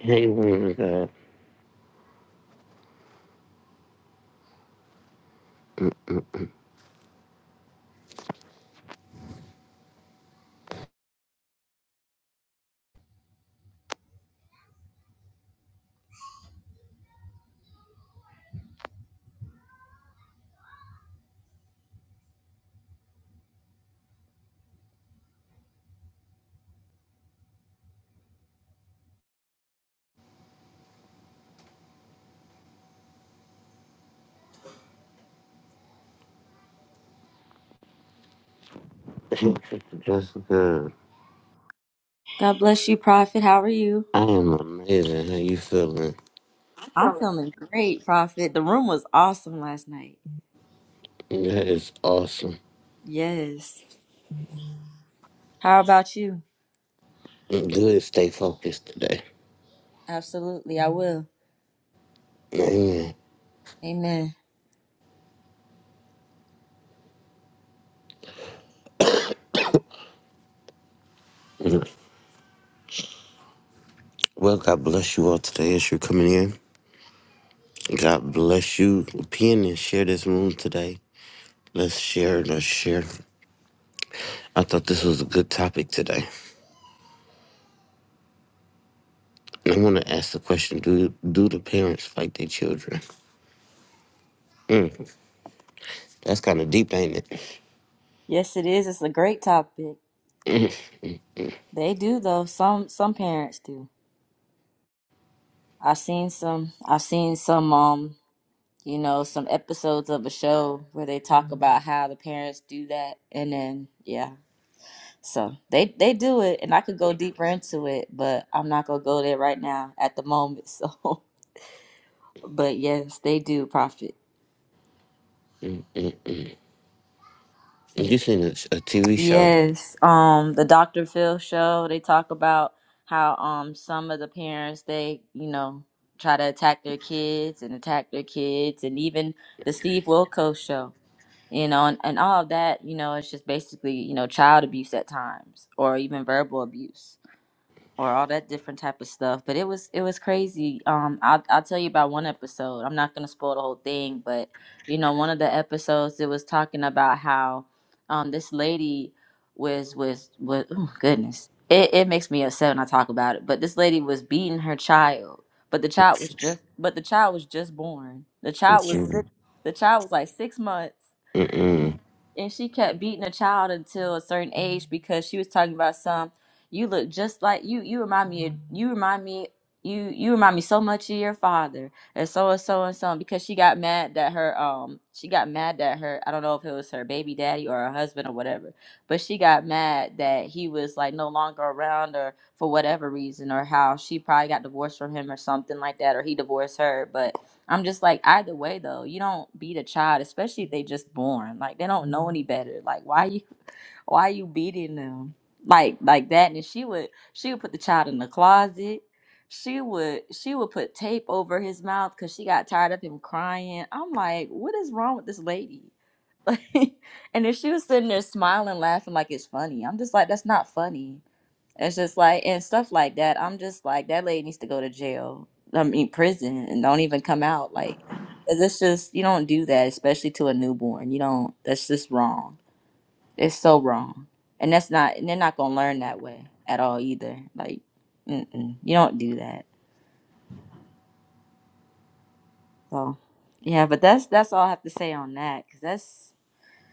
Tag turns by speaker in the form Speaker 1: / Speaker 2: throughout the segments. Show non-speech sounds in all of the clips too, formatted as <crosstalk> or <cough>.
Speaker 1: <laughs> Hey, woman God. <laughs> Jessica,
Speaker 2: God bless you, Prophet. How are you?
Speaker 1: I am amazing. How you feeling?
Speaker 2: I'm
Speaker 1: That
Speaker 2: feeling great, Prophet. The room was awesome last night.
Speaker 1: is awesome.
Speaker 2: Yes. How about you?
Speaker 1: Good. Stay focused today.
Speaker 2: Absolutely, I will. Amen.
Speaker 1: Well, God bless you all today as you're coming in. God bless you. Pin and share this room today. Let's share. Let's share. I thought this was a good topic today. And I want to ask the question: Do do the parents fight their children? Mm, that's kind of deep, ain't it?
Speaker 2: Yes, it is. It's a great topic. They do though. Some some parents do. I've seen some. I've seen some. Um, you know, some episodes of a show where they talk about how the parents do that, and then yeah. So they they do it, and I could go deeper into it, but I'm not gonna go there right now at the moment. So. <laughs> But yes, they do profit.
Speaker 1: Mm-mm. You seen a, TV show?
Speaker 2: Yes, um, the Dr. Phil show, they talk about how um some of the parents they, you know, try to attack their kids and attack their kids and even the Steve Wilkos show, you know, and, and all of that, you know, it's just basically, you know, child abuse at times or even verbal abuse. or all that different type of stuff. But it was it was crazy. Um, I'll I'll tell you about one episode. I'm not gonna spoil the whole thing, but you know, one of the episodes it was talking about how um this lady was was was oh goodness. It it makes me upset when I talk about it. But this lady was beating her child. But the child was just but the child was just born. The child was six, the child was like six months
Speaker 1: Mm-mm.
Speaker 2: and she kept beating a child until a certain age because she was talking about some you look just like you you remind me of- you remind me you you remind me so much of your father and so and so and so because she got mad that her um she got mad that her I don't know if it was her baby daddy or her husband or whatever but she got mad that he was like no longer around or for whatever reason or how she probably got divorced from him or something like that or he divorced her But. I'm just like, either way though, you don't beat a child, especially if they just born. Like they don't know any better. Like why you why you beating them? Like like that. And she would she would put the child in the closet. She would she would put tape over his mouth because she got tired of him crying. I'm like, what is wrong with this lady? <laughs> Like and if she was sitting there smiling, laughing like it's funny, I'm just like, that's not funny. It's just like and stuff like that. I'm just like that lady needs to go to jail. I mean prison and don't even come out. Like 'cause it's just you don't do that, especially to a newborn. You don't. That's just wrong. It's so wrong, and that's not. And they're not gonna learn that way at all either. Like, mm-mm, you don't do that. So, yeah. But that's that's all I have to say on that. Cause that's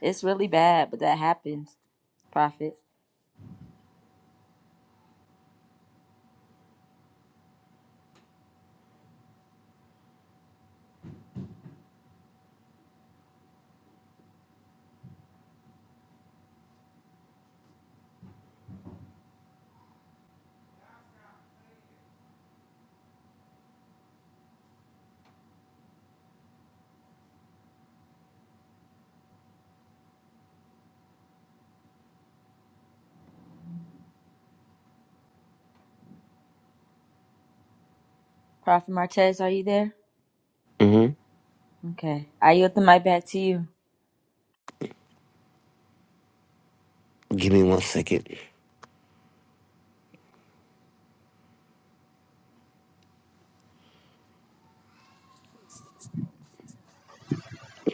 Speaker 2: it's really bad. But that happens. Prophet, Prophet Martez, are you there?
Speaker 1: Mm-mm.
Speaker 2: Okay, I yield the mic back to you.
Speaker 1: Give me one second.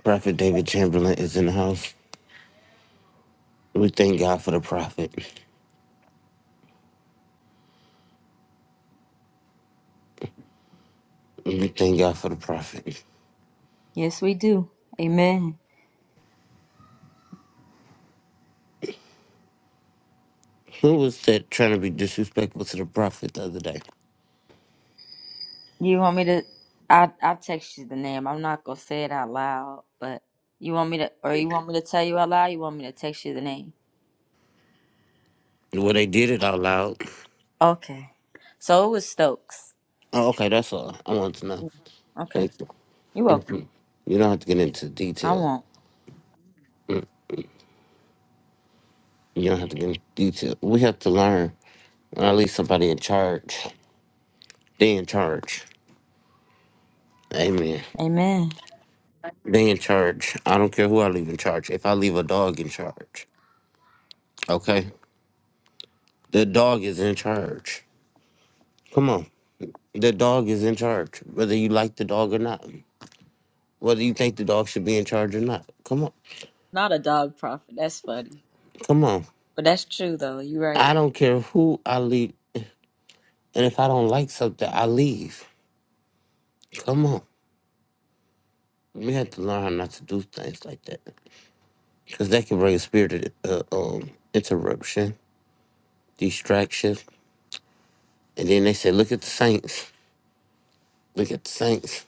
Speaker 1: Prophet David Chamberlain is in the house. We thank God for the prophet. We thank God for the prophet.
Speaker 2: Yes, we do. Amen.
Speaker 1: Who was that trying to be disrespectful to the prophet the other day?
Speaker 2: You want me to? I I text you the name. I'm not gonna say it out loud, but you want me to, or you want me to tell you out loud? You want me to text you the name?
Speaker 1: Well, they did it out loud.
Speaker 2: Okay. So it was Stokes.
Speaker 1: Oh, okay, that's all I want to know.
Speaker 2: Okay.
Speaker 1: Thank you.
Speaker 2: You're welcome.
Speaker 1: Mhm. You don't have to get into
Speaker 2: I
Speaker 1: detail.
Speaker 2: won't.
Speaker 1: You don't have to get into detail. We have to learn. Or at least somebody in charge. They in charge. Amen.
Speaker 2: Amen.
Speaker 1: They in charge. I don't care who I leave in charge. If I leave a dog in charge, okay? The dog is in charge. Come on. The dog is in charge, whether you like the dog or not, whether you think the dog should be in charge or not. Come on.
Speaker 2: Not a dog prophet. That's funny,
Speaker 1: Come on.
Speaker 2: but that's true though. You're
Speaker 1: I
Speaker 2: right.
Speaker 1: don't care who I leave. And if I don't like something, I leave. Come on. We have to learn how not to do things like that because that can bring a spirit of uh, um, interruption, distraction. And then they say, look at the saints. Look at the saints.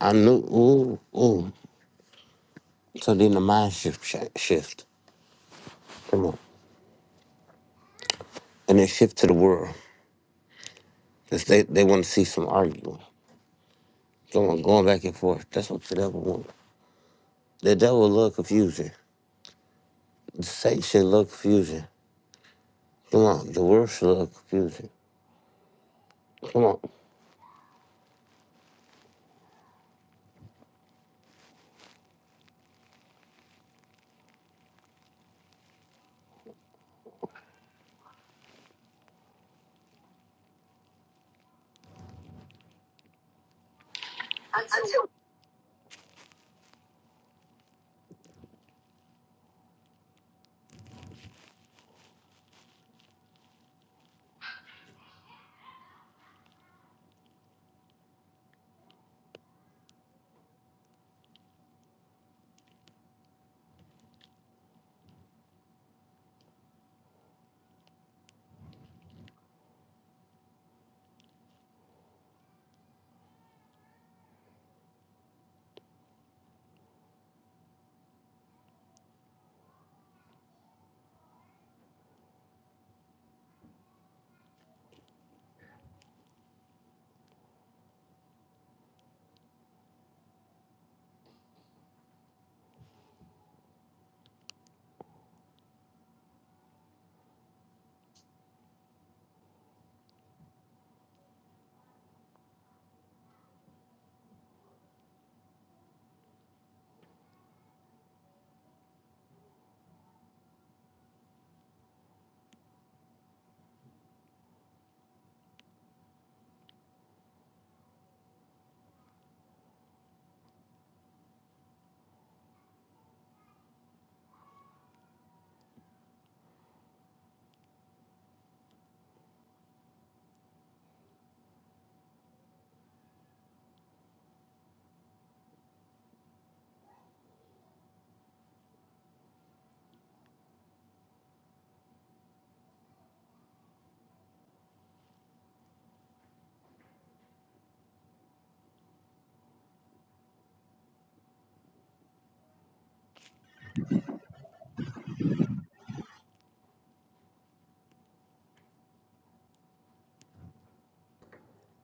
Speaker 1: I knew, ooh, ooh. So then the mind shift, shift. Come on. And then shift to the world because they, they want to see some arguing. Come on, going back and forth. That's what the devil wants. The devil love confusion. The Satan should love confusion. Come on, the world should love confusion. Come on.
Speaker 3: I do.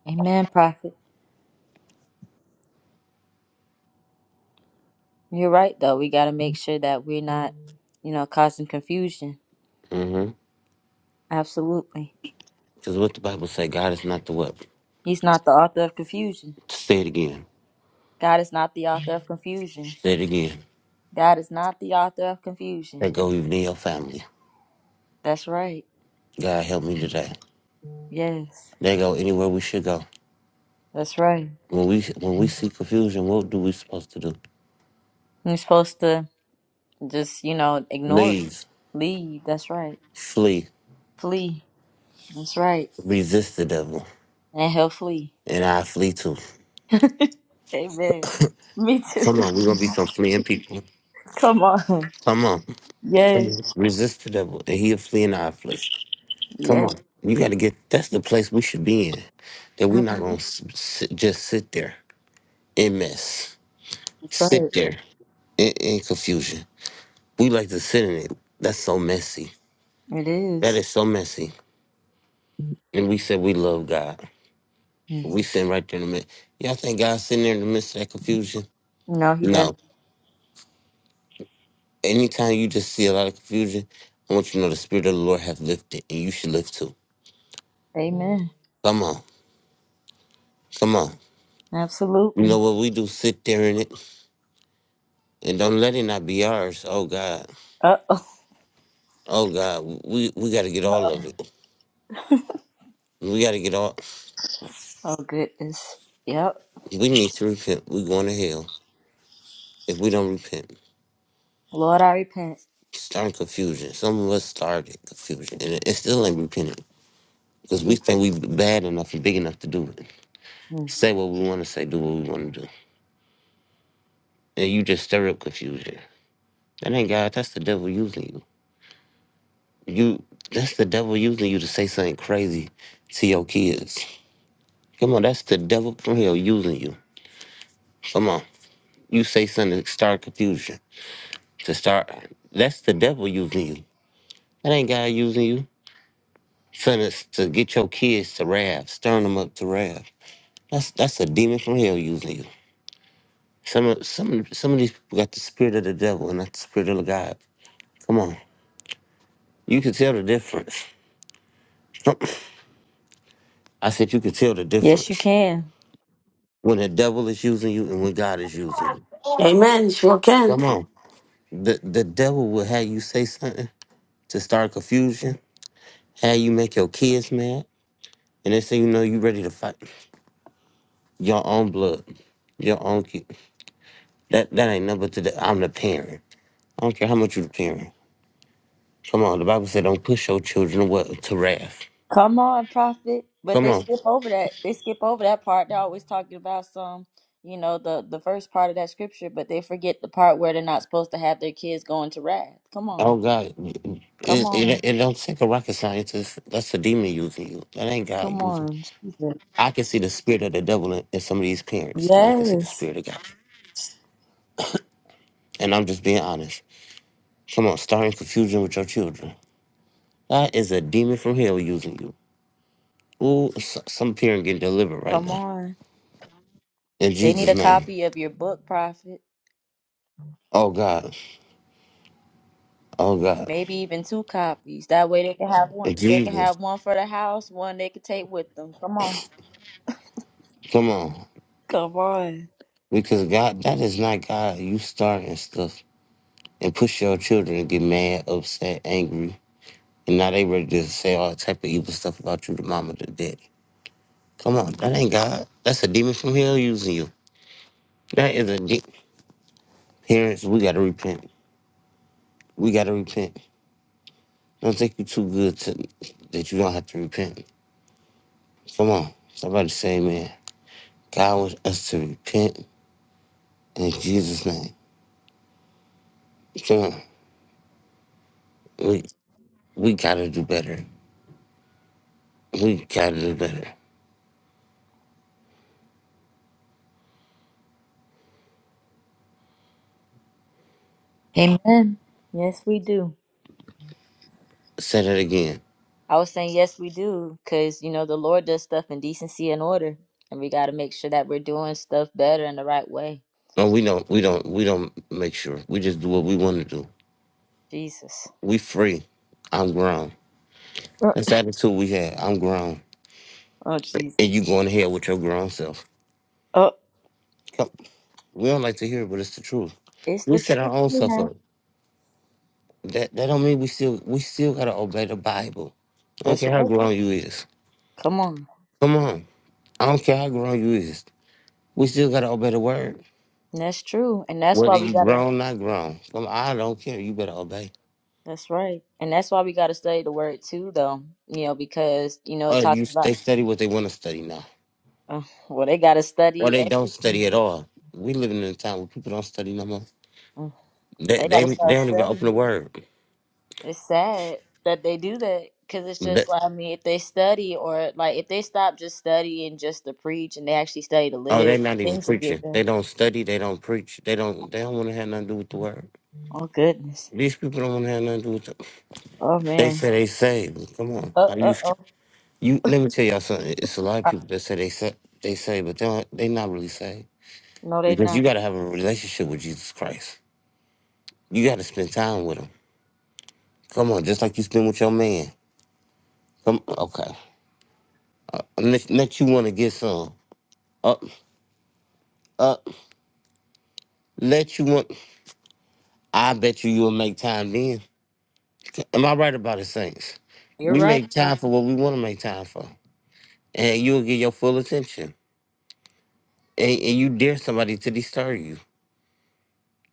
Speaker 2: Amen, prophet. You're right though. We gotta make sure that we're not, you know, causing confusion.
Speaker 1: Mm-hmm.
Speaker 2: Absolutely.
Speaker 1: Because what the Bible say, God is not the what?
Speaker 2: He's not the author of confusion.
Speaker 1: Say it again.
Speaker 2: God is not the author of confusion.
Speaker 1: Say it again.
Speaker 2: God is not the author of confusion.
Speaker 1: That go even in your family.
Speaker 2: That's right.
Speaker 1: God help me today.
Speaker 2: Yes,
Speaker 1: They go anywhere we should go.
Speaker 2: that's right.
Speaker 1: When we when we see confusion, what do we supposed to do?
Speaker 2: You're supposed to just, you know, ignore it.
Speaker 1: Leave,
Speaker 2: Leave. That's right.
Speaker 1: flee,
Speaker 2: Flee. That's right.
Speaker 1: resist the devil,
Speaker 2: And he'll flee.
Speaker 1: and I flee too.
Speaker 2: <laughs> Amen. Me too.
Speaker 1: Come on, we're gonna be some fleeing people.
Speaker 2: <laughs> Come on.
Speaker 1: Come on,
Speaker 2: Yes.
Speaker 1: resist the devil, and he'll flee and I flee. Come
Speaker 2: Yes.
Speaker 1: on. You got to get, that's the place we should be in. That we're
Speaker 2: That's
Speaker 1: not going to s- sit, just sit there in mess, sit
Speaker 2: right.
Speaker 1: there in, in confusion. We like to sit in it. That's so messy.
Speaker 2: It
Speaker 1: That
Speaker 2: is.
Speaker 1: is so messy. And we said we love God. We
Speaker 2: Yes.
Speaker 1: sitting right there in the midst. Y'all think God's sitting there in the midst of that confusion?
Speaker 2: No, he does.
Speaker 1: No. Anytime you just see a lot of confusion, I want you to know the Spirit of the Lord have lifted and you should lift too.
Speaker 2: Amen.
Speaker 1: Come on. Come on. You
Speaker 2: Absolutely.
Speaker 1: know what we do? Sit there in it and don't let it not be ours. Oh God.
Speaker 2: Uh oh.
Speaker 1: Oh God, we we got to get all of it. We got to get all.
Speaker 2: Oh goodness. Yep.
Speaker 1: We need to repent. We going to hell if we don't repent.
Speaker 2: Lord, I repent.
Speaker 1: Starting confusion. Some of us started confusion, and it, it still ain't repented because we
Speaker 2: Jesus.
Speaker 1: think we bad enough and big enough to do it. Say what we want to say, do what we want to do, and you just stir up confusion. That ain't God. That's the devil using you. You. That's the devil using you to say something crazy to your kids. Come on, that's the devil from hell using you. Come on, you say something to start confusion. to start. That's the devil using you. That ain't God using you. Trying to, to get your kids to wrath, stirring them up to wrath. That's that's a demon from hell using you. Some of some of- some of these people got the spirit of the devil and not the spirit of God. Come on, you can tell the difference. <clears throat> I said you can tell the
Speaker 2: Yes, you
Speaker 1: difference
Speaker 2: can.
Speaker 1: when the devil is using you and when God is using you.
Speaker 4: Amen. Sure can.
Speaker 1: Come on, the the devil will have you say something to start confusion, have you make your kids mad, and they say you know you ready to fight. Your own blood. Your own kid. That that ain't nothing but to the I'm the parent. I don't care how much you the parent. Come on, the Bible said don't push your children away to wrath.
Speaker 2: Come on, prophet. But
Speaker 1: Come
Speaker 2: they
Speaker 1: on.
Speaker 2: skip over that. They skip over that part. They're always talking about some, you know, the the first part of that scripture, but they forget the part where they're not supposed to have their kids going to wrath. Come
Speaker 1: Oh
Speaker 2: on.
Speaker 1: God,
Speaker 2: Come
Speaker 1: it, it,
Speaker 2: on.
Speaker 1: it don't take a rocket scientist. That's a demon using you. That ain't
Speaker 2: Come
Speaker 1: God using.
Speaker 2: on. Jesus.
Speaker 1: I can see the spirit of the devil in, in some of these parents, and I can see the
Speaker 2: Yes.
Speaker 1: spirit of God. And I'm just being honest. Come on, starting confusion with your children. That is a demon from hell using you. Ooh, s- some parent getting delivered right
Speaker 2: Come
Speaker 1: now
Speaker 2: on.
Speaker 1: in
Speaker 2: They need
Speaker 1: Jesus'
Speaker 2: a
Speaker 1: name.
Speaker 2: copy of your book, prophet.
Speaker 1: Oh God. Oh God,
Speaker 2: Maybe even two copies. That way they can have one. They can
Speaker 1: Jesus,
Speaker 2: have one for the house, one they can take with them. Come on.
Speaker 1: come on!
Speaker 2: Come on.
Speaker 1: Because God, that is not God. You starting stuff and push your children to get mad, upset, angry, and now they ready to say all type of evil stuff about you, the mama, the daddy. Come on, that ain't God. That's a demon from hell using you. That is a de- parents. We gotta repent. We gotta repent. Don't think you too good to that you don't have to repent. Come on, somebody say, man, God wants us to repent in Jesus' name. Come on, we we gotta do better. We gotta do better.
Speaker 2: Amen. Yes, we do.
Speaker 1: Say that again.
Speaker 2: I was saying, yes, we do, because you know the Lord does stuff in decency and order, and we got to make sure that we're doing stuff better in the right way.
Speaker 1: No, we don't. We don't. We don't make sure. We just do what we want to do.
Speaker 2: Jesus,
Speaker 1: We free. I'm grown.
Speaker 2: Uh,
Speaker 1: That's the attitude we had. I'm grown,
Speaker 2: oh Jesus,
Speaker 1: and you going ahead with your grown self.
Speaker 2: oh,
Speaker 1: Come, we don't like to hear it, but it's the truth.
Speaker 2: it's
Speaker 1: We
Speaker 2: the
Speaker 1: set our
Speaker 2: truth.
Speaker 1: own stuff
Speaker 2: Yeah.
Speaker 1: up. That that don't mean we still we still gotta obey the Bible. I don't
Speaker 2: That's
Speaker 1: care how
Speaker 2: right.
Speaker 1: grown you is.
Speaker 2: Come on,
Speaker 1: Come on. I don't care how grown you is. We still gotta obey the word.
Speaker 2: that's true, and that's why
Speaker 1: Whether
Speaker 2: we
Speaker 1: you
Speaker 2: gotta.
Speaker 1: grown, not grown. Come on, I don't care. You better obey.
Speaker 2: That's right, and that's why we gotta study the word too, though. You know, because you know it
Speaker 1: Uh,
Speaker 2: talks
Speaker 1: you they
Speaker 2: about.
Speaker 1: study what they want to study now,
Speaker 2: Uh, well, they gotta
Speaker 1: or
Speaker 2: study
Speaker 1: they don't
Speaker 2: everything.
Speaker 1: study at all. We living in a time where people don't study no more.
Speaker 2: Mm.
Speaker 1: They
Speaker 2: They
Speaker 1: they,
Speaker 2: gotta
Speaker 1: they
Speaker 2: start
Speaker 1: don't even open
Speaker 2: studying.
Speaker 1: the word.
Speaker 2: It's sad that they do that because it's
Speaker 1: They-
Speaker 2: just like, I mean, if they study or like if they stop just studying just to preach and they actually study to
Speaker 1: oh,
Speaker 2: live,
Speaker 1: they're not even
Speaker 2: things will get
Speaker 1: preaching. They
Speaker 2: better.
Speaker 1: don't study. They don't preach. They don't they don't want to have nothing to do with the word.
Speaker 2: Oh, goodness.
Speaker 1: These people don't want to have nothing to do with. The,
Speaker 2: Oh,
Speaker 1: they
Speaker 2: man.
Speaker 1: say they saved. Come on,
Speaker 2: Uh,
Speaker 1: how you
Speaker 2: uh, oh.
Speaker 1: you? Let me tell y'all something. It's a lot of
Speaker 2: Uh,
Speaker 1: people that say they say they saved, but they don't, they not really saved
Speaker 2: No, they
Speaker 1: because you got
Speaker 2: not.
Speaker 1: to have a relationship with Jesus Christ. You got to spend time with him. Come on, just like you spend with your man. Come okay. Let, let you want to get some. Uh, uh, let you want. I bet you you'll make time then. Am I right about it, Saints?
Speaker 2: You're
Speaker 1: We
Speaker 2: right.
Speaker 1: make time
Speaker 2: Rocky.
Speaker 1: for what we want to make time for, and you'll get your full attention. And, and you dare somebody to disturb you.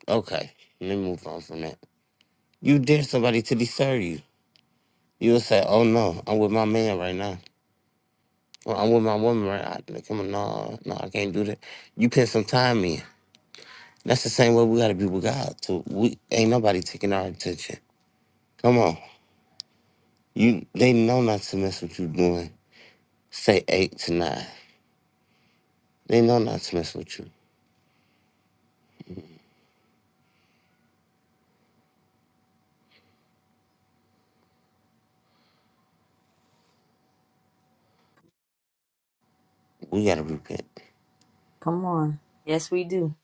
Speaker 1: Okay, let me move on from that. You dare somebody to disturb you. You'll say, "Oh no, I'm with my man right now. Or I'm with my woman right now. Come on, no, no, I can't do that." You put some time in. That's the same way we gotta be with God too. We ain't nobody taking our attention. Come on. You they know not to mess with you doing say eight to nine. They know not to mess with you. We gotta repent.
Speaker 2: Come on. Yes, we do.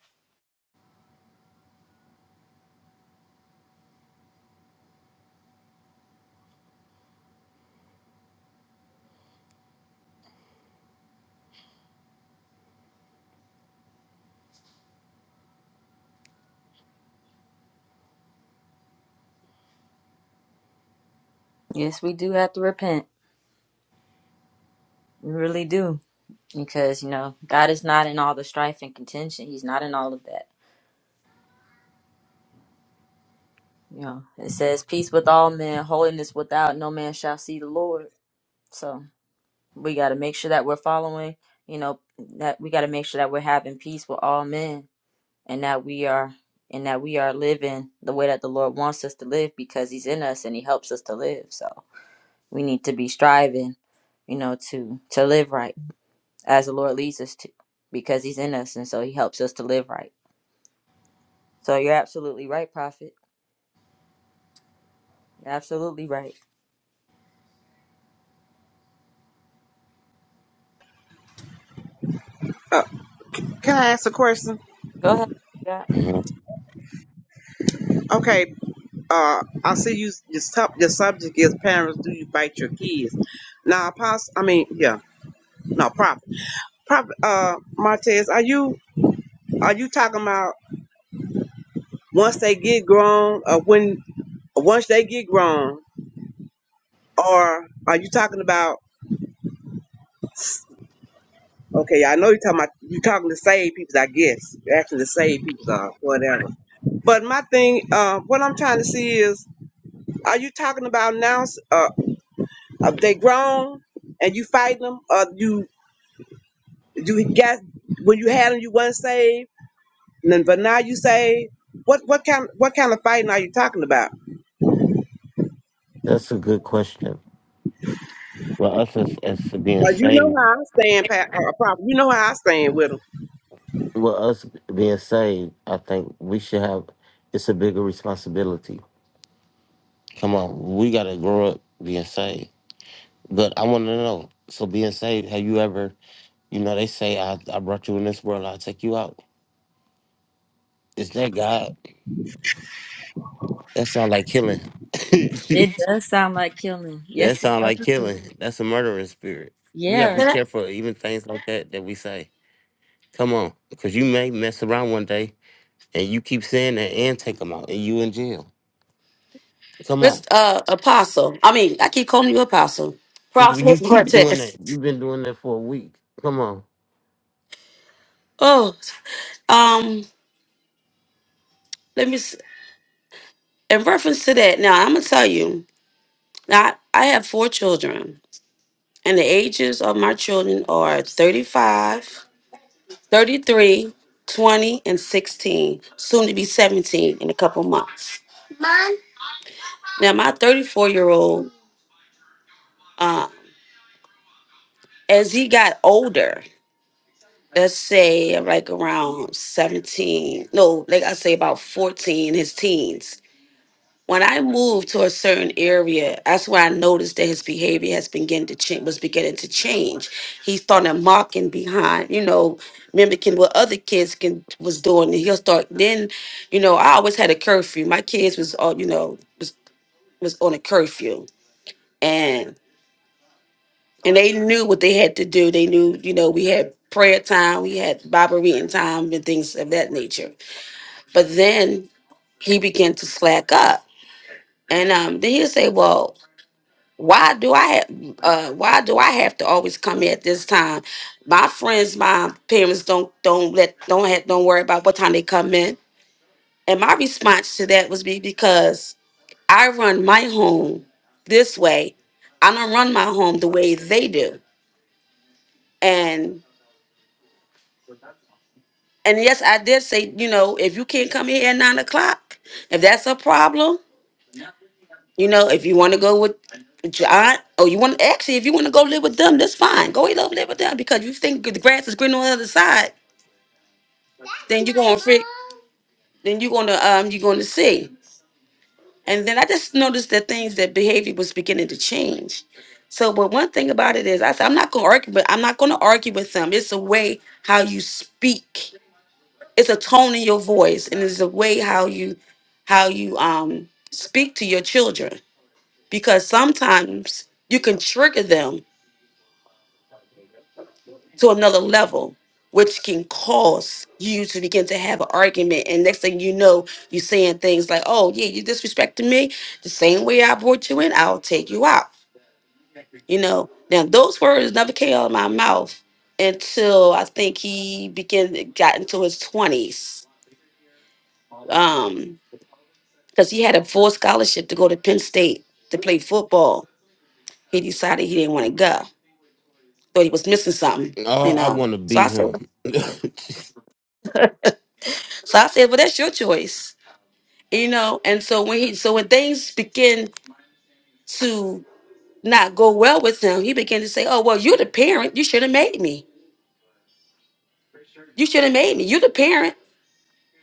Speaker 2: Yes, we do have to repent. We really do. Because, you know, God is not in all the strife and contention. He's not in all of that. You know, it says, peace with all men, holiness without, no man shall see the Lord. So. we got to make sure that we're following you know that we got to make sure that we're having peace with all men and that we are and that we are living the way that the lord wants us to live because he's in us and he helps us to live so we need to be striving you know to to live right as the lord leads us to because he's in us and so he helps us to live right so you're absolutely right prophet you're absolutely right
Speaker 5: Uh, can I ask a question?
Speaker 2: go ahead God.
Speaker 1: hmm
Speaker 5: Okay, uh, I see you. Your, sub, your subject is parents. Do you bite your kids? Now, apostle. I mean, yeah. No, prop. Prop. Uh, Martez, are you are you talking about once they get grown, or when once they get grown, or are you talking about? Okay, I know you're talking about you talking to save people. I guess you're asking to save people or whatever. But my thing, uh, what I'm trying to see is, are you talking about now? Uh, If they grown and you fighting them, or you you got when you had them, you weren't saved, and then, but now you saved. What what kind what kind of fighting are you talking about?
Speaker 1: That's a good question. Well, us as, as being
Speaker 5: Cause you know
Speaker 1: saved,
Speaker 5: how I stand, Pat, uh, Papa. You know how I stand with them.
Speaker 1: well, us being saved, I think we should have. It's a bigger responsibility. Come on, we gotta grow up being saved. But I want to know. So being saved, have you ever? You know, they say I I brought you in this world. I'll take you out. Is that God? That sounds like killing.
Speaker 2: it
Speaker 1: <laughs>
Speaker 2: does sound like killing
Speaker 1: That
Speaker 2: yes it
Speaker 1: sound like
Speaker 2: does
Speaker 1: killing. That's a murdering spirit. We gotta
Speaker 2: yeah
Speaker 1: be
Speaker 4: Can
Speaker 1: Yeah.
Speaker 4: I-
Speaker 1: careful of even things like that that we say. Come on, because you may mess around one day and you keep saying that and take them out and you in jail. Come on,
Speaker 4: Mr. Uh, Apostle. I mean, I keep calling you Apostle.
Speaker 1: you
Speaker 4: Prophet
Speaker 1: keep doing
Speaker 4: Cortez.
Speaker 1: that. You've been doing that for a week. Come on.
Speaker 4: Oh, um, let me. s- In reference to that, now I'm gonna tell you. Now I have four children, and the ages of my children are 35, 33, 20, and 16. Soon to be 17 in a couple months. Now my 34 year old, uh, as he got older. let's say like around 17 no like i say about 14 his teens when i moved to a certain area that's when i noticed that his behavior has begun to change was beginning to change he started mocking behind you know mimicking what other kids can was doing and he'll start then you know i always had a curfew my kids was all you know was was on a curfew and they knew what they had to do. They knew, you know, we had prayer time, we had Bible reading time, and things of that nature. But then he began to slack up, and um, then he'll say, "Well, why do I have? Uh, why do I have to always come here at this time? My friends, my parents don't don't let don't have, don't worry about what time they come in." And my response to that was be because I run my home this way. I don't run my home the way they do, and And yes, I did say, you know, if you can't come here at nine o'clock, if that's a problem, you know, if you want to go with John, or you want actually, if you want to go live with them, that's fine. Go live live with them because you think the grass is green on the other side, then you're gonna freak, then you're gonna um, you're gonna see. And then I just noticed that things that behavior was beginning to change. So, but one thing about it is, I said I'm not gonna argue, but I'm not gonna argue with them. It's the way how you speak it's a tone in your voice and it's a way how you how you um speak to your children because sometimes you can trigger them to another level which can cause you to begin to have an argument and next thing you know you're saying things like oh yeah you disrespecting me the same way i brought you in i'll take you out you know now those words never came out of my mouth until i think he began got into his 20s because he had a full scholarship to go to Penn State to play football. He decided he didn't want to go, thought he was missing something,
Speaker 1: Oh,
Speaker 4: you
Speaker 1: I
Speaker 4: know.
Speaker 1: want to
Speaker 4: So
Speaker 1: be
Speaker 4: I said,
Speaker 1: him. <laughs>
Speaker 4: so I said, well, that's your choice, you know. And so when he, so when things begin to not go well with him, he began to say, oh well, you're the parent, you should have made me. You should have made me. You're the parent.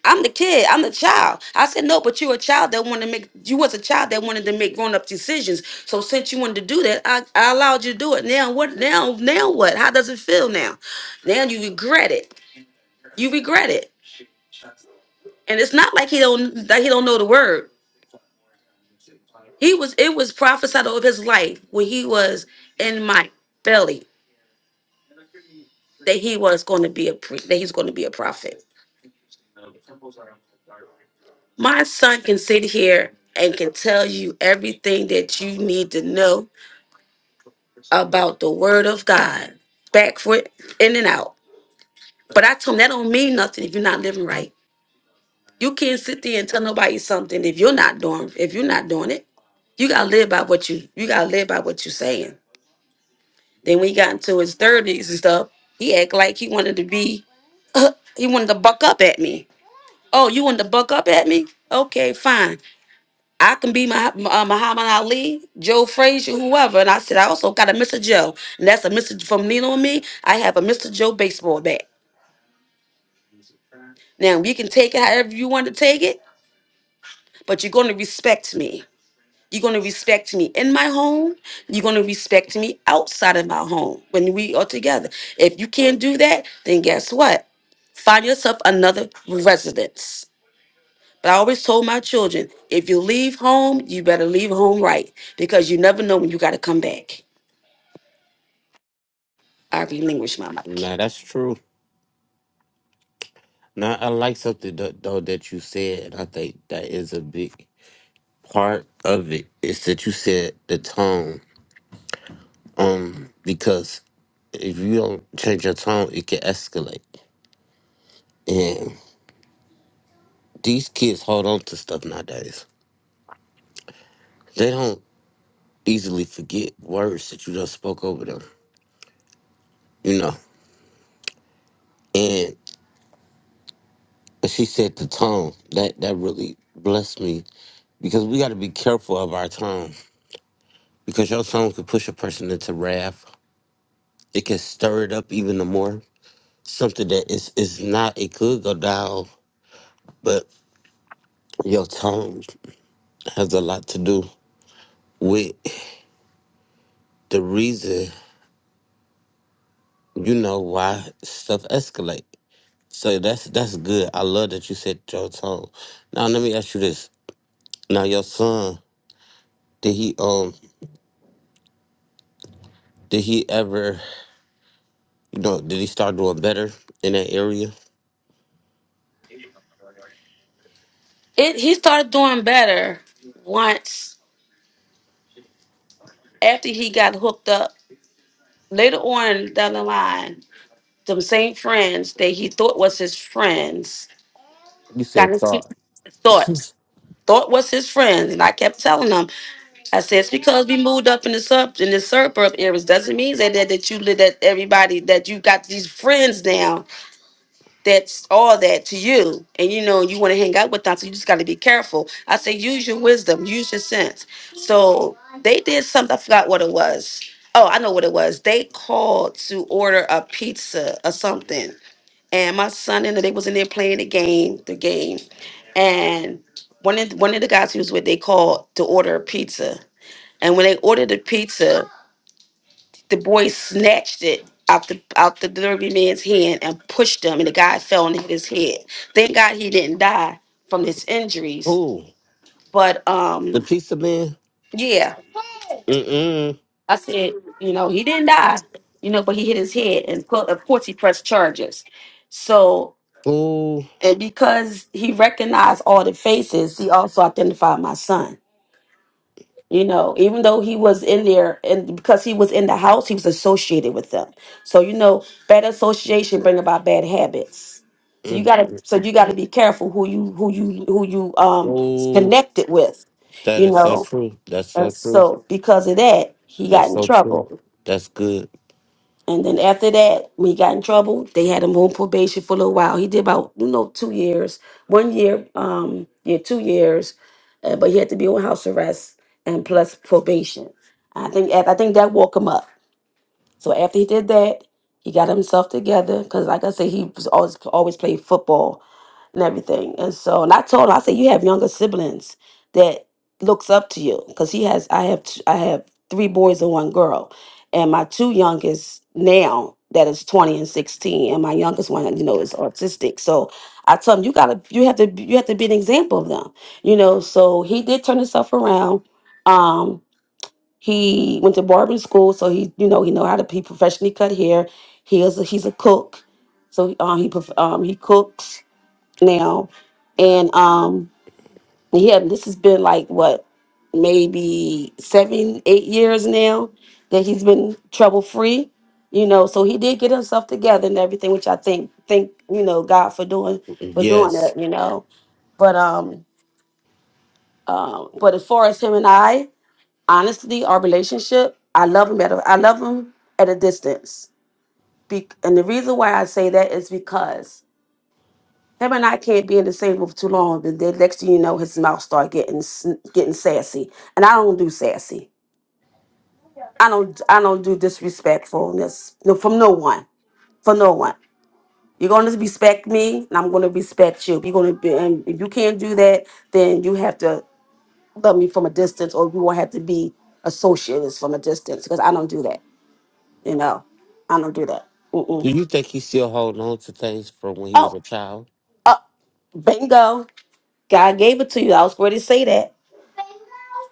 Speaker 4: I'm the kid. I'm the child. I said, no, but you a child that wanted to make, you was a child that wanted to make grown up decisions. So since you wanted to do that, I, I allowed you to do it. Now what, now, now what? How does it feel now? Now you regret it. You regret it. And it's not like he don't, that he don't know the word. He was, it was prophesied over his life when he was in my belly that he was going to be a, pre- that he's going to be a prophet. My son can sit here and can tell you everything that you need to know about the word of God, back foot, in and out. But I told him that don't mean nothing if you're not living right. You can't sit there and tell nobody something if you're not doing if you're not doing it. You gotta live by what you you gotta live by what you're saying. Then when he got into his thirties and stuff, he act like he wanted to be <laughs> he wanted to buck up at me. Oh, you wanted to buck up at me? Okay, fine. I can be Mah- uh, Muhammad Ali, Joe Frazier, whoever. And I said, I also got a Mr. Joe. And that's a Mr. from Nino and me. I have a Mr. Joe baseball bat. Now, you can take it however you want to take it, but you're going to respect me. You're going to respect me in my home. You're going to respect me outside of my home when we are together. If you can't do that, then guess what? Find yourself another residence. But I always told my children if you leave home, you better leave home right because you never know when you got to come back. I relinquished my mic.
Speaker 1: nah, that's true. Now I like something tho- though that you said. and I think that is a big part of it. Is that you said the tone. Um, because if you don't change your tone, it can escalate. And these kids hold on to stuff nowadays. They don't easily forget words that you just spoke over them, you know. And she said the tone. That that really blessed me because we got to be careful of our tone because your tone could push a person into wrath. It can stir it up even the more. Something that is is not. It could go down, but your tone has a lot to do with the reason you know why stuff escalate. So that's that's good. I love that you said your tone. Now let me ask you this. Now your son, did he um did he ever you know did he start doing better in that area?
Speaker 4: It he started doing better once after he got hooked up. Later on down the line, them same friends that he thought was his friends
Speaker 1: You
Speaker 4: got
Speaker 1: said
Speaker 4: into
Speaker 1: thought. <laughs>
Speaker 4: thoughts. Thought was his friends, and I kept telling him, I said, it's because we moved up in the sub in the suburb areas doesn't mean that that, that you live that everybody that you got these friends now that's all that to you and you know you want to hang out with them so you just got to be careful i say use your wisdom use your sense so they did something i forgot what it was oh i know what it was they called to order a pizza or something and my son and they was in there playing the game the game and one of one of the guys he was with they called to order a pizza and when they ordered the pizza the boy snatched it out the out the derby man's hand and pushed him, and the guy fell and hit his head. Thank God he didn't die from his injuries.
Speaker 1: Ooh,
Speaker 4: But
Speaker 1: the
Speaker 4: um,
Speaker 1: pizza man.
Speaker 4: yeah,
Speaker 1: Mm mm.
Speaker 4: I said, you know, he didn't die, you know, but he hit his head, and co- of course he pressed charges. So,
Speaker 1: Ooh.
Speaker 4: and because he recognized all the faces, he also identified my son. You know, even though he was in there and because he was in the house, he was associated with them. So you know, bad association bring about bad habits. So you
Speaker 1: Mm.
Speaker 4: gotta so you gotta be careful who you who you who you um
Speaker 1: Ooh.
Speaker 4: connected with,
Speaker 1: That
Speaker 4: you
Speaker 1: is so
Speaker 4: know.
Speaker 1: true. That's
Speaker 4: And
Speaker 1: so true.
Speaker 4: so because of that, he got
Speaker 1: That's
Speaker 4: in
Speaker 1: so true.
Speaker 4: trouble.
Speaker 1: That's good.
Speaker 4: And then after that, when he got in trouble, they had him on probation for a little while. He did about, you know, two years, one year, um, yeah, two years, uh, but he had to be on house arrest and plus probation. I think I think that woke him up. So after he did that, he got himself together because, like I said, he was always always played football and everything. And so, and I told him, I said, you have younger siblings that looks up to you because he has. I have. t- I have three boys and one girl, and my two youngest now that is twenty and sixteen, and my youngest one, you know, is autistic. So I told him, you gotta, you have to, you have to be an example of them, you know. So he did turn himself around. Um, he went to barbering school, so he, you know, he know how to he professionally cut hair. He is a, he's a cook, so um, he prof- um, he cooks now, and um, yeah, this has been like what maybe seven, eight years now that he's been trouble free. You know, so he did get himself together and everything, which I think think you know God for doing for doing it.
Speaker 1: Yes.
Speaker 4: You know, but um, um, but as far as him and I, honestly, our relationship, I love him at a, I love him at a distance. Be- and the reason why I say that is because Him and I can't be in the same room for too long. But then next thing you know, his mouth start getting sn- getting sassy, and I don't do sassy. I don't I don't do disrespectfulness no, from no one for no one. You're gonna respect me, and I'm gonna respect you. You're gonna be, and if you can't do that, then you have to love me from a distance, or you won't have to be associates from a distance because I don't do that. You know, I don't do that.
Speaker 1: Do
Speaker 4: Mm-mm.
Speaker 1: you think he still holding on to things from when he was
Speaker 4: Oh,
Speaker 1: a child?
Speaker 4: uh, bingo! God gave it to you. I was going to say that.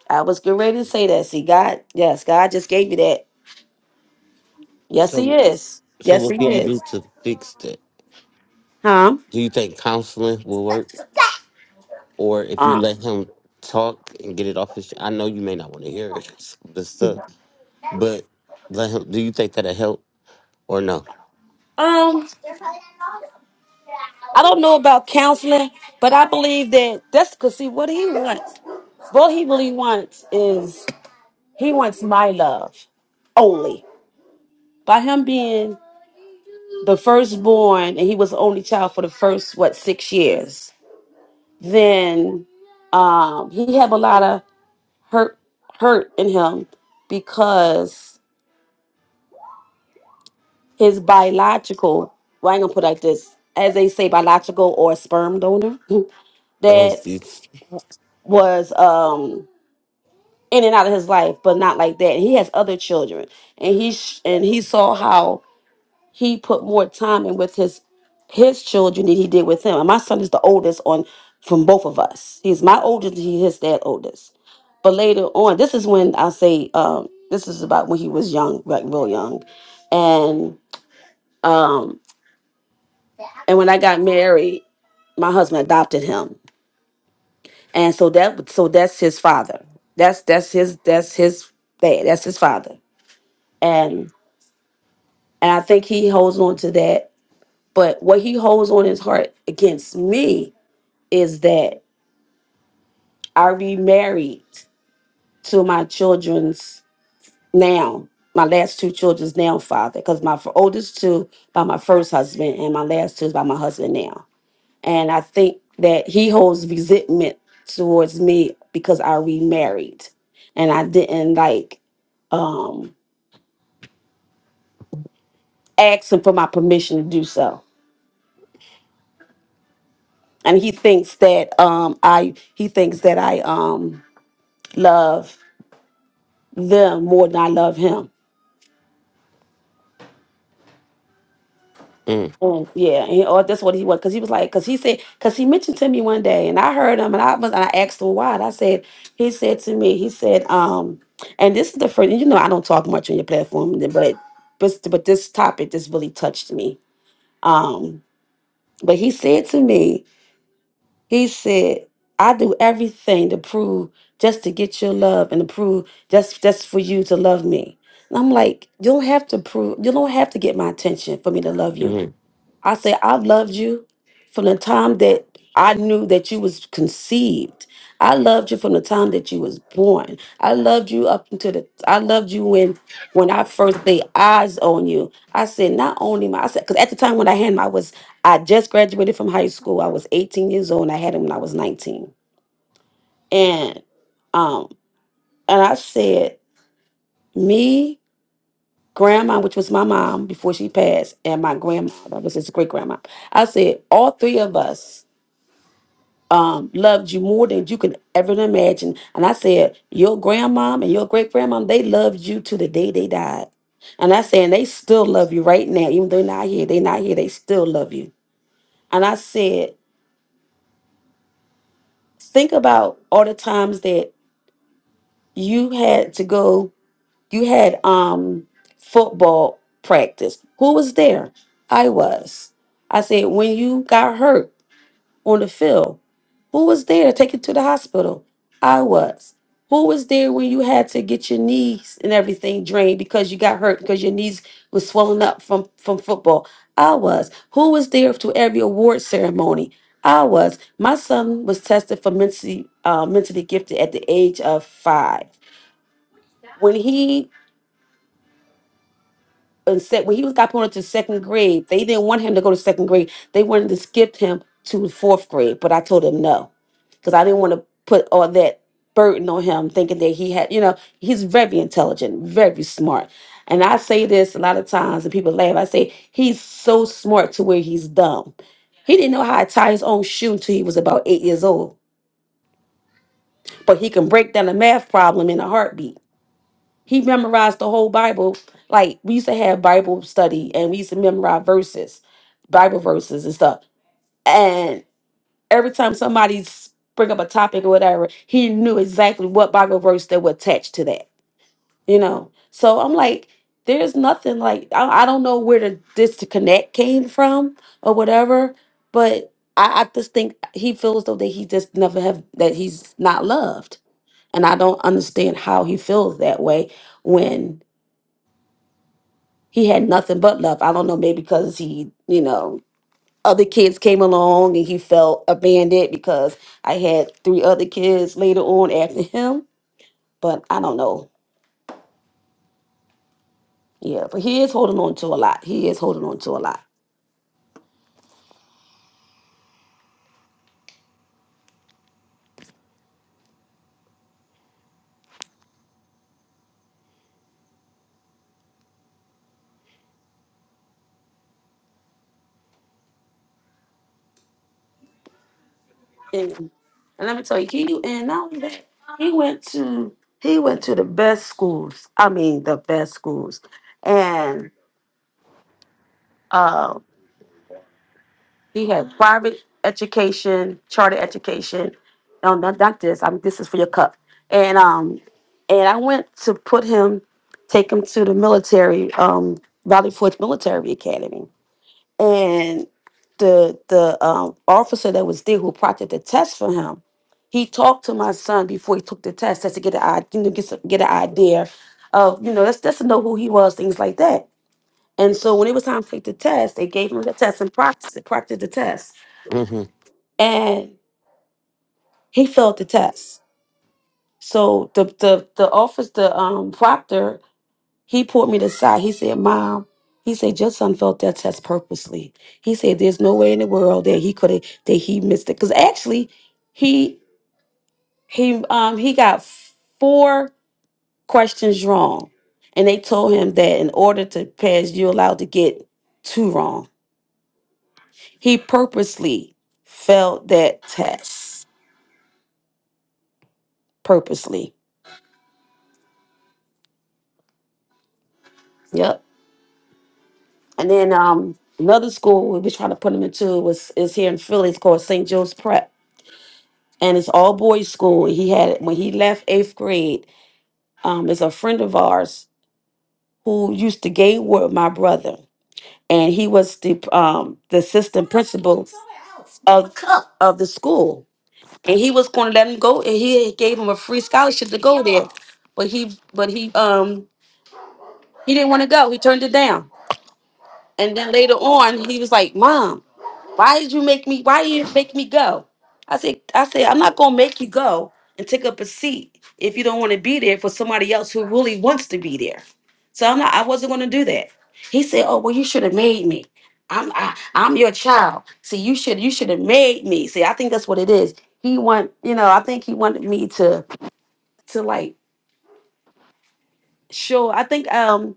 Speaker 4: I was getting ready to say that. See, God, yes, God just gave me that. Yes, He
Speaker 1: So
Speaker 4: is.
Speaker 1: So
Speaker 4: Yes, He
Speaker 1: what can you do
Speaker 4: is.
Speaker 1: to fix that?
Speaker 4: Huh?
Speaker 1: Do you think counseling will work, or if you
Speaker 4: Uh,
Speaker 1: let him talk and get it off his? I know you may not want to hear it, <laughs> some of this stuff, but let him. Do you think that'll help or no?
Speaker 4: um, I don't know about counseling, but I believe that that's because see what He wants. What He really wants is He wants my love only. By Him being the firstborn, and He was the only child for the first what six years, then um, He had a lot of hurt hurt in Him because his biological, well, I ain't gonna put it like this, as they say, biological or sperm donor
Speaker 1: Oh,
Speaker 4: that
Speaker 1: it's,
Speaker 4: was um in and out of his life, but not like that. And he has other children, and he sh- and he saw how he put more time in with his his children than he did with him. And my son is the oldest on from both of us. He's my oldest. He his dad oldest. But later on, this is when I say um, this is about when he was young, like real young, and. um. And when I got married, my husband adopted him, and so that so that's his father. That's that's his that's his dad. That's his father, and and I think he holds on to that. But what he holds on his heart against me is that I remarried to my children's now, my last two children's now father, because my f- oldest two by my first husband, and my last two is by my husband now And I think that he holds resentment towards me because I remarried and I didn't like um ask him for my permission to do so. And he thinks that um I he thinks that I um love them more than I love him.
Speaker 1: mm,
Speaker 4: And yeah, and, or that's what he was, because he was like, because he said, because he mentioned to me one day, and I heard him, and I was, and I asked him why, and I said, he said to me, he said, um, and this is the first, you know, I don't talk much on your platform, but but but this topic just really touched me. Um, but he said to me, he said, I do everything to prove just to get your love and to prove just just for you to love me. And I'm like, you don't have to prove, you don't have to get my attention for me to love you
Speaker 1: mm,
Speaker 4: I say, I loved you from the time that I knew that you was conceived. I loved you from the time that you was born. I loved you up until the I loved you when when I first laid eyes on you. I said, not only my I said, because at the time when I had him, I was I just graduated from high school. I was 18 years old and I had him when I was 19. And um and I said, me, grandma, which was my mom before she passed, and my grandma, that was his great grandma. I said, all three of us um, loved you more than you can ever imagine. And I said, your grandmom and your great grandmom, they loved you to the day they died. And I said, and they still love you right now, even though they're not here. They're not here. They still love you. And I said, think about all the times that you had to go. You had um football practice. Who was there? I was. I said, when you got hurt. on the field. Who was there to take you to the hospital? I was. Who was there when you had to get your knees and everything drained because you got hurt because your knees was swollen up from from football? I was. Who was there to every award ceremony? I was. My son was tested for mentally uh, mentally gifted at the age of five. When he and said when he was got promoted to second grade, they didn't want him to go to second grade. They wanted to skip him to fourth grade, but I told him no because I didn't want to put all that burden on him, thinking that he had, you know, he's very intelligent, very smart. And I say this a lot of times, and people laugh. I say he's so smart to where he's dumb. He didn't know how to tie his own shoe until he was about eight years old, but he can break down a math problem in a heartbeat he memorized the whole Bible. Like we used to have Bible study and we used to memorize verses, Bible verses and stuff. And every time somebody s- bring up a topic or whatever, he knew exactly what Bible verse that would attach to that. You know. So I'm like, there's nothing like I, I don't know where the disconnect came from or whatever, but I, I just think he feels though that he just never have that he's not loved. And I don't understand how he feels that way when he had nothing but love. I don't know, maybe because he, you know, other kids came along and he felt abandoned because I had three other kids later on after him. But I don't know. Yeah, but he is holding on to a lot. He is holding on to a lot. And, and let me tell you, he and not only that, he went to he went to the best schools. I mean, the best schools, and um, He had private education, charter education. No, not, not this. I mean, this is for your cup. And um, and I went to put him, take him to the military, um, Valley Forge Military Academy. And the the um, officer that was there who proctored the test for him, he talked to my son before he took the test, just to get an idea, you know, get some, get an idea of you know, that's just to know who he was, things like that. And so when it was time to take the test, they gave him the test and practiced practiced the test
Speaker 1: hmm
Speaker 4: and he failed the test. So the the the office, the um proctor, he pulled me to the side. He said, "Mom." He said, your son failed that test purposely. He said, there's no way in the world that he could have, that he missed it. Because actually, he, he, um, he got four questions wrong. And they told him that in order to pass, you're allowed to get two wrong. He purposely failed that test. Purposely. Yep. And then um, another school we were trying to put him into was is here in Philly. It's called St. Joe's Prep, and it's all boys school. He had when he left eighth grade. Um, is a friend of ours who used to game with my brother, and he was the um the assistant principal of of the school, and he was going to let him go, and he gave him a free scholarship to go there, but he but he um he didn't want to go. He turned it down, and then later on he was like, "Mom." Why did you make me? Why you make me go? I said, I said, I'm not gonna make you go and take up a seat if you don't want to be there for somebody else who really wants to be there. So I'm not. I wasn't gonna do that. He said, Oh well, you should have made me. I'm I, I'm your child. See, you should you should have made me. See, I think that's what it is. He want you know. I think he wanted me to to like show. I think um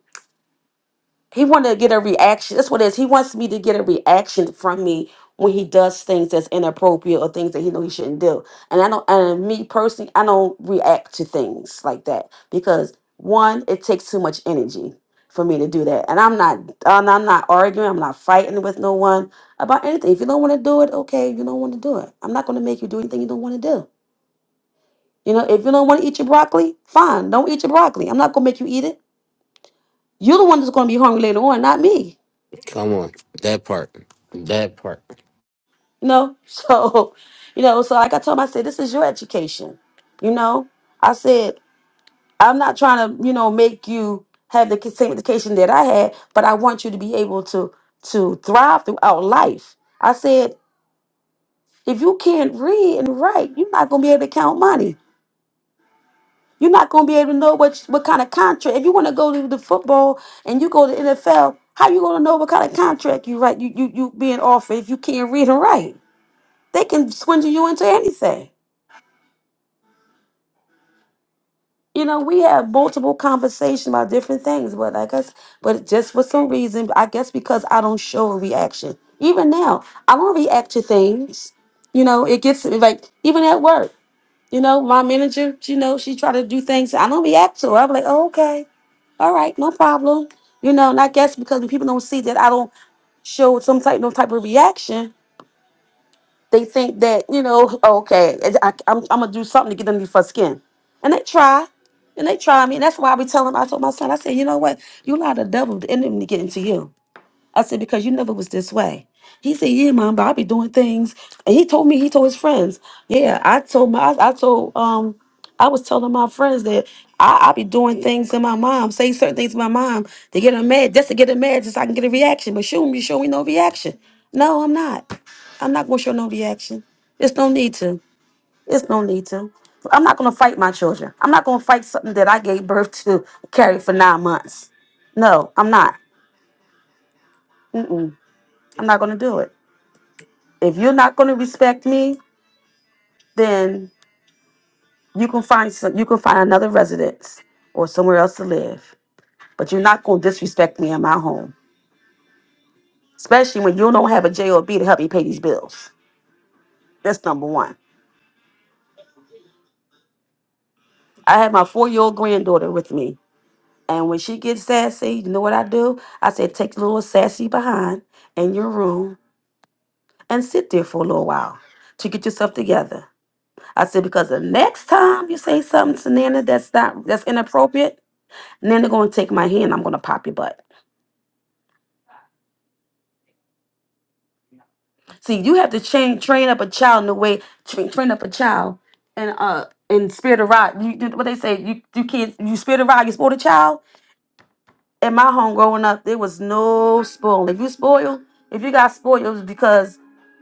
Speaker 4: He wanted to get a reaction. That's what it is. He wants me to get a reaction from me when he does things that's inappropriate or things that he know he shouldn't do. And I don't and me personally, I don't react to things like that because one, it takes too much energy for me to do that. And I'm not and I'm not arguing, I'm not fighting with no one about anything. If you don't want to do it, okay, you don't want to do it. I'm not gonna make you do anything you don't want to do. You know, if you don't want to eat your broccoli, fine, don't eat your broccoli. I'm not gonna make you eat it. You're the one that's gonna be hungry later on, not me.
Speaker 1: Come on, that part, that part.
Speaker 4: you know <laughs> so you know so like i told him i said this is your education you know i said i'm not trying to you know make you have the same education that i had but i want you to be able to to thrive throughout life i said if you can't read and write you're not going to be able to count money you're not going to be able to know what what kind of contract if you want to go to the football and you go to nfl how you going to know what kind of contract you write you, you you being offered if you can't read and write they can swindle you into anything You know, we have multiple conversations about different things, but like I said, but just for some reason, I guess because I don't show a reaction. Even now, I don't react to things. You know, it gets like even at work. You know, my manager, you know, she try to do things. I don't react to her. I'm like, oh, okay, all right, no problem. You know, and I guess because when people don't see that I don't show some type, no type of reaction, they think that, you know, okay, I, am I'm going to do something to get underneath her skin. And they try. And they try me. And that's why I be telling I told my son, I said, you know what? You allow the devil, the enemy to get into you. I said, because you never was this way. He said, yeah, mom, but I be doing things. And he told me, he told his friends. Yeah, I told my, I, I told, um, I was telling my friends that I, I be doing things to my mom, saying certain things to my mom to get her mad, just to get her mad, just so I can get a reaction. But shoot, you showing no reaction. No, I'm not. I'm not gonna show no reaction. There's no need to. There's no need to. I'm not gonna fight my children. I'm not gonna fight something that I gave birth to, carry for nine months. No, I'm not. Mm-mm. I'm not gonna do it. If you're not going to respect me, then you can find some, you can find another residence or somewhere else to live. But you're not going to disrespect me in my home, especially when you don't have a job to help me pay these bills. That's number one. I have my four-year-old granddaughter with me, and when she gets sassy, you know what I do? I said, take little sassy behind in your room and sit there for a little while to get yourself together. I said, because the next time you say something to Nana that's not that's inappropriate, And then they're gonna take my hand. I'm gonna pop your butt. See, you have to train train up a child in the way train, train up a child and uh in spirit of rod. You you- what they say? You you can't you spirit of rod. You spoil a child. In my home growing up, there was no spoiling. If you spoil, if you got spoiled, it was because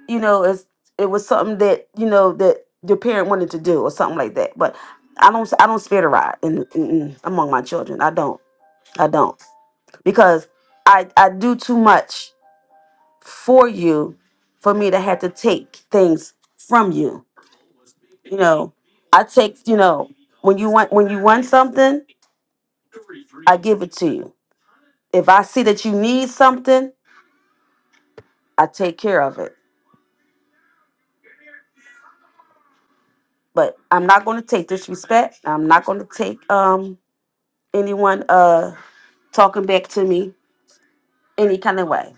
Speaker 4: you know it's it was something that you know that your parent wanted to do or something like that. But I don't I don't spirit of rod in, in, in among my children. I don't I don't because I I do too much for you for me to have to take things from you. You know, I take, you know, when you want when you want something, I give it to you. If I see that you need something, I take care of it. But I'm not going to take disrespect. I'm not going to take um anyone uh talking back to me any kind of way.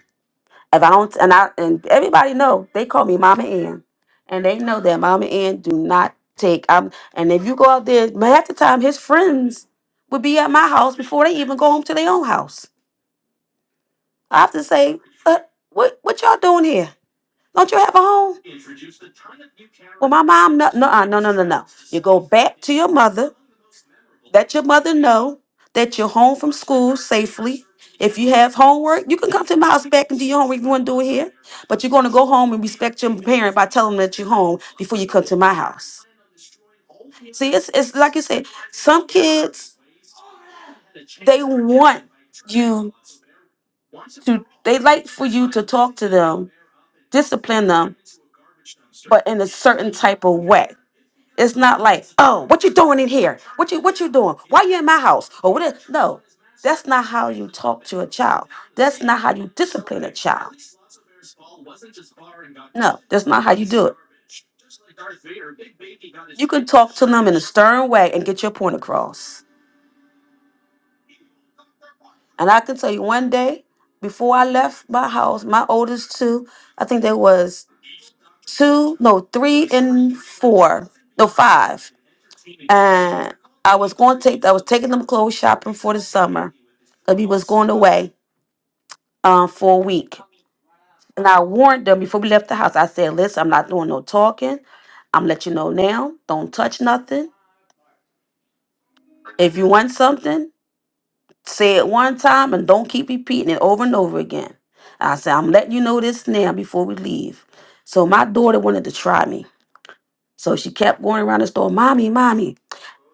Speaker 4: If I don't, and I and everybody know they call me Mama Ann, and they know that Mama Ann do not take. Um, and if you go out there, half the time his friends would be at my house before they even go home to their own house. I have to say, uh, what what y'all doing here? Don't you have a home? Well, my mom, no, no, uh, no, no, no, no. You go back to your mother. Let your mother know that you're home from school safely. If you have homework, you can come to my house back and do your homework if you want to do it here. But you're going to go home and respect your parent by telling them that you're home before you come to my house. See, it's, it's like you said, some kids, they want you to, they like for you to talk to them, discipline them, but in a certain type of way. It's not like, oh, what you doing in here? What you what you doing? Why you in my house? Or what? Is, no, that's not how you talk to a child. That's not how you discipline a child. No, that's not how you do it. You can talk to them in a stern way and get your point across. And I can tell you one day, before I left my house, my oldest two, I think they was two, no, three and four, no, five. And I was going to take, I was taking them clothes shopping for the summer because we was going away um, for a week. And I warned them before we left the house. I said, listen, I'm not doing no talking. I'm let you know now. Don't touch nothing. If you want something, say it one time and don't keep repeating it over and over again. I said, I'm letting you know this now before we leave. So my daughter wanted to try me. So she kept going around the store, Mommy, Mommy,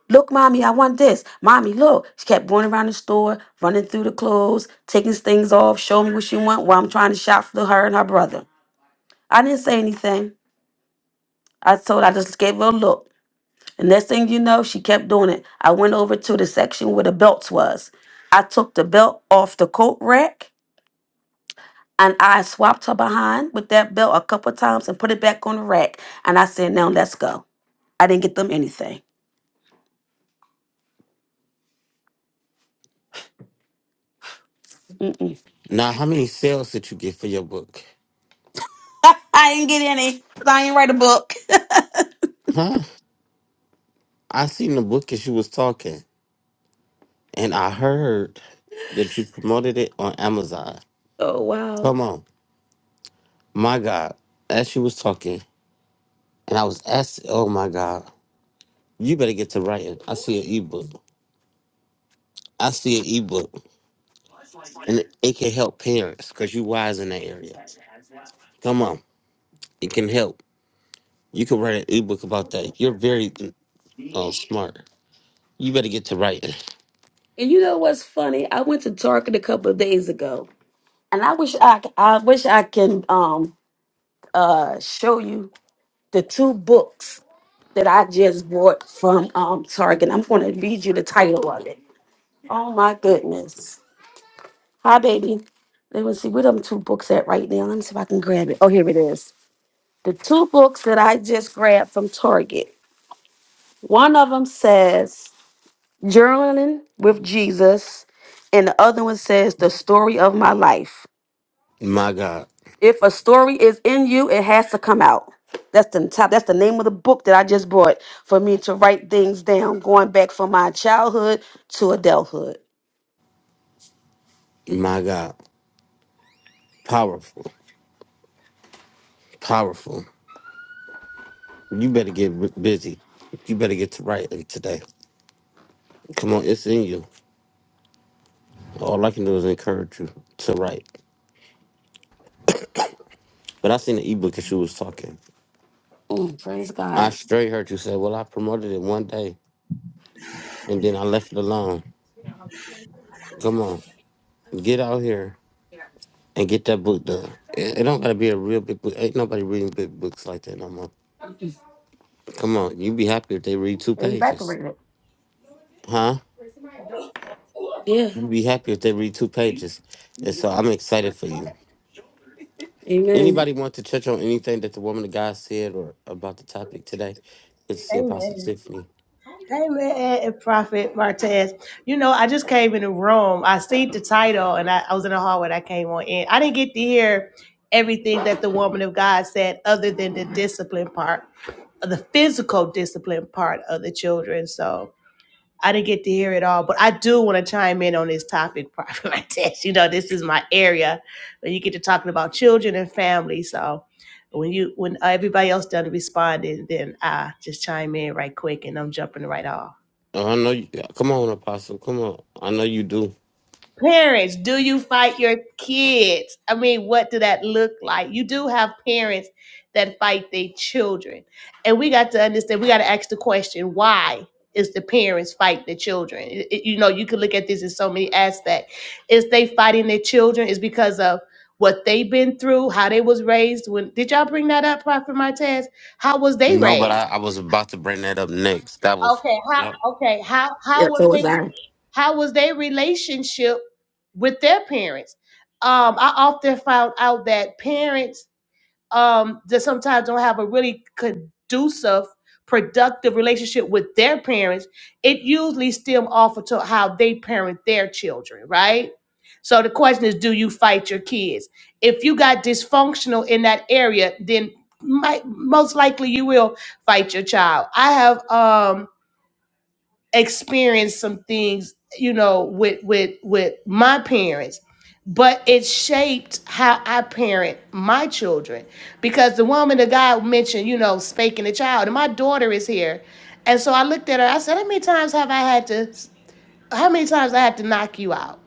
Speaker 4: look, Mommy, I want this. Mommy, look. She kept going around the store, running through the clothes, taking things off, showing me what she want while I'm trying to shop for her and her brother. I didn't say anything. I told I just gave her a look. And next thing you know, she kept doing it. I went over to the section where the belts was. I took the belt off the coat rack and I swapped her behind with that belt a couple of times and put it back on the rack. And I said, now let's go. I didn't get them anything. Mm-mm.
Speaker 1: Now, how many sales did you get for your book?
Speaker 4: <laughs> I didn't get any 'cause I ain't write a book.
Speaker 1: Huh? I seen the book as you was talking, and I heard that you promoted it on Amazon.
Speaker 4: Oh, wow.
Speaker 1: Come on, my God, as she was talking. And I was asked, oh my God, you better get to writing. I see an ebook. I see an ebook. And it it can help parents because you wise in that area. Come on. It can help. You can write an ebook about that. You're very uh, smart. You better get to writing.
Speaker 4: And you know what's funny? I went to Target a couple of days ago and I wish I, I wish I can um, uh, show you the two books that I just bought from um Target. I'm going to read you the title of it. Oh my goodness. Hi, baby. Let me see where them two books at right now. Let me see if I can grab it. Oh, here it is. The two books that I just grabbed from Target. One of them says Journaling with Jesus, and the other one says The Story of My Life.
Speaker 1: My God.
Speaker 4: If a story is in you, it has to come out. That's the top. That's the name of the book that I just bought for me to write things down, going back from my childhood to adulthood.
Speaker 1: My God. Powerful. Powerful. You better get r- busy. You better get to writing today. Come on, it's in you. All I can do is encourage you to write. But I seen the ebook as she was talking.
Speaker 4: Mm, praise
Speaker 1: I
Speaker 4: God.
Speaker 1: straight heard you say, Well, I promoted it one day and then I left it alone. Come on, get out here and get that book done. It, it don't gotta be a real big book. Ain't nobody reading big books like that no more. Come on, you be happy if they read two pages,
Speaker 4: Evaporated.
Speaker 1: huh?
Speaker 4: Yeah.
Speaker 1: You'd be happy if they read two pages. And so I'm excited for you.
Speaker 4: Amen.
Speaker 1: Anybody want to touch on anything that the woman of God said or about the topic today? Good to see Apostle
Speaker 6: Amen.
Speaker 1: Tiffany.
Speaker 6: Amen, And Prophet Martez. You know, I just came in the room. I seen the title and I, I was in the hallway when I came on in. I didn't get to hear everything that the woman of God said other than the discipline part, the physical discipline part of the children. So I didn't get to hear it all, but I do want to chime in on this topic, <laughs> Prophet Martez. You know, this is my area when you get to talking about children and family. So when you when everybody else done responding, then I just chime in right quick, and I'm jumping right off.
Speaker 1: Oh, I know you. Come on, Apostle. Come on. I know you do.
Speaker 6: Parents, do you fight your kids? I mean, what do that look like? You do have parents that fight their children. And we got to understand, we got to ask the question, why is the parents fight the children? It- it- you know, you could look at this in so many aspects. Is they fighting their children is because of what they've been through, how they was raised. When did y'all bring that up, Prophet Martez? How was they
Speaker 1: No, but I,
Speaker 6: raised?
Speaker 1: I was about to bring that up next. That was
Speaker 6: Okay, how
Speaker 1: yep.
Speaker 6: okay, how how
Speaker 4: Yeah,
Speaker 6: was
Speaker 4: so was
Speaker 6: they
Speaker 4: I.
Speaker 6: how was their relationship with their parents? Um, I often found out that parents um, that sometimes don't have a really conducive, productive relationship with their parents. It usually stem off of to how they parent their children, right? So the question is, do you fight your kids? If you got dysfunctional in that area, then might, most likely you will fight your child. I have um experienced some things, you know, with with with my parents, but it shaped how I parent my children. Because the woman that God mentioned, you know, spanking the child, and my daughter is here, and so I looked at her. I said, "How many times have I had to? How many times I had to knock you out?"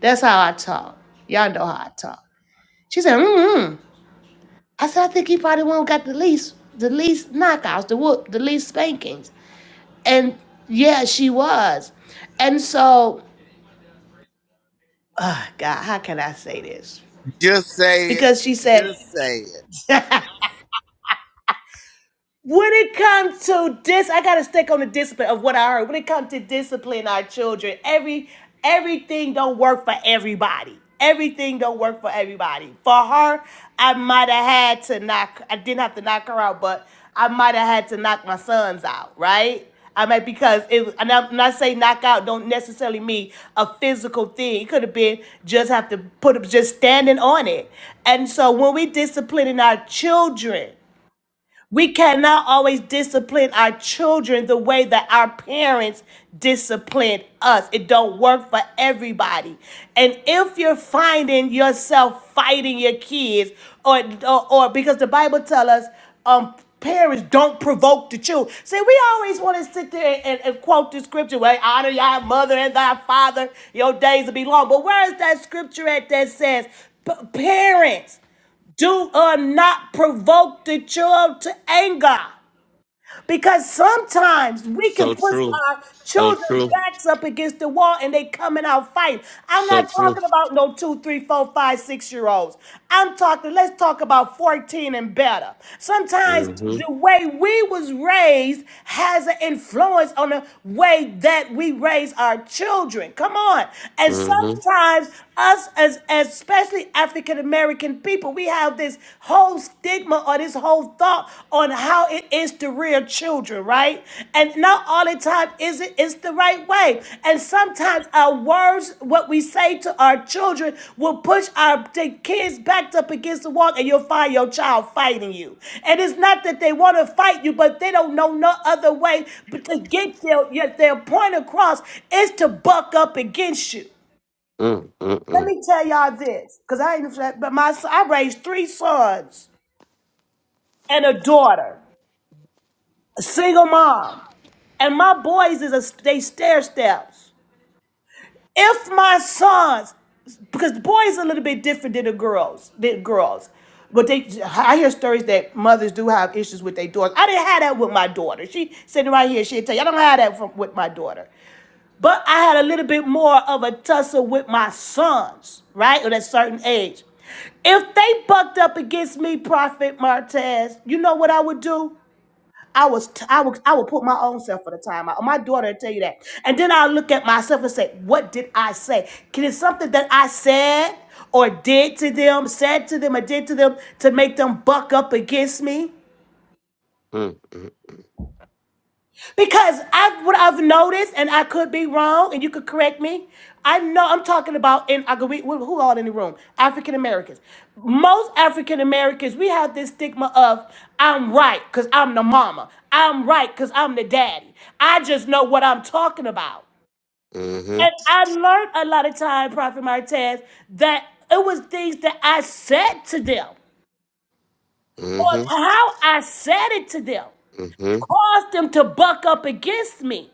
Speaker 6: That's how I talk. Y'all know how I talk. She said, "Hmm." I said, "I think he probably won't got the least, the least knockouts, the whoop, the least spankings." And yeah, she was. And so uh, God, how can I say this?
Speaker 7: Just say it.
Speaker 6: Because she said,
Speaker 7: Just say it.
Speaker 6: When it comes to dis, I gotta stick on the discipline of what I heard. When it comes to discipline our children, every everything don't work for everybody. Everything don't work for everybody. For her, I might have had to knock. I didn't have to knock her out, but I might have had to knock my sons out, right? I mean, because it and I'm and I say knockout don't necessarily mean a physical thing. It could have been just have to put just standing on it. And so when we disciplining our children, we cannot always discipline our children the way that our parents disciplined us. It don't work for everybody. And if you're finding yourself fighting your kids, or or, or because the Bible tells us, um, parents don't provoke the children. See, we always want to sit there and, and quote the scripture, "Well, honor your mother and thy father; your days will be long." But where is that scripture at that says, "Parents"? Do uh, not provoke the child to anger. Because sometimes we
Speaker 1: So
Speaker 6: can push
Speaker 1: true.
Speaker 6: our
Speaker 1: So
Speaker 6: children's
Speaker 1: true.
Speaker 6: backs up against the wall and they come in our fight. I'm
Speaker 1: So
Speaker 6: not
Speaker 1: true.
Speaker 6: talking about no two, three, four, five, six year olds. I'm talking, let's talk about 14 and better. Sometimes
Speaker 1: Mm-hmm.
Speaker 6: the way we was raised has an influence on the way that we raise our children. Come on. And
Speaker 1: Mm-hmm.
Speaker 6: sometimes us as as- especially African American people, we have have this whole stigma or this whole thought on how it is to rear children, right? And not all the time is it is the right way. And sometimes our words, what we say to our children, will push our the kids backed up against the wall, and you'll find your child fighting you. And it's not that they want to fight you, but they don't know no other way but to get their, their point across is to buck up against you.
Speaker 1: Mm mm
Speaker 6: Let
Speaker 1: mm
Speaker 6: me tell y'all this, because I ain't, but my I raised three sons and a daughter, a single mom, and my boys is a they stair steps. If my sons, because the boys are a little bit different than the girls, than girls, but they I hear stories that mothers do have issues with their daughters. I didn't have that with my daughter. She sitting right here, she'll tell you I don't have that from, with my daughter. But I had a little bit more of a tussle with my sons, right, at a certain age. If they bucked up against me, Prophet Martez, you know what I would do? I was, t- I would, I would put my own self for the time out. My daughter will tell you that, and then I look at myself and say, "What did I say? Can it something that I said or did to them, said to them, or did to them to make them buck up against me?"
Speaker 1: mm mm
Speaker 6: Because I what I've noticed, and I could be wrong, and you could correct me. I know I'm talking about in I could be- who who all in the room? African Americans. Most African Americans, we have this stigma of I'm right because I'm the mama. I'm right because I'm the daddy. I just know what I'm talking about.
Speaker 1: mm
Speaker 6: And I learned a lot of time, Prophet Martez, that it was things that I said to them
Speaker 1: mm
Speaker 6: or
Speaker 1: mm
Speaker 6: how I said it to them
Speaker 1: mm
Speaker 6: caused them to buck up against me.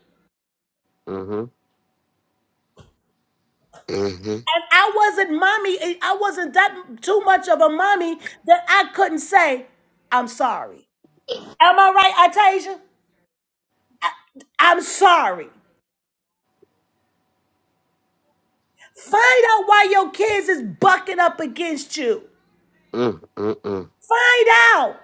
Speaker 1: mm mm
Speaker 6: And I wasn't mommy. eh, I wasn't that too much of a mommy that I couldn't say, I'm sorry. Am I right, Atasia? I'm sorry. Find out why your kids is bucking up against you.
Speaker 1: mm mm.
Speaker 6: Find out.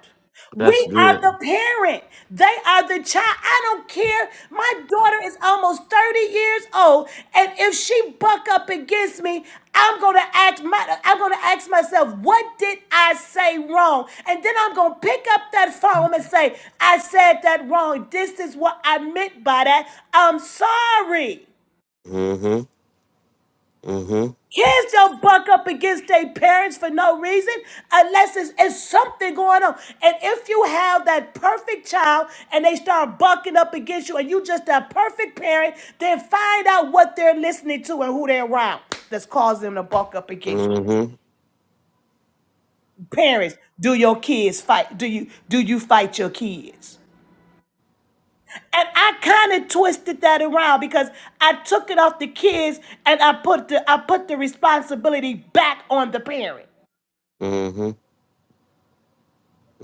Speaker 1: That's
Speaker 6: We are
Speaker 1: good.
Speaker 6: the parent. They are the child. I don't care. My daughter is almost 30 years old. And if she buck up against me, I'm gonna ask my I'm gonna ask myself, what did I say wrong? And then I'm gonna pick up that phone and say, I said that wrong. This is what I meant by that. I'm sorry.
Speaker 1: Mm-hmm. Mm-hmm.
Speaker 6: Kids don't buck up against their parents for no reason unless it's, it's something going on. And if you have that perfect child and they start bucking up against you and you just that perfect parent, then find out what they're listening to and who they're around that's causing them to buck up against you.
Speaker 1: Mm-hmm.
Speaker 6: Parents, do your kids fight? Do you do you fight your kids? And I kind of twisted that around because I took it off the kids and I put the I put the responsibility back on the parent.
Speaker 1: Mm-hmm.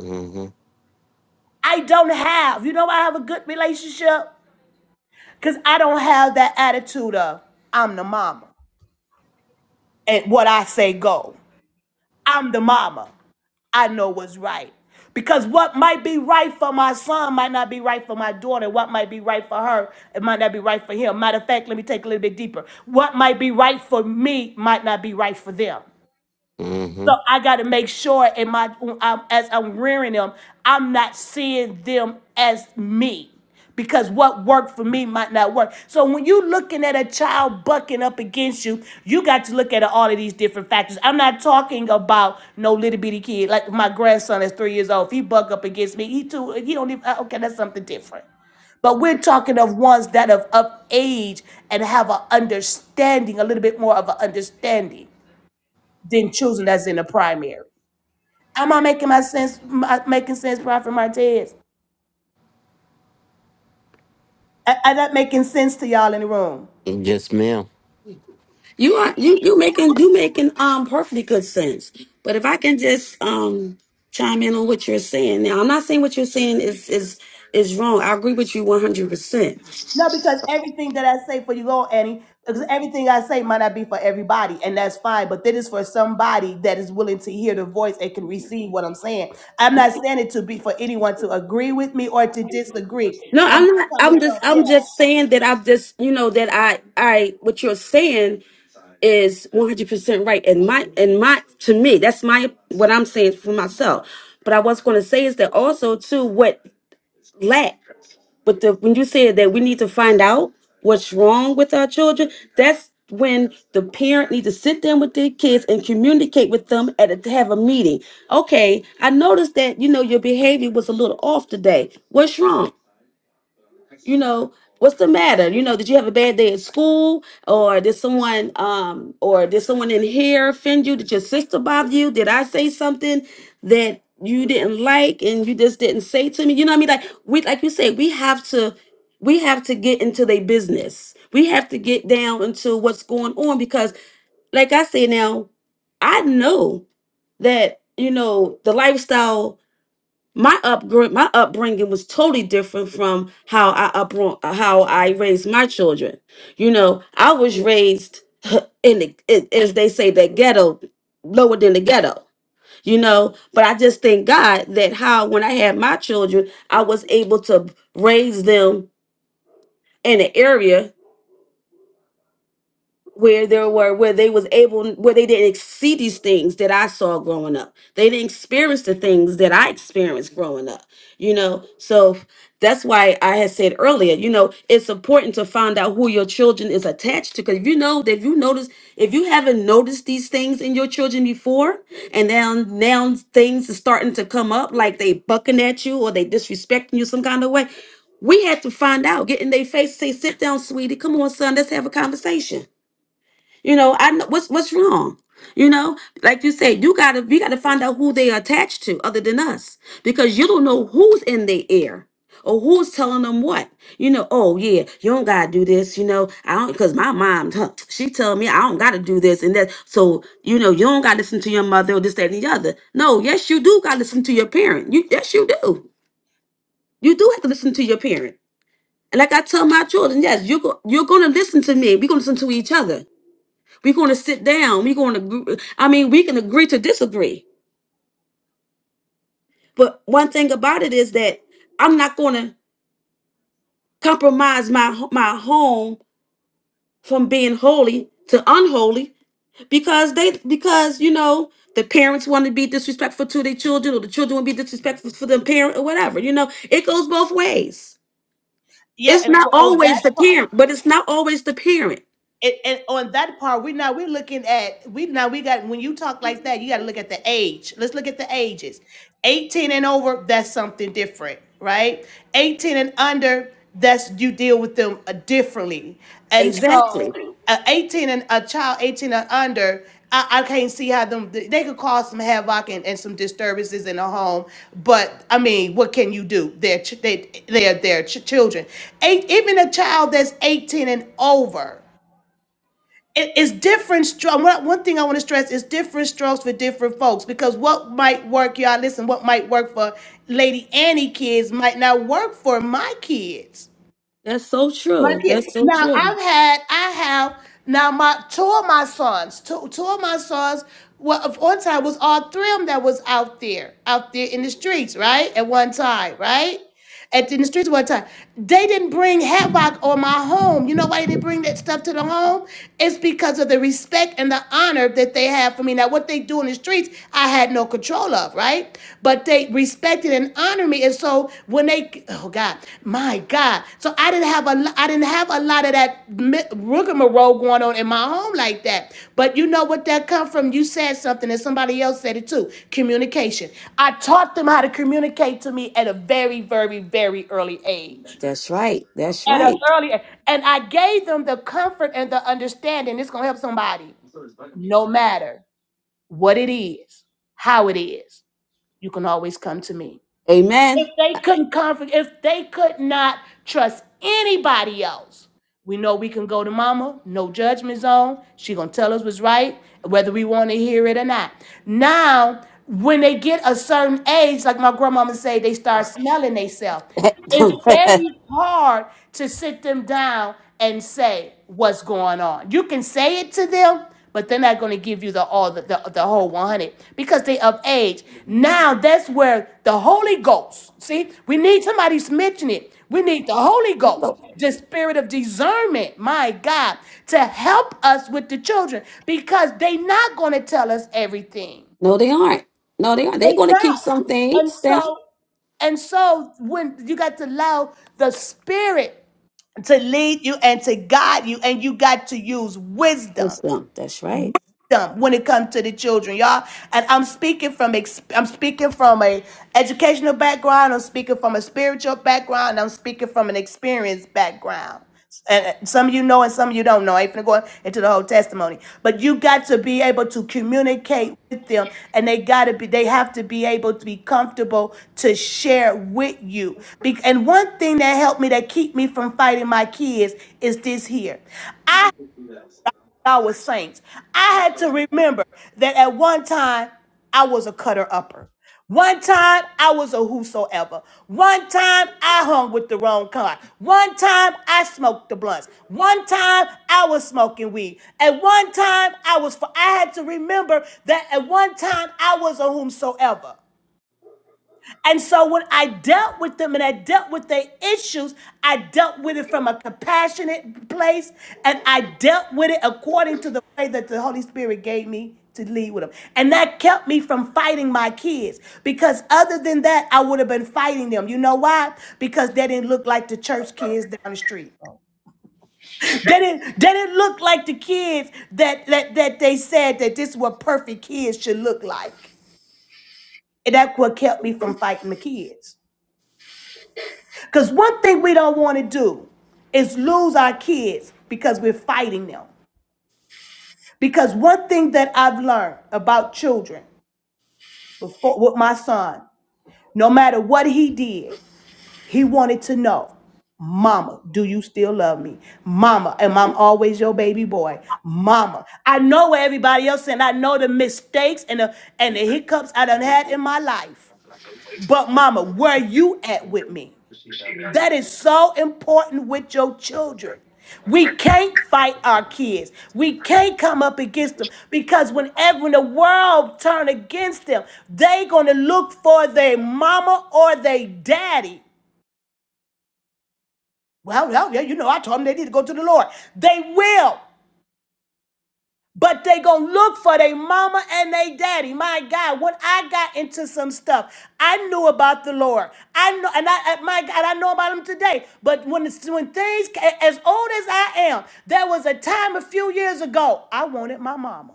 Speaker 1: Mm-hmm.
Speaker 6: I don't have. You know I have a good relationship? Because I don't have that attitude of, I'm the mama. And what I say go. I'm the mama. I know what's right. Because what might be right for my son might not be right for my daughter. What might be right for her, it might not be right for him. Matter of fact, let me take a little bit deeper. What might be right for me might not be right for them.
Speaker 1: Mm-hmm.
Speaker 6: So I got to make sure in my um, as I'm rearing them, I'm not seeing them as me because what worked for me might not work. So when you are looking at a child bucking up against you, you got to look at all of these different factors. I'm not talking about no little bitty kid like my grandson is three years old. If he buck up against me, he too he don't even okay. That's something different. But we're talking of ones that are of age and have an understanding, a little bit more of an understanding than choosing that's in the primary. Am I making my sense? My, making sense, Prophet Martez? Am I not making sense to y'all in the room?
Speaker 1: Yes, ma'am.
Speaker 4: You are you you making you making um perfectly good sense. But if I can just um chime in on what you're saying. Now I'm not saying what you're saying is is is wrong. I agree with you 100%.
Speaker 6: No, because everything that I say for you, Lord Annie, because everything I say might not be for everybody, and that's fine. But that is for somebody that is willing to hear the voice and can receive what I'm saying. I'm not saying it to be for anyone to agree with me or to disagree.
Speaker 4: No,
Speaker 6: I'm
Speaker 4: I'm not.
Speaker 6: coming
Speaker 4: I'm just.
Speaker 6: from yeah,
Speaker 4: I'm just saying that I've just. You know that I. I. What you're saying is 100 percent right. And my. And my. To me, that's my. What I'm saying for myself. But I was going to say is that also too. What lack. But the when you said that we need to find out what's wrong with our children, that's when the parent needs to sit down with their kids and communicate with them at a, have a meeting. Okay, I noticed that you know your behavior was a little off today. What's wrong? you know what's the matter you know did you have a bad day at school or did someone um or did someone in here offend you did your sister bother you did i say something that you didn't like and you just didn't say to me you know what i mean like we like you said we have to we have to get into their business we have to get down into what's going on because like i say now i know that you know the lifestyle my upbringing my upbringing was totally different from how I upbr- how I raised my children. You know, I was raised <laughs> in the in- as they say the ghetto lower than the ghetto. You know, but I just thank God that how when I had my children, I was able to raise them in an area where there were where they was able where they didn't see these things that I saw growing up. They didn't experience the things that I experienced growing up. You know, so that's why I had said earlier, you know, it's important to find out who your children is attached to. Cause if you know that if you notice if you haven't noticed these things in your children before and now now things are starting to come up like they bucking at you or they disrespecting you some kind of way. We had to find out, get in their face, say, sit down, sweetie. Come on, son, let's have a conversation you know, I know what's what's wrong. You know, like you say, you gotta we gotta find out who they are attached to other than us. Because you don't know who's in their ear or who's telling them what. You know, oh yeah, you don't gotta do this, you know. I don't because my mom huh, she tell me I don't gotta do this and that. So, you know, you don't gotta listen to your mother or this, that, and the other. No, yes, you do gotta listen to your parent. You yes, you do. You do have to listen to your parent. And like I tell my children, yes, you're go- you're gonna listen to me. We're gonna listen to each other we're going to sit down. We're going to, I mean, we can agree to disagree. But one thing about it is that I'm not going to compromise my my home from being holy to unholy because they because you know the parents want to be disrespectful to their children or the children want to be disrespectful for the parent or whatever. You know, it goes both ways.
Speaker 6: yeah,
Speaker 4: It's
Speaker 6: and
Speaker 4: not
Speaker 6: on that
Speaker 4: always the
Speaker 6: part.
Speaker 4: parent, but it's not always the parent.
Speaker 6: and, and on that part, we now we're looking at we now we got when you talk like that, you got to look at the age. Let's look at the ages. 18 and over, that's something different, right? 18 and under, that's you deal with them uh, differently. And so,
Speaker 4: Exactly.
Speaker 6: a 18 and a child 18 and under, I, I can't see how them they they could cause some havoc and, and some disturbances in the home. But I mean, what can you do? They're ch- they they're their ch- children. Eight, even a child that's 18 and over it- it's different strokes. One, one thing I want to stress is different strokes for different folks because what might work, y'all, listen, what might work for Lady Annie kids might not work for my kids.
Speaker 4: That's so
Speaker 6: My
Speaker 4: true.
Speaker 6: kids.
Speaker 4: That's so
Speaker 6: Now
Speaker 4: true.
Speaker 6: I've had, I have now my two of my sons, two, two of my sons. Well, of one time was all three of them that was out there, out there in the streets, right? At one time, right? At in the streets one time, they didn't bring havoc on my home. You know why they didn't bring that stuff to the home? It's because of the respect and the honor that they have for me. Now, what they do in the streets I had no control of, right? But they respected and honored me. And so when they, oh God, my God. So I didn't have a, lo- I didn't have a lot of that mi- rigmarole going on in my home like that. But you know what that come from? You said something and somebody else said it too. Communication. I taught them how to communicate to me at a very, very, very early age.
Speaker 4: That's right. That's
Speaker 6: At an
Speaker 4: right.
Speaker 6: early age. And I gave them the comfort and the understanding. It's going to help somebody no matter what it is, how it is, you can always come to me. If
Speaker 4: Amen.
Speaker 6: they couldn't comfort, if they could not trust anybody else, we know we can go to mama, no judgment zone. She gonna tell us what's right, whether we want to hear it or not. Now, when they get a certain age, like my grandmama say, they start smelling themselves.
Speaker 4: <laughs>
Speaker 6: It's
Speaker 4: no,
Speaker 6: very hard to sit them down and say what's going on. You can say it to them, but they're not going to give you the all the, the, the whole 100 because they of age. Now that's where the Holy Ghost. See, we need somebody mentioning it. We need the Holy Ghost the spirit of discernment, my God, to help us with the children because they are not going to tell us everything.
Speaker 4: they aren't. No, they aren't. They're
Speaker 6: They
Speaker 4: going to keep
Speaker 6: not.
Speaker 4: some
Speaker 6: And
Speaker 4: things down
Speaker 6: so And so when you got to allow the spirit to lead you and to guide you and you got to use wisdom
Speaker 4: with them. That's right.
Speaker 6: when it comes to the children, y'all. And I'm speaking from ex- I'm speaking from a educational background. I'm speaking from a spiritual background. I'm speaking from an experience background. And uh, some of you know, and some of you don't know. I ain't finna go into the whole testimony, but you got to be able to communicate with them, and they gotta be. They have to be able to be comfortable to share with you. Be- and one thing that helped me, that keep me from fighting my kids, is this here. I was saints. I had to remember that at one time I was a cutter upper. One time I was a whosoever. One time I hung with the wrong kind. One time I smoked the blunts. One time I was smoking weed. At one time I was. I had to remember that at one time I was a whomsoever. And so when I dealt with them and I dealt with their issues, I dealt with it from a compassionate place and I dealt with it according to the way that the Holy Spirit gave me to lead with them. And that kept me from fighting my kids because other than that, I would have been fighting them. You know why? Because they didn't look like the church kids down the street. They didn't, they didn't look like the kids that, that, that they said that this is what perfect kids should look like. And that's what kept me from fighting the kids. Because one thing we don't want to do is lose our kids because we're fighting them. Because one thing that I've learned about children before, with my son, no matter what he did, he wanted to know, Mama, do you still love me? Mama, am I always your baby boy? Mama, I know what everybody else and I know the mistakes and the, and the hiccups I done had in my life. But Mama, where you at with me? That is so important with your children. We can't fight our kids. We can't come up against them because whenever when the world turn against them, they gonna look for their mama or their daddy. Well, well, yeah, you know, I told them they need to go to the Lord. They will. But they gonna look for their mama and they daddy. My God, when I got into some stuff, I knew about the Lord. I know, and I I- my God, I know about Him today. But when it's, when things as old as I am, there was a time a few years ago I wanted my mama.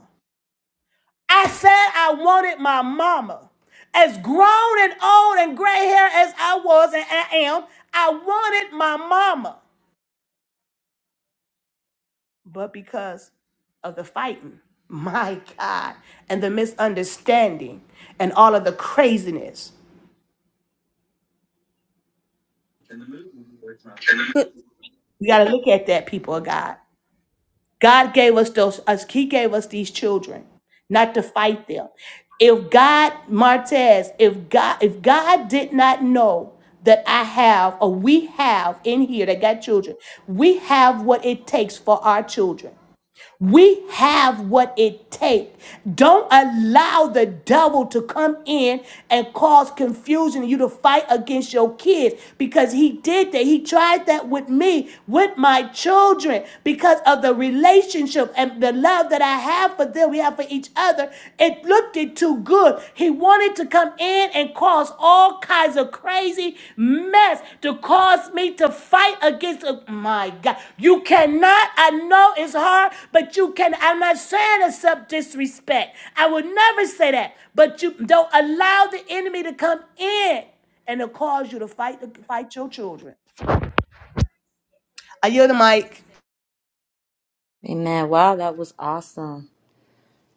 Speaker 6: I said I wanted my mama. As grown and old and gray hair as I was and I am, I wanted my mama. but because of the fighting. My God. And the misunderstanding and all of the craziness.
Speaker 4: Good.
Speaker 6: We got to look at that, people of God. God gave us those, us, He gave us these children, not to fight them. If God, Martez, if God, if God did not know that I have or we have in here that got children, we have what it takes for our children. We have what it takes. Don't allow the devil to come in and cause confusion and you to fight against your kids because he did that. He tried that with me, with my children, because of the relationship and the love that I have for them, we have for each other. It looked it too good. He wanted wanted to come in and cause all kinds of crazy mess to cause me to fight against my God. You cannot, I know it's hard, but you can. I'm not saying it's up disrespect. I would never say that. But you don't allow the enemy to come in and to cause you to fight fight your children. I yield the mic.
Speaker 2: amen wow that was awesome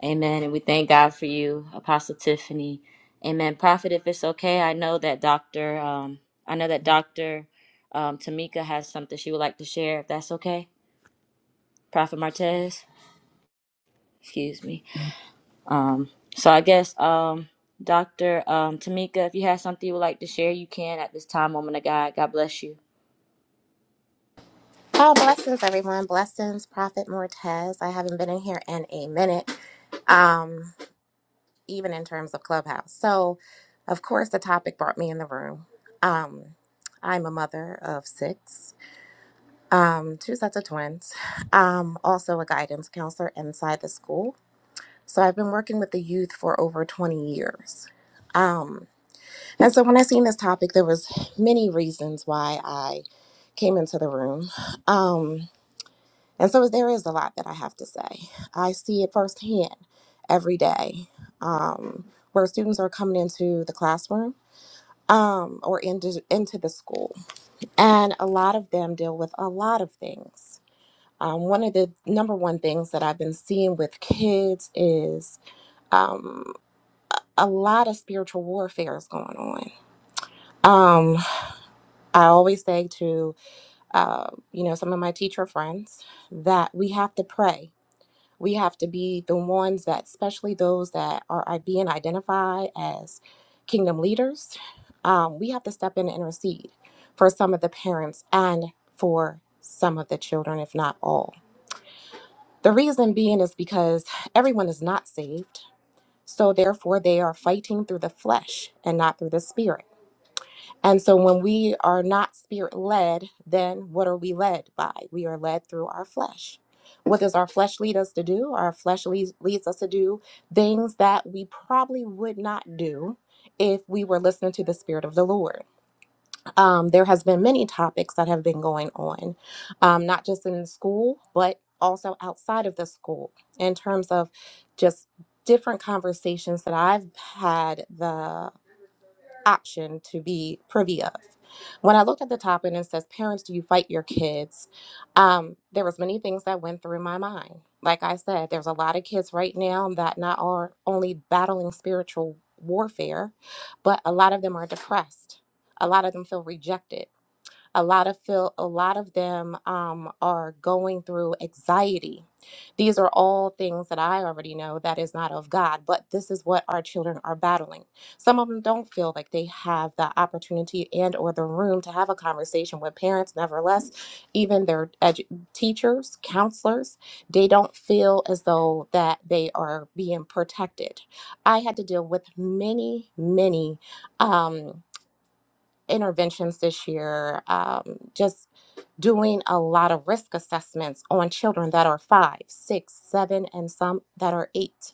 Speaker 2: Amen. And we thank God for you, Apostle Tiffany. Amen. Prophet, if it's okay, I know that Doctor, um, I know that Doctor um, Tamika has something she would like to share. If that's okay, Prophet Martez. Excuse me. Um, so I guess um, Doctor um, Tamika, if you have something you would like to share, you can at this time. Woman of God, God bless you.
Speaker 8: Oh, blessings, everyone. Blessings, Prophet Mortez. I haven't been in here in a minute, um, even in terms of Clubhouse. So, of course, the topic brought me in the room. Um, I'm a mother of six, um, two sets of twins, um, also a guidance counselor inside the school. So, I've been working with the youth for over 20 years. Um, and so, when I seen this topic, there was many reasons why I came into the room. Um, And so there is a lot that I have to say. I see it firsthand every day um, where students are coming into the classroom um, or into, into the school. And a lot of them deal with a lot of things. Um, one of the number one things that I've been seeing with kids is um, a lot of spiritual warfare is going on. Um, I always say to, uh, you know, some of my teacher friends that we have to pray We have to be the ones that, especially those that are i- being identified as kingdom leaders, um, we have to step in and intercede for some of the parents and for some of the children, if not all. The reason being is because everyone is not saved. So, therefore, they are fighting through the flesh and not through the spirit. And so when we are not spirit led, then what are we led by? We are led through our flesh. What does our flesh lead us to do? Our flesh leads, leads us to do things that we probably would not do if we were listening to the spirit of the Lord. Um, there has been many topics that have been going on, um, not just in school, but also outside of the school in terms of just different conversations that I've had The option to be privy of. When I looked at the top and it says, Parents, do you fight your kids? Um, there was many things that went through my mind. Like I said, there's a lot of kids right now that not are only battling spiritual warfare, but a lot of them are depressed. A lot of them feel rejected a lot of feel a lot of them um, are going through anxiety. These are all things that I already know that is not of God, but this is what our children are battling. Some of them don't feel like they have the opportunity and or the room to have a conversation with parents. Nevertheless, even their edu- teachers, counselors, they don't feel as though that they are being protected. I had to deal with many, many. Um, interventions this year, um, just doing a lot of risk assessments on children that are five, six, seven, and some that are eight.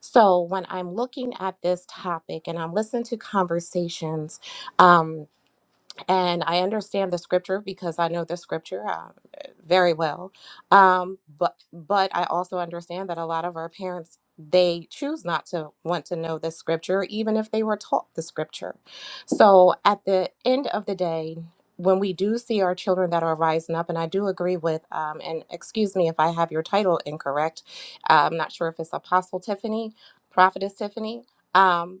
Speaker 8: So when I'm looking at this topic and I'm listening to conversations, um, and I understand the scripture because I know the scripture uh, very well. Um, but but I also understand that a lot of our parents they choose not to want to know the scripture, even if they were taught the scripture. So at the end of the day. When we do see our children that are rising up, and I do agree with, um, and excuse me if I have your title incorrect, uh, I'm not sure if it's Apostle Tiffany, Prophetess Tiffany, Um,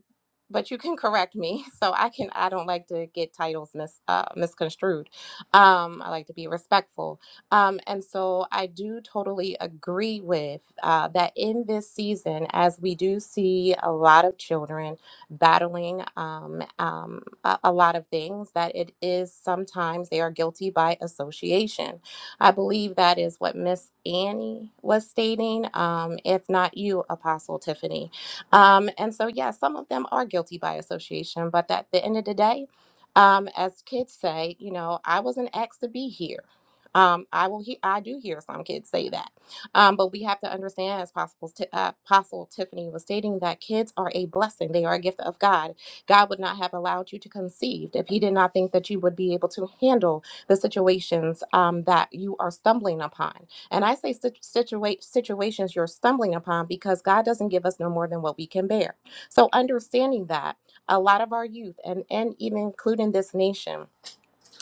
Speaker 8: but you can correct me. <laughs> So I can I don't like to get titles mis uh, misconstrued. Um, I like to be respectful. Um, and so I do totally agree with uh, that in this season, as we do see a lot of children battling um, um, a, a lot of things, that it is sometimes they are guilty by association. I believe that is what Miss Annie was stating, um, if not you, Apostle Tiffany um, and so, yeah, some of them are guilty by association, but at the end of the day, um, as kids say, you know, I wasn't asked to be here. Um, I will. He- I do hear some kids say that, um, but we have to understand, as possible, t- uh, Apostle Tiffany was stating, that kids are a blessing. They are a gift of God. God would not have allowed you to conceive if He did not think that you would be able to handle the situations um, that you are stumbling upon. And I say situ- situations you're stumbling upon because God doesn't give us no more than what we can bear. So understanding that a lot of our youth and and even including this nation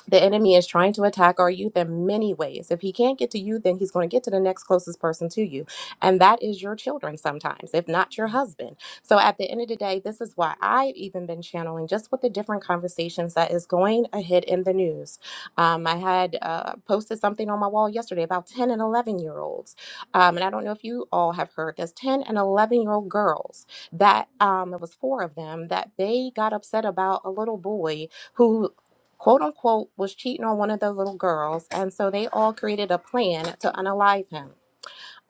Speaker 8: the enemy is trying to attack our youth in many ways. If he can't get to you, then he's going to get to the next closest person to you. And that is your children sometimes, if not your husband. So at the end of the day, this is why I've even been channeling just with the different conversations that is going ahead in the news. Um, I had uh, posted something on my wall yesterday about 10 and 11 year olds. Um, and I don't know if you all have heard this 10 and 11 year old girls that um, it was four of them that they got upset about a little boy who quote unquote, was cheating on one of the little girls. And so they all created a plan to unalive him.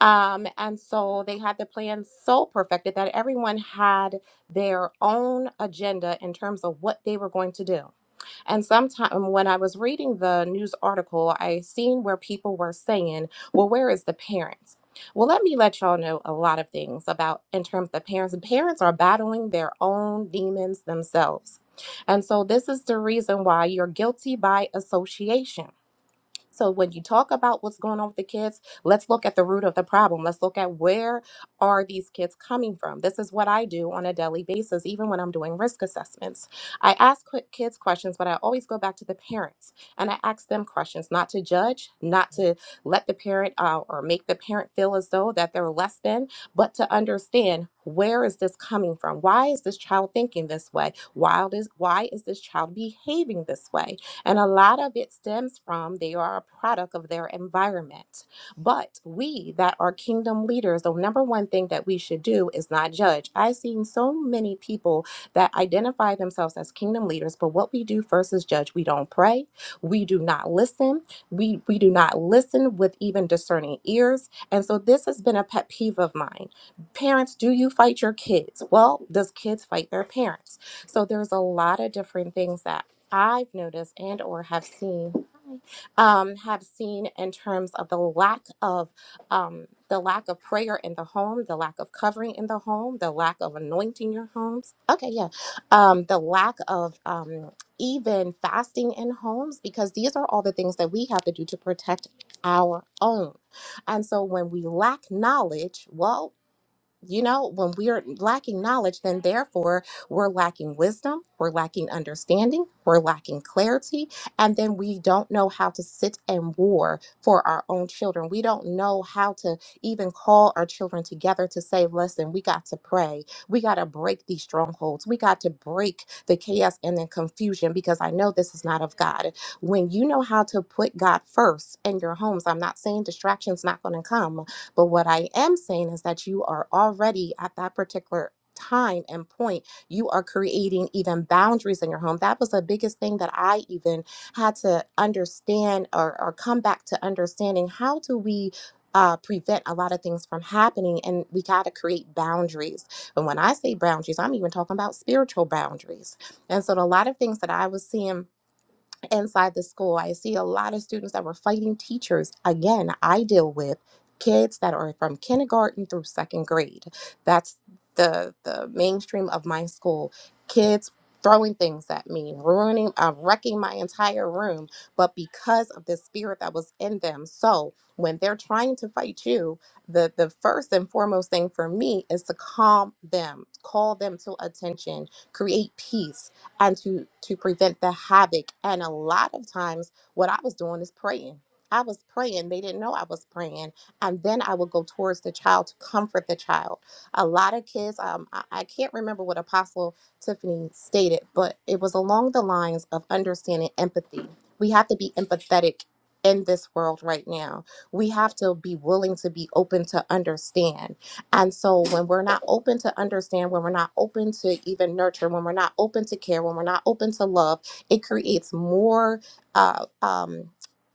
Speaker 8: Um, and so they had the plan so perfected that everyone had their own agenda in terms of what they were going to do. And sometime when I was reading the news article, I seen where people were saying, well, where is the parents? Well, let me let y'all know a lot of things about in terms of parents. Parents are battling their own demons themselves. And so this is the reason why you're guilty by association. So when you talk about what's going on with the kids, let's look at the root of the problem. Let's look at where are these kids coming from? This is what I do on a daily basis even when I'm doing risk assessments. I ask qu- kids questions, but I always go back to the parents and I ask them questions, not to judge, not to let the parent uh, or make the parent feel as though that they're less than, but to understand where is this coming from? Why is this child thinking this way? Why is why is this child behaving this way? And a lot of it stems from they are a product of their environment. But we that are kingdom leaders, the number one thing that we should do is not judge. I've seen so many people that identify themselves as kingdom leaders, but what we do first is judge. We don't pray, we do not listen, we, we do not listen with even discerning ears. And so this has been a pet peeve of mine. Parents, do you fight your kids? Well, does kids fight their parents? So there's a lot of different things that I've noticed and or have seen um, have seen in terms of the lack of um, the lack of prayer in the home, the lack of covering in the home, the lack of anointing your homes. Okay, yeah, um, the lack of um, even fasting in homes because these are all the things that we have to do to protect our own. And so when we lack knowledge, well. You know, when we are lacking knowledge, then therefore we're lacking wisdom, we're lacking understanding, we're lacking clarity, and then we don't know how to sit and war for our own children. We don't know how to even call our children together to say, listen, we got to pray. We got to break these strongholds. We got to break the chaos and the confusion because I know this is not of God. When you know how to put God first in your homes, I'm not saying distraction's not going to come, but what I am saying is that you are already at that particular time and point you are creating even boundaries in your home that was the biggest thing that i even had to understand or, or come back to understanding how do we uh, prevent a lot of things from happening and we got to create boundaries and when i say boundaries i'm even talking about spiritual boundaries and so a lot of things that i was seeing inside the school. I see a lot of students that were fighting teachers. Again, I deal with kids that are from kindergarten through second grade. That's the the mainstream of my school. Kids throwing things at me, ruining, uh, wrecking my entire room, but because of the spirit that was in them. So when they're trying to fight you, the the first and foremost thing for me is to calm them, call them to attention, create peace and to to prevent the havoc and a lot of times what i was doing is praying i was praying they didn't know i was praying and then i would go towards the child to comfort the child a lot of kids um, I, I can't remember what apostle tiffany stated but it was along the lines of understanding empathy we have to be empathetic in this world right now we have to be willing to be open to understand and so when we're not open to understand, when we're not open to even nurture, when we're not open to care, when we're not open to love, it creates more uh, um,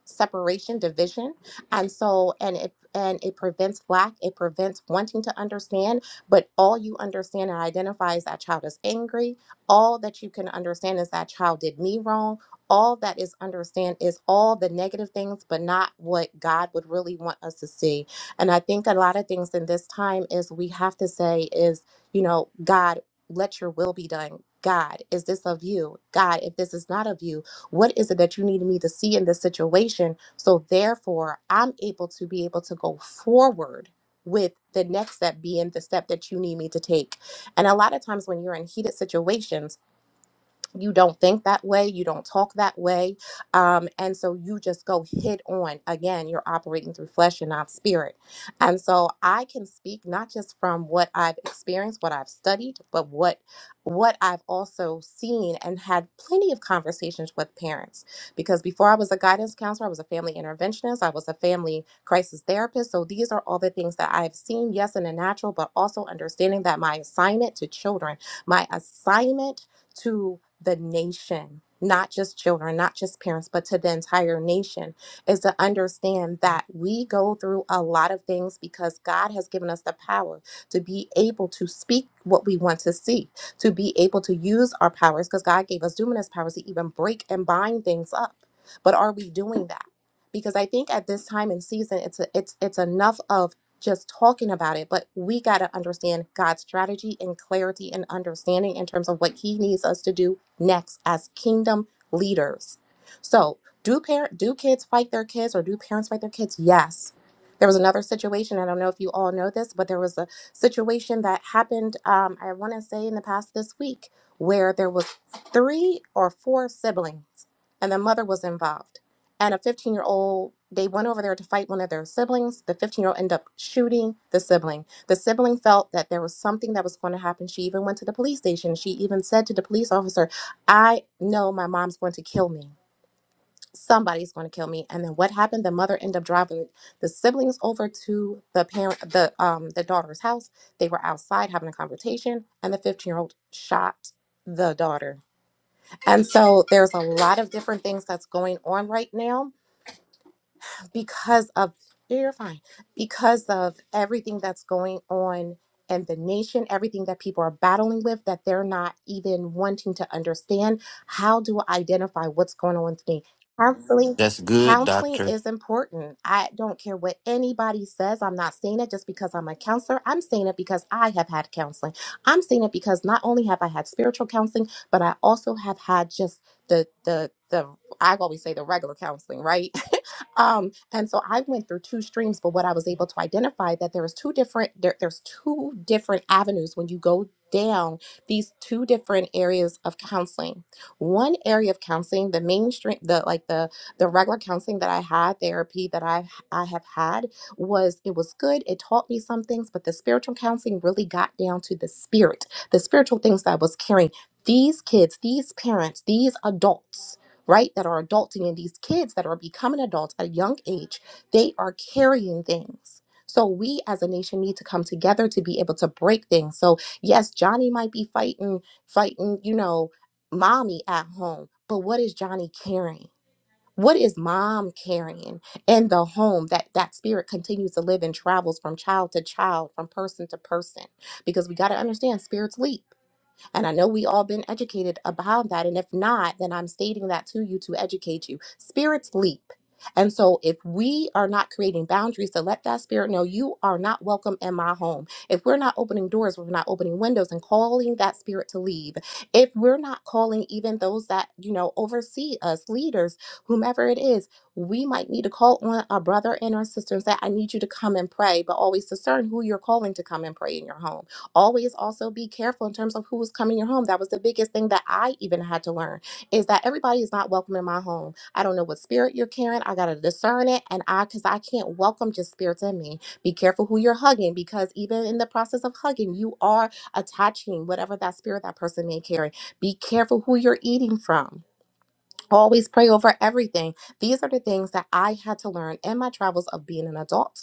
Speaker 8: separation, division. And so, and it, and it prevents lack, it prevents wanting to understand, but all you understand and identify is that child is angry. All that you can understand is that child did me wrong. All that is understand is all the negative things, but not what God would really want us to see and I think a lot of things in this time is we have to say is, you know, God, let your will be done. God, is this of you? God, if this is not of you, what is it that you need me to see in this situation? So therefore, I'm able to be able to go forward with the next step being the step that you need me to take. And a lot of times when you're in heated situations, you don't think that way you don't talk that way um, and so you just go hit on again you're operating through flesh and not spirit and so i can speak not just from what i've experienced what i've studied but what what i've also seen and had plenty of conversations with parents because before i was a guidance counselor i was a family interventionist i was a family crisis therapist so these are all the things that i've seen yes in the natural but also understanding that my assignment to children my assignment to the nation, not just children, not just parents, but to the entire nation, is to understand that we go through a lot of things because God has given us the power to be able to speak what we want to see, to be able to use our powers, because God gave us luminous powers to even break and bind things up. But are we doing that? Because I think at this time and season, it's a, it's it's enough of just talking about it, but we got to understand God's strategy and clarity and understanding in terms of what He needs us to do next as kingdom leaders. So, do parent do kids fight their kids or do parents fight their kids? Yes. There was another situation. I don't know if you all know this, but there was a situation that happened. Um, I want to say in the past this week where there was three or four siblings, and the mother was involved. And a 15 year old, they went over there to fight one of their siblings. The 15 year old ended up shooting the sibling. The sibling felt that there was something that was going to happen. She even went to the police station. She even said to the police officer, I know my mom's going to kill me. Somebody's going to kill me. And then what happened? The mother ended up driving the siblings over to the parent, the um, the daughter's house. They were outside having a conversation, and the 15 year old shot the daughter. And so there's a lot of different things that's going on right now because of yeah, you're fine because of everything that's going on in the nation everything that people are battling with that they're not even wanting to understand how do i identify what's going on with me counseling
Speaker 1: That's good,
Speaker 8: counseling
Speaker 1: Doctor.
Speaker 8: is important i don't care what anybody says i'm not saying it just because i'm a counselor i'm saying it because i have had counseling i'm saying it because not only have i had spiritual counseling but i also have had just the the the i always say the regular counseling right <laughs> um, and so I went through two streams, but what I was able to identify that there was two different there, there's two different avenues when you go down these two different areas of counseling. One area of counseling, the mainstream, the like the the regular counseling that I had, therapy that I I have had was it was good. It taught me some things, but the spiritual counseling really got down to the spirit, the spiritual things that I was carrying. These kids, these parents, these adults right that are adulting and these kids that are becoming adults at a young age they are carrying things so we as a nation need to come together to be able to break things so yes johnny might be fighting fighting you know mommy at home but what is johnny carrying what is mom carrying in the home that that spirit continues to live and travels from child to child from person to person because we got to understand spirits leap and I know we all been educated about that. And if not, then I'm stating that to you to educate you. Spirits leap. And so if we are not creating boundaries to let that spirit know you are not welcome in my home, if we're not opening doors, we're not opening windows and calling that spirit to leave, if we're not calling even those that, you know, oversee us, leaders, whomever it is, we might need to call on our brother and our sister and say, I need you to come and pray, but always discern who you're calling to come and pray in your home always also be careful in terms of who's coming in your home that was the biggest thing that i even had to learn is that everybody is not welcome in my home i don't know what spirit you're carrying i gotta discern it and i because i can't welcome just spirits in me be careful who you're hugging because even in the process of hugging you are attaching whatever that spirit that person may carry be careful who you're eating from always pray over everything these are the things that i had to learn in my travels of being an adult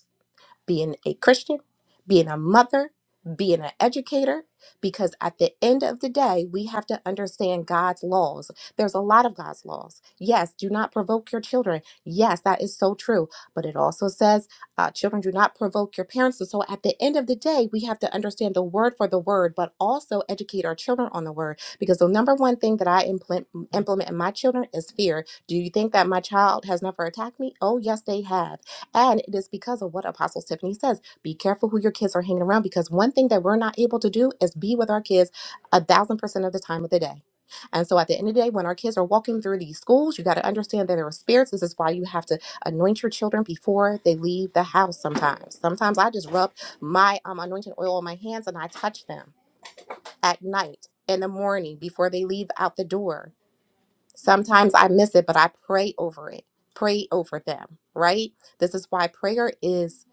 Speaker 8: being a Christian, being a mother, being an educator, because at the end of the day, we have to understand God's laws. There's a lot of God's laws. Yes, do not provoke your children. Yes, that is so true. But it also says, uh, children, do not provoke your parents. And so at the end of the day, we have to understand the word for the word, but also educate our children on the word. Because the number one thing that I implement, implement in my children is fear. Do you think that my child has never attacked me? Oh, yes, they have. And it is because of what Apostle Tiffany says. Be careful who your kids are hanging around because one thing that we're not able to do is be with our kids a thousand percent of the time of the day. And so at the end of the day, when our kids are walking through these schools, you got to understand that there are spirits. This is why you have to anoint your children before they leave the house sometimes. Sometimes I just rub my um, anointing oil on my hands and I touch them at night, in the morning, before they leave out the door Sometimes I miss it, but I pray over it. Pray over them, right? This is why prayer is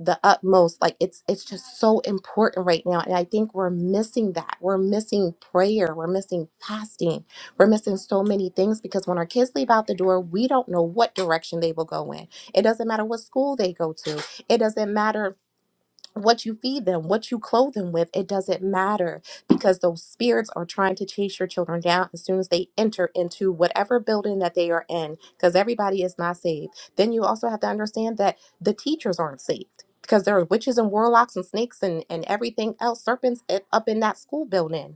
Speaker 8: the utmost. Like it's it's just so important right now. And I think we're missing that. We're missing prayer. We're missing fasting. We're missing so many things because when our kids leave out the door, we don't know what direction they will go in. It doesn't matter what school they go to. It doesn't matter what you feed them, what you clothe them with, it doesn't matter because those spirits are trying to chase your children down as soon as they enter into whatever building that they are in because everybody is not saved. Then you also have to understand that the teachers aren't saved because there are witches and warlocks and snakes and, and everything else, serpents i- up in that school building.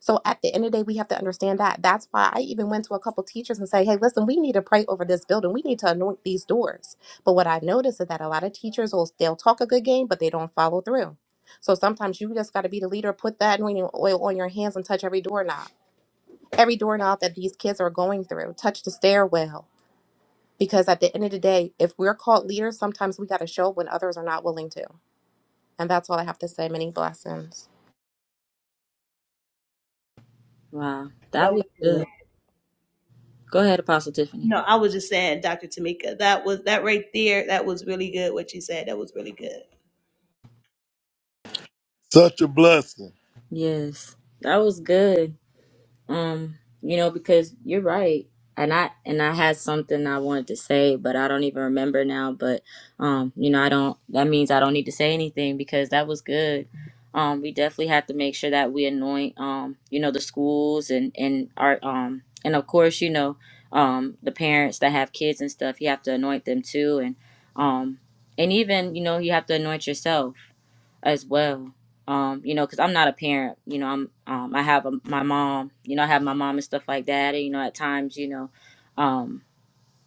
Speaker 8: So at the end of the day, we have to understand that. That's why I even went to a couple teachers and say, hey, listen, we need to pray over this building. We need to anoint these doors. But what I noticed is that a lot of teachers will they'll talk a good game, but they don't follow through. So sometimes you just got to be the leader, put that anointing oil on your hands and touch every doorknob, every doorknob that these kids are going through. Touch the stairwell. Because at the end of the day, if we're called leaders, sometimes we got to show when others are not willing to. And that's all I have to say. Many blessings.
Speaker 2: Wow, that
Speaker 6: That was
Speaker 2: was
Speaker 6: good.
Speaker 2: good. Go ahead, Apostle Tiffany.
Speaker 6: No, I was just saying, Dr. Tamika, that was that right there. That was really good. What you said, that was really good.
Speaker 9: Such a blessing.
Speaker 2: Yes, that was good. um you know because you're right and i and i had something i wanted to say but i don't even remember now but um you know i don't that means i don't need to say anything because that was good um we definitely have to make sure that we anoint um you know the schools and and our um and of course you know um the parents that have kids and stuff you have to anoint them too and um and even you know you have to anoint yourself as well. Um, you know, because I'm not a parent. You know, I'm um, I have a, my mom. You know, I have my mom and stuff like that. And, you know, at times, you know, um,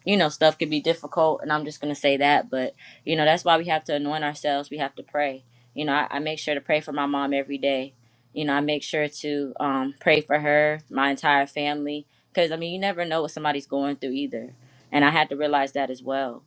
Speaker 2: you know, stuff could be difficult, and I'm just gonna say that. But you know, that's why we have to anoint ourselves. We have to pray. You know, I, I make sure to pray for my mom every day. You know, I make sure to um, pray for her, my entire family, because I mean, you never know what somebody's going through either, and I had to realize that as well.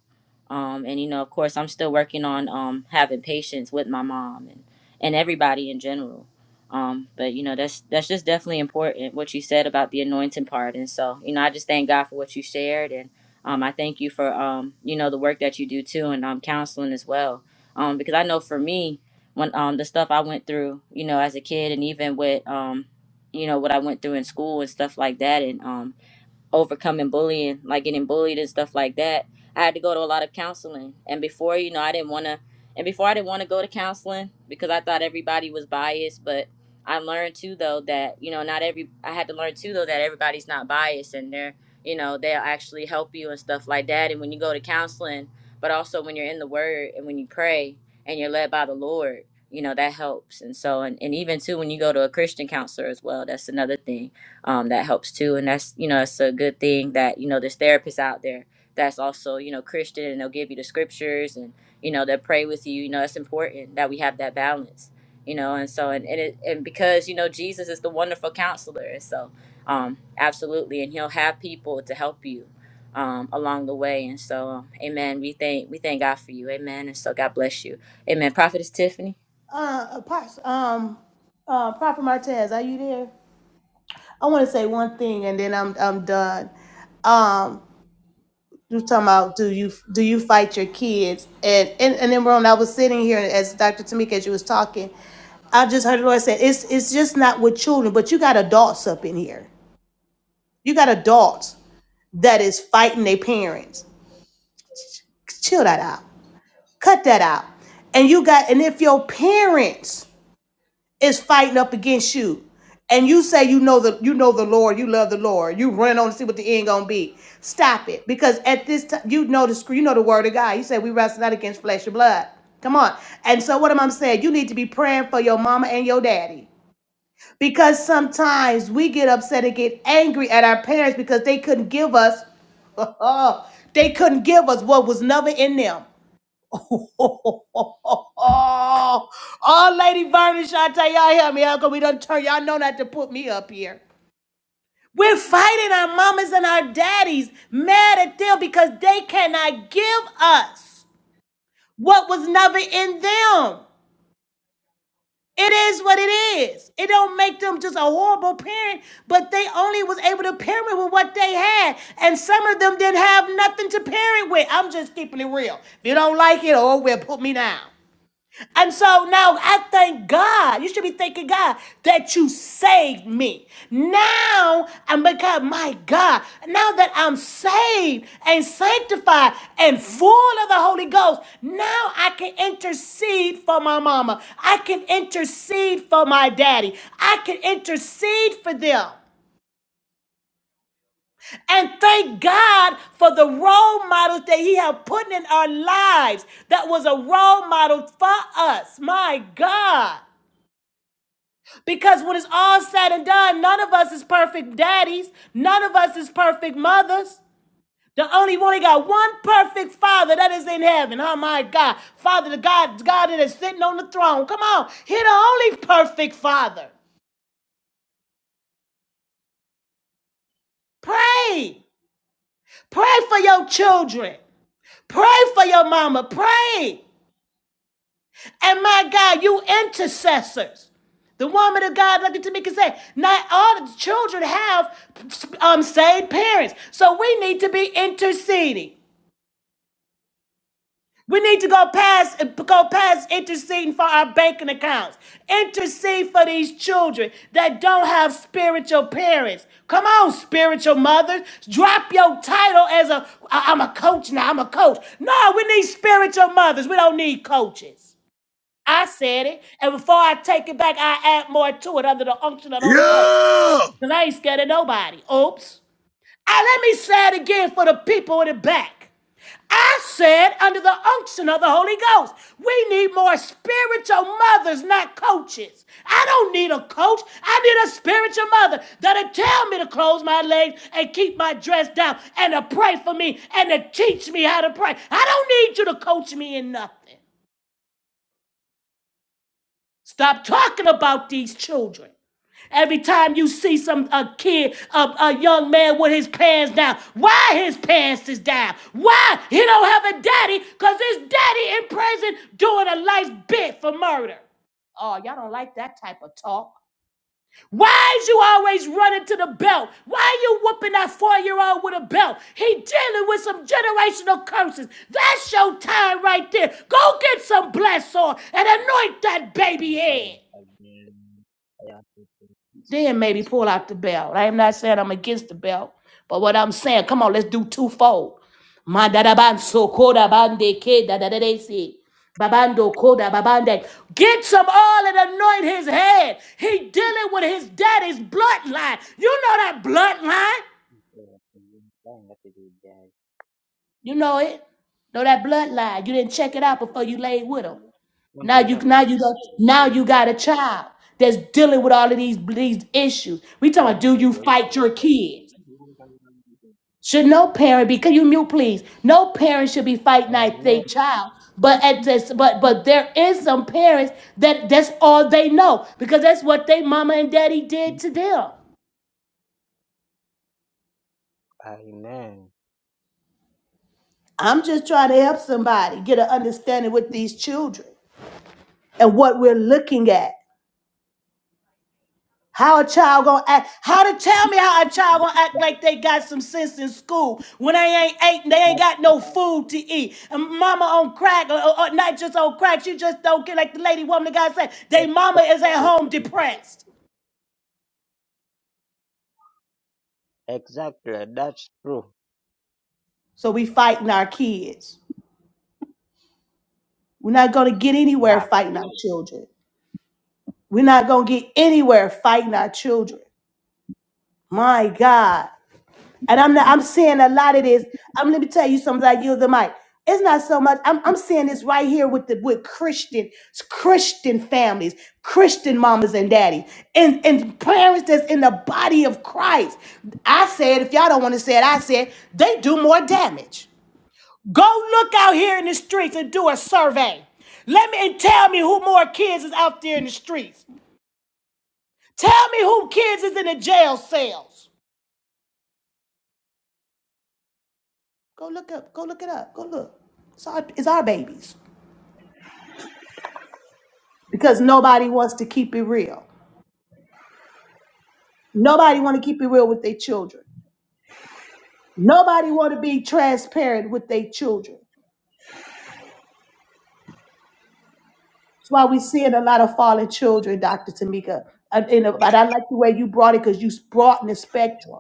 Speaker 2: Um, and you know, of course, I'm still working on um, having patience with my mom and and everybody in general. Um, but you know, that's that's just definitely important what you said about the anointing part. And so, you know, I just thank God for what you shared and. Um, I thank you for um, you know the work that you do too, and um, counseling as well. Um, because I know for me, when um, the stuff I went through, you know, as a kid, and even with um, you know what I went through in school and stuff like that, and um, overcoming bullying, like getting bullied and stuff like that. I had to go to a lot of counseling. And before, you know, I didn't want to, and before I didn't want to go to counseling because I thought everybody was biased. But I learned too, though, that, you know, not every, I had to learn too, though, that everybody's not biased and they're, you know, they'll actually help you and stuff like that. And when you go to counseling, but also when you're in the word and when you pray and you're led by the Lord, you know, that helps. And so, and, and even too, when you go to a Christian counselor as well, that's another thing um, that helps too and that's you know it's a good thing that you know there's therapists out there that's also you know christian and they'll give you the scriptures and you know they'll pray with you you know it's important that we have that balance you know and so and and, it, and because you know jesus is the wonderful counselor and so um absolutely and he'll have people to help you um, along the way and so um, amen we thank we thank god for you amen and so god bless you amen prophetess tiffany
Speaker 6: Uh, Apostle, um, uh, Prophet Martez, are you there? I want to say one thing, and then I'm I'm done. Um, you was talking about do you do you fight your kids? And and and then when I was sitting here, as Dr. Tamika, as you was talking, I just heard the Lord say it's it's just not with children, but you got adults up in here. You got adults that is fighting their parents. Chill that out. Cut that out. And you got and if your parents is fighting up against you. And you say you know the you know the Lord, you love the Lord, you run on to see what the end gonna be. Stop it, because at this time you know the scr- you know the word of God. You say we wrestle not against flesh and blood. Come on. And so what am I saying? You need to be praying for your mama and your daddy. Because sometimes we get upset and get angry at our parents because they couldn't give us <laughs> they couldn't give us what was never in them. <laughs> oh, Lady Vernon Shantae, y'all help me out because we done turn y'all know not to put me up here. We're fighting our mamas and our daddies, mad at them because they cannot give us what was never in them. It is what it is. It don't make them just a horrible parent, but they only was able to parent with what they had. And some of them didn't have nothing to parent with. I'm just keeping it real. If you don't like it, oh well, put me down. And so now I thank God. You should be thanking God that you saved me. Now I'm because my God, now that I'm saved and sanctified and full of the Holy Ghost, now I can intercede for my mama. I can intercede for my daddy. I can intercede for them and thank God for the role models that He have put in our lives. That was a role model for us. My God. Because when it's all said and done, none of us is perfect daddies. None of us is perfect mothers. The only one he got one perfect father that is in heaven. Oh my God. Father, the God, God that is sitting on the throne. Come on. he's the only perfect father. Pray. Pray for your children. Pray for your mama. Pray. And my God, you intercessors. The woman of God, like Tamika said, not all the children have um, saved parents. So we need to be interceding. We need to go past go past interceding for our banking accounts. Intercede for these children that don't have spiritual parents. Come on, spiritual mothers. Drop your title as a I- I'm a coach now. I'm a coach. No, we need spiritual mothers. We don't need coaches. I said it. And before I take it back, I add more to it under the unction of the Holy Ghost.
Speaker 9: Yeah!
Speaker 6: Because I ain't scared of nobody. Oops. I, let me say it again for the people in the back. I said, under the unction of the Holy Ghost, we need more spiritual mothers, not coaches. I don't need a coach. I need a spiritual mother that'll tell me to close my legs and keep my dress down and to pray for me and to teach me how to pray. I don't need you to coach me in nothing. Stop talking about these children. Every time you see some a kid, a, a young man with his pants down, why his pants is down? Why he don't have a daddy? Cause his daddy in prison doing a life bit for murder. Why is you always running to the belt? Why are you whooping that four-year-old with a belt? He dealing with some generational curses. That's your time right there. Go get some bless on and anoint that baby
Speaker 10: Having
Speaker 6: head.
Speaker 10: having I have to think this
Speaker 6: Then maybe pull out the belt. I am not saying I'm against the belt, but what I'm saying, come on, let's do twofold. Mandaraban so koda bande ke da si. Babando koda babande. Get some oil and anoint his head. He dealing with his daddy's bloodline. You know that bloodline.
Speaker 10: before I'm trying to do that.
Speaker 6: You know it. Know that
Speaker 10: People
Speaker 6: bloodline. You
Speaker 10: were
Speaker 6: didn't check it out before you laid with him. Now you now you got now you got a child that's dealing with all of these these issues. We
Speaker 10: I
Speaker 6: talking about
Speaker 10: know
Speaker 6: do you fight your kids? Should no parent be? Can you mute, please? No parent should be fighting
Speaker 10: I
Speaker 6: at
Speaker 10: know,
Speaker 6: their child. But at this, but but there is some parents that that's all they know because that's what they mama and daddy did to them. I'm just trying to help somebody get an understanding with these children and what we're looking at. How a child gonna act? How to tell me how a child gonna act like they got some sense in school when they ain't ate and they ain't
Speaker 10: That's
Speaker 6: got no food to eat? And mama on crack, or, or- not just on crack, she just don't get like the lady woman that God said, they mama is at home
Speaker 10: it.
Speaker 6: depressed.
Speaker 10: Exactly, that's true.
Speaker 6: So we fighting our kids. We're not gonna get anywhere
Speaker 10: Yeah.
Speaker 6: fighting our children. We're not gonna get anywhere fighting our children. My God. And I'm not, I'm seeing a lot of this. I'm let me tell you something. I yield the mic. It's not so much. I'm, I'm seeing this right here with the with Christian Christian families, Christian mamas and daddies, and and parents that's in the body of Christ. I said, if y'all don't want to say it, I said they do more damage. Go look out here in the streets and do a survey. Let me and tell me who more kids is out there in the streets. Tell me who kids is in the jail cells. Go look up. Go look it up. Go look. It's our, it's our babies because nobody wants to keep it real. Nobody want to keep it real with their children. Nobody want to be transparent with their children. That's why we seeing a lot of fallen children, Dr. Tamika. And, and, but I like the way you brought it because you brought in the spectrum.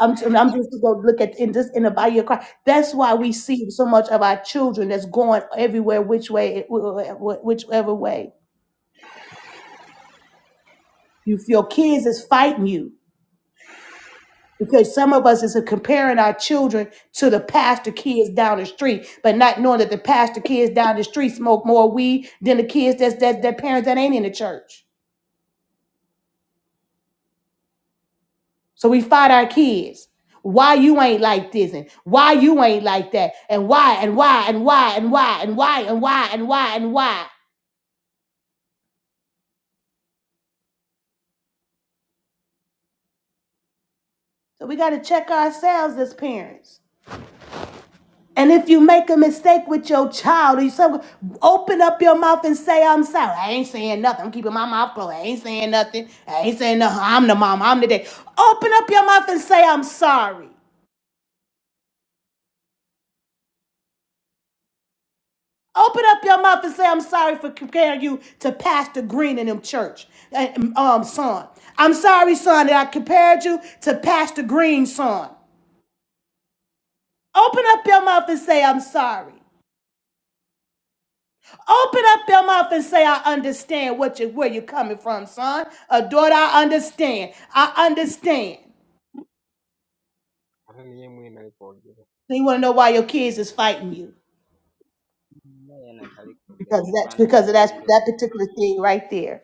Speaker 6: I'm, I'm just to go look at in just in the body of Christ. That's why we see so much of our children that's going everywhere, which way, whichever way. You feel kids is fighting you Because some of us is comparing our children to the pastor kids down the street, but not knowing that the pastor kids down the street smoke more weed than the kids that's that their parents that ain't in the church. So we fight our kids. Why you ain't like this and why you ain't like that and why and why and why and why and why and why and why and why. So we gotta check ourselves as parents. And if you make a mistake with your child, or you some, open up your mouth and say, I'm sorry. I ain't saying nothing. I'm keeping my mouth closed. I ain't saying nothing. I ain't saying nothing. I'm the mom. I'm the dad. Open up your mouth and say, I'm sorry. Open up your mouth and say, I'm sorry for comparing you to Pastor Green in them church, uh, um, son. I'm sorry, son, that I compared you to Pastor Green's son. Open up your mouth and say, I'm sorry. Open up your mouth and say, I understand what you where you're coming from, son. A daughter, I understand. I understand.
Speaker 10: Hata ni yeye mwenyewe alikuwa.
Speaker 6: So You want to know why your kids is fighting you.
Speaker 10: Yeye anakalika.
Speaker 6: Because that's because
Speaker 10: Vifanane
Speaker 6: of
Speaker 10: ya
Speaker 6: that, that
Speaker 10: video.
Speaker 6: particular thing right there.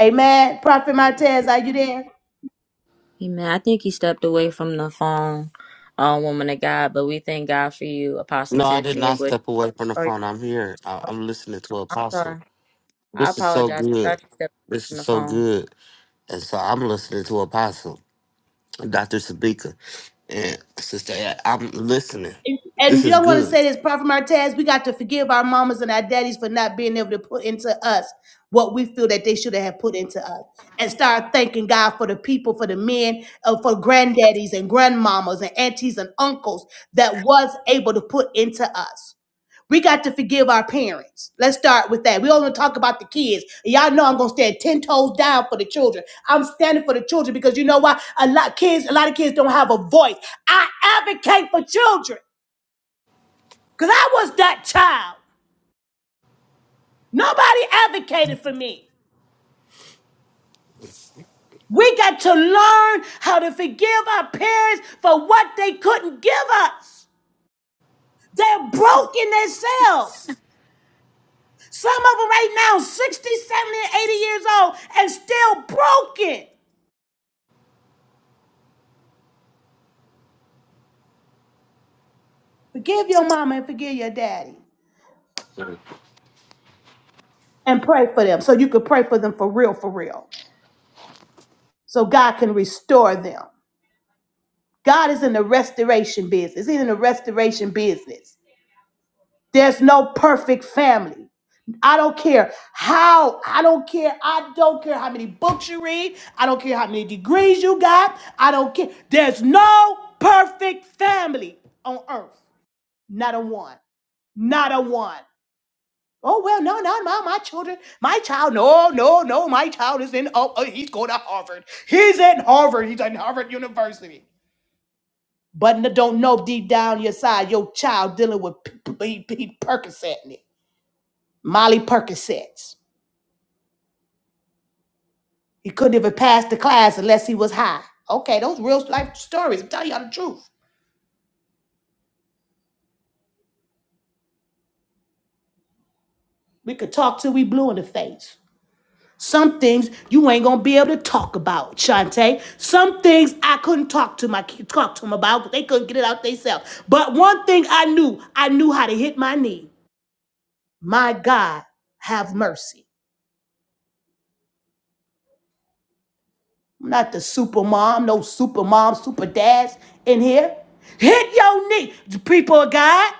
Speaker 6: Amen. Prophet Montez, are you there?
Speaker 2: Amen. I think he stepped away from the phone, uh, woman of God, but we thank God for you, Apostle
Speaker 1: No, I did
Speaker 2: Tiffany. And
Speaker 1: not
Speaker 2: what?
Speaker 1: step away from the
Speaker 2: Oh, you're
Speaker 1: phone. I'm here. I,
Speaker 2: welcome.
Speaker 1: I'm listening to
Speaker 2: I'm
Speaker 1: Apostle.
Speaker 2: sorry. I
Speaker 1: This is so
Speaker 2: apologize. I thought
Speaker 1: good.
Speaker 2: you stepped away
Speaker 1: This
Speaker 2: from
Speaker 1: is
Speaker 2: the
Speaker 1: so
Speaker 2: phone.
Speaker 1: good. And so I'm listening to Apostle, Dr. Sabika, and Sister, A- I'm listening.
Speaker 6: And
Speaker 1: This
Speaker 6: you
Speaker 1: is
Speaker 6: don't want to
Speaker 1: good.
Speaker 6: say this, Prophet Martez, we got to forgive our mamas and our daddies for not being able to put into us what we feel that they should have put into us. And start thanking God for the people, for the men, uh, for granddaddies and grandmamas and aunties and uncles that was able to put into us. We got to forgive our parents. Let's start with that. We only talk about the kids. Y'all know I'm gonna stand ten toes down for the children. I'm standing for the children because you know why? A lot kids, a lot of kids don't have a voice. I advocate for children. Because I was that child. Nobody advocated for me. We got to learn how to forgive our parents for what they couldn't give us. They're broken themselves. Some of them right now, 60, 70, eighty years old, and still broken. Forgive your mama and forgive your daddy. And pray for them so you could pray for them for real, for real. So God can restore them. God is in the restoration business. He's in the restoration business. There's no perfect family. I don't care how, I don't care, I don't care how many books you read, I don't care how many degrees you got, I don't care. There's no perfect family on earth. Not a one. Not a one. Oh well, no, no, my my children, my child, no, no, no, my child is in oh, oh, he's going to Harvard. He's at Harvard, he's at Harvard University. But n- don't know deep down your side, your child dealing with P- P- P- P- Percocet. Molly Percocets. He couldn't even pass the class unless he was high. Okay, those real life stories. I'm telling y'all the truth. We could talk till we blue in the face. Some things you ain't gonna be able to talk about, Shante. Some things I couldn't talk to my kids, talk to them about, but They couldn't get it out themselves. But one thing I knew, I knew how to hit my knee. My God, have mercy. I'm not the super mom, no super mom, super dads in here. Hit your knee, people of God.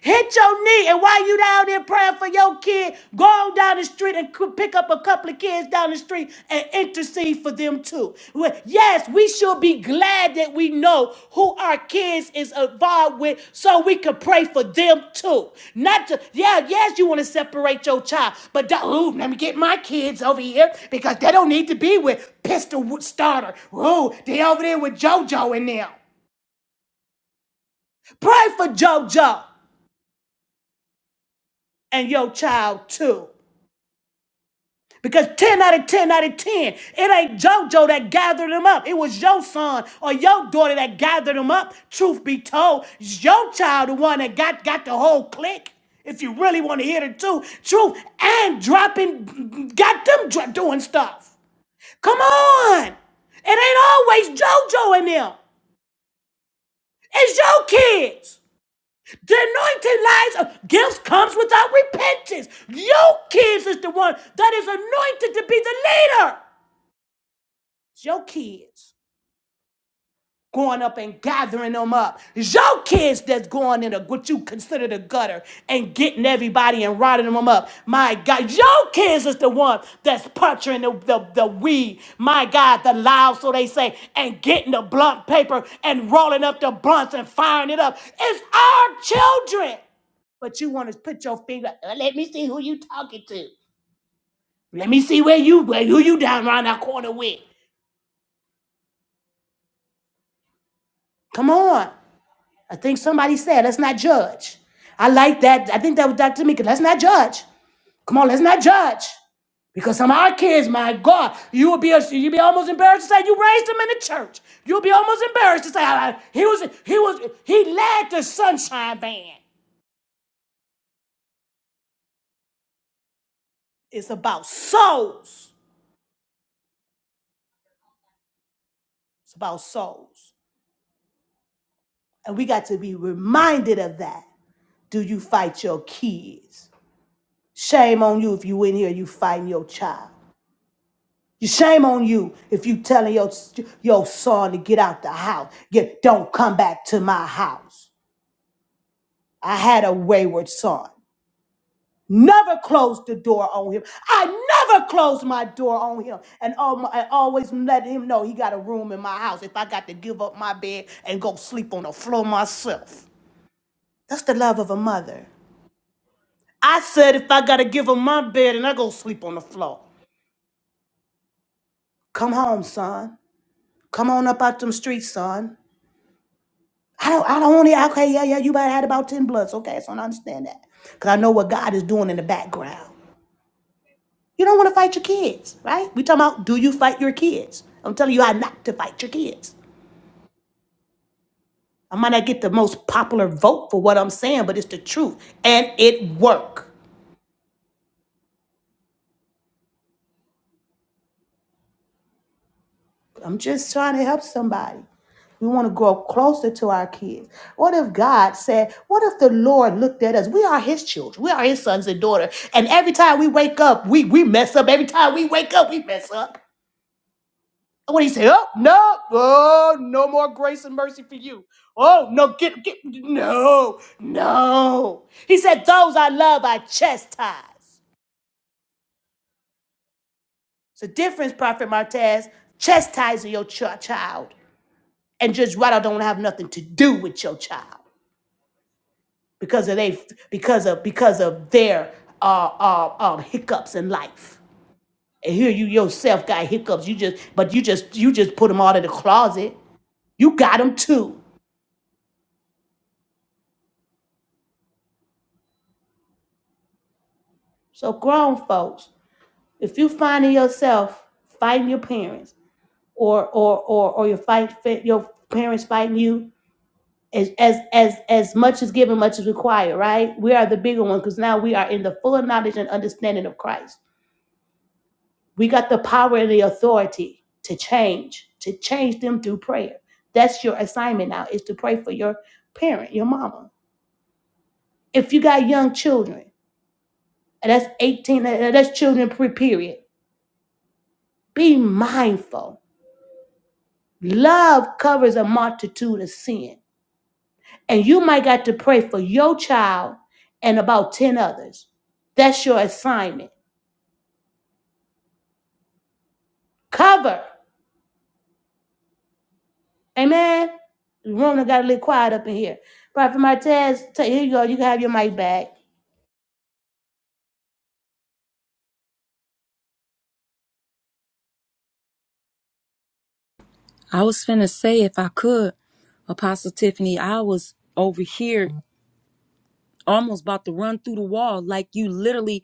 Speaker 6: Hit your knee, and while you down there praying for your kid, go on down the street and cou- pick up a couple of kids down the street and intercede for them too. Well, Yes, we should be glad that we know who our kids is involved with so we can pray for them too. Not to, yeah, yes, you want to separate your child, but don't, ooh, let me get my kids over here because they don't need to be with Pistol Starter. Ooh, they over there with JoJo and them. Pray for JoJo and your child too. Because 10 out of 10 out of 10, it ain't JoJo that gathered them up. It was your son or your daughter that gathered them up. Truth be told, it's your child the one that got, got the whole clique. If you really want to hear the truth, truth and dropping, got them dro- doing stuff. Come on. It ain't always JoJo in them. It's your kids. The anointing lies, uh, gifts comes without repentance. Your kids is the one that is anointed to be the leader. It's your kids going up and gathering them up. It's your kids that's going in a, what you consider the gutter and getting everybody and rotting them up. My God, your kids is the one that's puncturing the, the, the weed. My God, the loud, so they say, and getting the blunt paper and rolling up the blunts and firing it up. It's our children. But you want to put your finger, "Uh, let me see who you talking to. Let me see where you, where, who you down around that corner with. Come on. I think somebody said, let's not judge. I like that. I think that was Dr. Mika. Let's not judge. Come on, let's not judge. Because some of our kids, my God, you would be you'd be almost embarrassed to say you raised them in the church. You'll be almost embarrassed to say "I- I- he was he was he led the sunshine band. It's about souls. It's about souls. And we got to be reminded of that. Do you fight your kids? Shame on you if you in here, you fighting your child. You shame on you if you telling your your son to get out the house. Get don't come back to my house. I had a wayward son. Never closed the door on him. I never closed my door on him, and all my, I always let him know he got a room in my house. If I got to give up my bed and go sleep on the floor myself, that's the love of a mother. I said if I got to give up my bed and I go sleep on the floor, come home, son. Come on up out them streets, son. I don't, I don't want only, okay, yeah, yeah, you might have had about 10 bloods. Okay, so I understand that. Because I know what God is doing in the background. You don't want to fight your kids, right? we talking about do you fight your kids? I'm telling you how not to fight your kids. I might not get the most popular vote for what I'm saying, but it's the truth. And it work. I'm just trying to help somebody. We want to grow closer to our kids. What if God said, What if the Lord looked at us? We are His children. We are His sons and daughters. And every time we wake up, we, we mess up. Every time we wake up, we mess up. What do you say? Oh, no. Oh, no more grace and mercy for you. Oh, no. Get, get, no, no. He said, Those I love, I chastise. It's a difference, Prophet Martez, chastising your ch- child and Judge Rideout don't have nothing to do with your child because of they because of because of their uh, uh, um, hiccups in life. And here you yourself got hiccups. You just but you just you just put them all in the closet. You got them too. So grown folks, if you finding yourself fighting your parents, or or or or your fight your parents fighting you. As, as as as much is given, much is required, right? We are the bigger one because now we are in the full knowledge and understanding of Christ. We got the power and the authority to change, to change them through prayer. That's your assignment now is to pray for your parent, your mama. If you got young children, and that's 18, and that's children period. Be mindful. Love covers a multitude of sin. And you might got to pray for your child and about 10 others. That's your assignment. Cover. Amen. Rona got a little quiet up in here. Prophet Martez, t- here you go. You can have your mic back.
Speaker 11: I was finna say if I could, Apostle Tiffany, I was over here almost about to run through the wall like you literally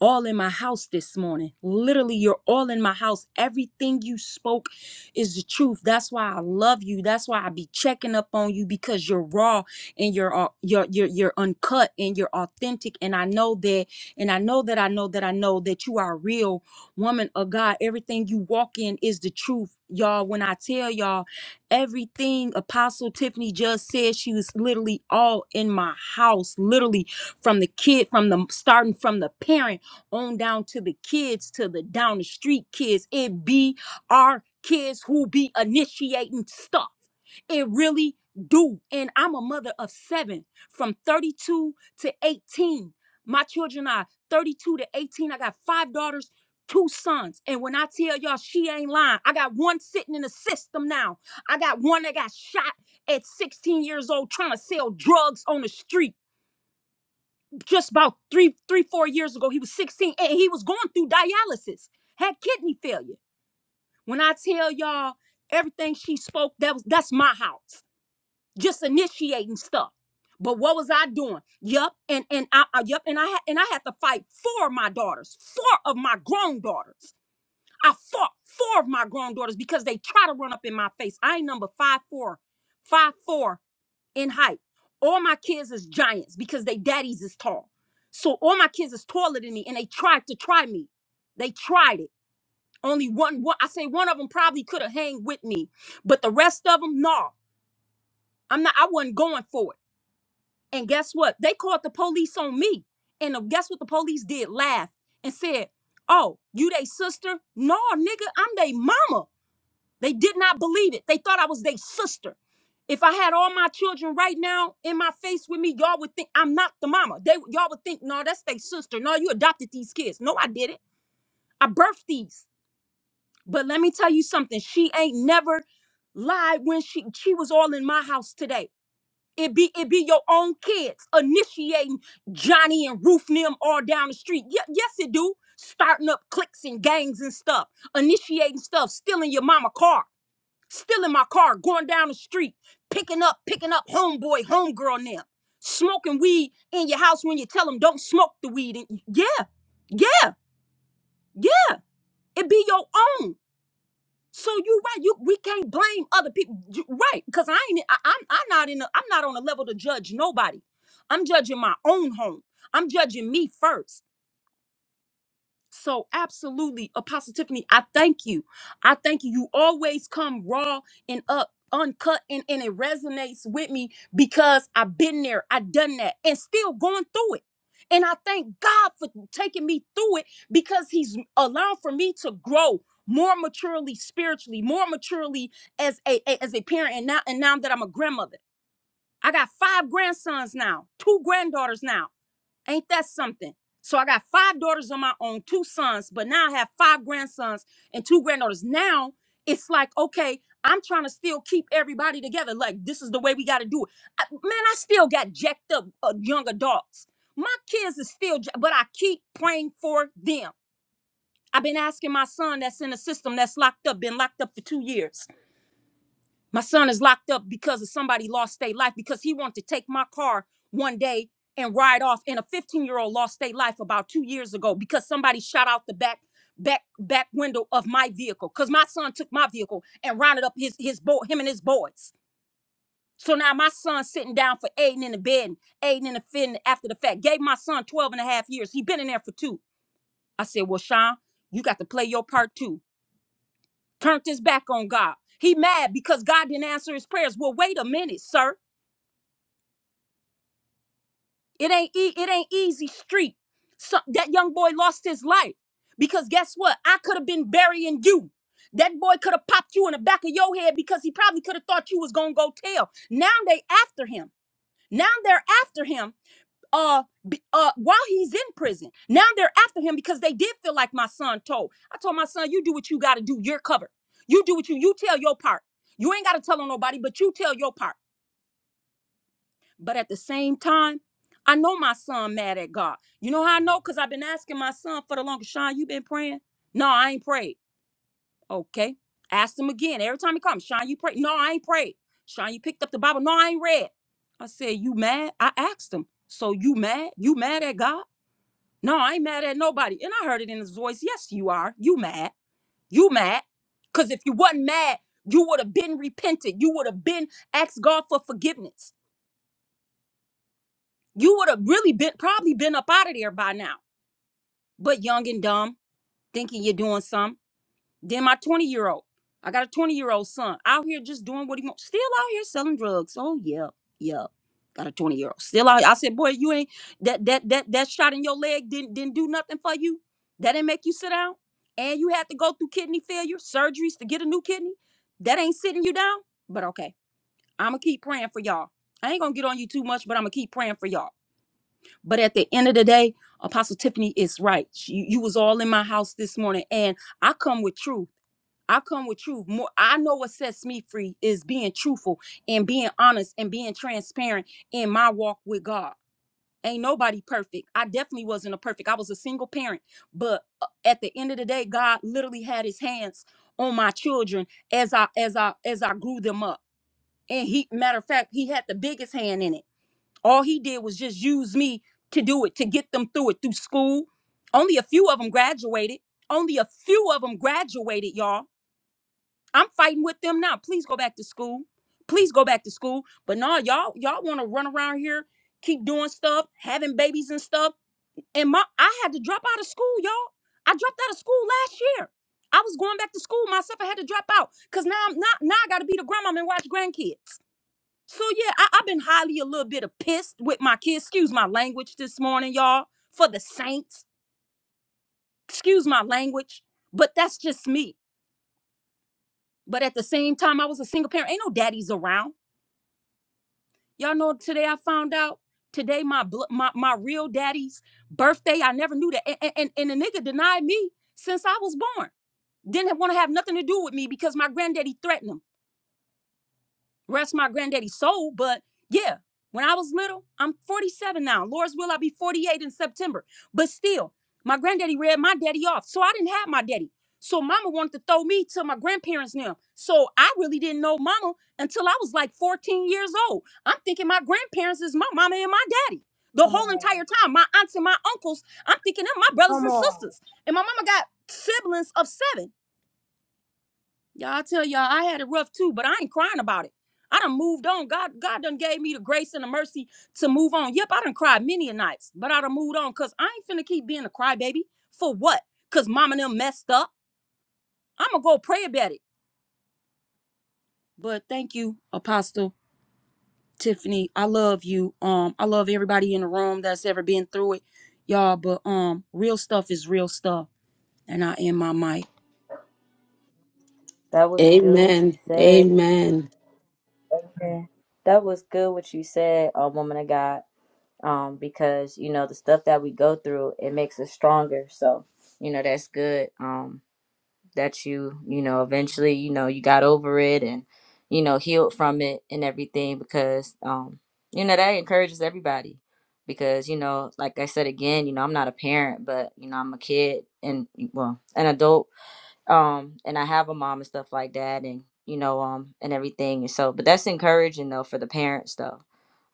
Speaker 11: all in my house this morning. Literally, you're all in my house. Everything you spoke is the truth. That's why I love you. That's why I be checking up on you because you're raw and you're au- you're you're, you're uncut and you're authentic. And I know that, and I know that I know that I know that you are a real woman of God. Everything you walk in is the truth. Y'all, when I tell y'all Everything Apostle Tiffany just said, she was literally all in my house, literally from the kid, from the starting from the parent on down to the kids, to the down the street kids. It be our kids who be initiating stuff. It really do. And I'm a mother of seven from 32 to 18. My children are 32 to 18. I got five daughters, two sons. And when I tell y'all she ain't lying, I got one sitting in the system now I got one that got shot at 16 years old trying to sell drugs on the street just about three, three, four years ago. He was 16 and he was going through dialysis, had kidney failure. When I tell y'all everything she spoke, that was that's my house. Just initiating stuff. But what was I doing? Yup, and and I, I yup, and I had and I had to fight four of my daughters, four of my grown daughters. I fought four of my grown daughters because they try to run up in my face. I ain't number five four, five four in height. All my kids is giants because they daddies is tall. So all my kids is taller than me, and they tried to try me. They tried it. Only one, one I say one of them probably could have hanged with me, but the rest of them, no. I'm not. I wasn't going for it. And guess what? They called the police on me. And the- guess what the police did? Laughed and said, "Oh, you they sister? No, nigga, I'm they mama." They did not believe it. They thought I was their sister. If I had all my children right now in my face with me, y'all would think I'm not the mama. They y'all would think, no, that's their sister. No, you adopted these kids. No, I didn't. I birthed these. But let me tell you something. She ain't never lied when she she was all in my house today. It be it be your own kids initiating Johnny and Ruth and them all down the street. Ye- yes, it do. Starting up cliques and gangs and stuff, initiating stuff, stealing your mama car. Still in my car, going down the street, picking up, picking up homeboy, homegirl now. Smoking weed in your house when you tell them don't smoke the weed. And yeah, yeah, yeah, it be your own. So you right, you we can't blame other people, You- right? Because I ain't, I, I'm, I'm not in, a, I'm not on a level to judge nobody. I'm judging my own home. I'm judging me first. So absolutely, Apostle Tiffany, I thank you. I thank you. You always come raw and up, uncut, and, and it resonates with me because I've been there, I've done that, and still going through it. And I thank God for taking me through it because He's allowed for me to grow more maturely spiritually, more maturely as a, a- as a parent, and now and now that I'm a grandmother. I got five grandsons now, two granddaughters now. Ain't that something? So I got five daughters on my own, two sons, but now I have five grandsons and two granddaughters. Now it's like, okay, I'm trying to still keep everybody together. Like, this is the way we got to do it. I- man, I still got jacked up uh, young adults. My kids is still, ja- but I keep praying for them. I've been asking my son that's in a system that's locked up, been locked up for two years. My son is locked up because of somebody lost their life because he wanted to take my car one day and ride off. And a 15 year old lost their life about two years ago because somebody shot out the back back back window of my vehicle because my son took my vehicle and rounded up his his boy him and his boys. So now my son's sitting down for aiding in the bed, aiding in the fin after the fact. Gave my son 12 and a half years. He been in there for two. I said, well, Sean, you got to play your part too. Turned his back on God. He mad because God didn't answer his prayers. Well, wait a minute, sir. It ain't e- it ain't easy street. So, that young boy lost his life because guess what? I could have been burying you. That boy could have popped you in the back of your head because he probably could have thought you was gonna go tell. Now they after him. Now they're after him. Uh, b- uh, while he's in prison, now they're after him because they did feel like my son told. I told my son, you do what you gotta do. You're covered. You do what you you tell your part. You ain't gotta tell on nobody, but you tell your part. But at the same time, I know my son mad at God. You know how I know? Because I've been asking my son for the longest, Sean, you been praying? No, I ain't prayed. Okay. Ask him again. Every time he comes, Sean, you pray? No, I ain't prayed. Sean, you picked up the Bible? No, I ain't read. I said, you mad? I asked him. So you mad? You mad at God? No, I ain't mad at nobody. And I heard it in his voice. Yes, you are. You mad. You mad. Because if you wasn't mad, you would have been repented. You would have been asked God for forgiveness. You would have really been probably been up out of there by now. But young and dumb, thinking you're doing something. Then my 20 year old, I got a 20 year old son out here just doing what he wants, still out here selling drugs. Oh yeah, yeah. Got a 20 year old still out. here. I said, boy, you ain't that that that that shot in your leg didn't didn't do nothing for you. That didn't make you sit down. And you had to go through kidney failure surgeries to get a new kidney. That ain't sitting you down. But okay, I'ma keep praying for y'all. I ain't gonna get on you too much, but I'ma keep praying for y'all. But at the end of the day, Apostle Tiffany is right. She- You, was all in my house this morning, and I come with truth. I come with truth. More, I know what sets me free is being truthful and being honest and being transparent in my walk with God. Ain't nobody perfect. I definitely wasn't a perfect. I was a single parent, but uh, at the end of the day, God literally had His hands on my children as I as I as I grew them up. And He, matter of fact, He had the biggest hand in it all he did was just use me to do it, to get them through it through school. Only a few of them graduated. Only a few of them graduated, y'all. I'm fighting with them now. Please go back to school. Please go back to school. But no, y'all, y'all want to run around here, keep doing stuff, having babies and stuff. And my, I had to drop out of school, y'all. I dropped out of school last year. I was going back to school myself. I had to drop out because now I'm not. Now I got to be the grandma and watch grandkids. So yeah, I, I've been highly a little bit of pissed with my kids. Excuse my language this morning, y'all. For the Saints, excuse my language, but that's just me. But at the same time, I was a single parent. Ain't no daddies around. Y'all know today I found out today my bl- my my real daddy's birthday. I never knew that, and and, and the nigga denied me since I was born. Didn't want to have nothing to do with me because my granddaddy threatened him. Rest my granddaddy's soul, but yeah, when I was little, I'm 47 now. Lord's will, I be 48 in September. But still, my granddaddy read my daddy off. So I didn't have my daddy. So mama wanted to throw me to my grandparents now. So I really didn't know mama until I was like 14 years old. I'm thinking my grandparents is my mama and my daddy. The
Speaker 6: Come
Speaker 11: whole
Speaker 6: on.
Speaker 11: entire time, my aunts and my uncles, I'm thinking of my brothers
Speaker 6: Come
Speaker 11: and
Speaker 6: on.
Speaker 11: sisters. And my mama got siblings of seven. Y'all I tell y'all I had it rough too, but I ain't crying about it. I done moved on. God, God done gave me the grace and the mercy to move on. Yep, I done cried many a nights, but I done moved on because I ain't finna keep being a crybaby. For what? Cause mom and them messed up. I'ma go pray about it. But thank you, Apostle Tiffany. I love you. Um, I love everybody in the room that's ever been through it. Y'all, but um, real stuff is real stuff. And I end my mic.
Speaker 2: That was good what you
Speaker 4: Amen.
Speaker 2: said.
Speaker 4: Amen.
Speaker 2: Yeah. That was good what you said, uh, woman of God. Um, because you know the stuff that we go through, it makes us stronger. So you know that's good. Um, that you you know eventually you know you got over it and you know healed from it and everything because um you know that encourages everybody because you know like i said again you know i'm not a parent but you know i'm a kid and well an adult um and i have a mom and stuff like that and you know um and everything and so but that's encouraging though for the parents though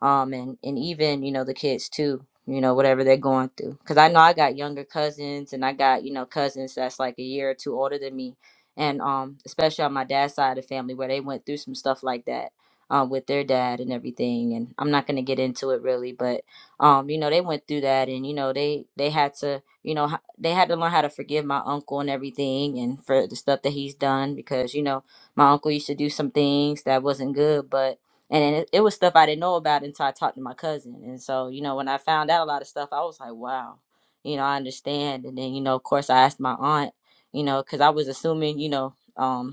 Speaker 2: um and and even you know the kids too you know whatever they're going through because i know i got younger cousins and i got you know cousins that's like a year or two older than me and um especially on my dad's side of the family where they went through some stuff like that um, with their dad and everything and i'm not going to get into it really but um you know they went through that and you know they they had to you know h- they had to learn how to forgive my uncle and everything and for the stuff that he's done because you know my uncle used to do some things that wasn't good but and it, it was stuff i didn't know about until i talked to my cousin and so you know when i found out a lot of stuff i was like wow you know i understand and then you know of course i asked my aunt you know because i was assuming you know um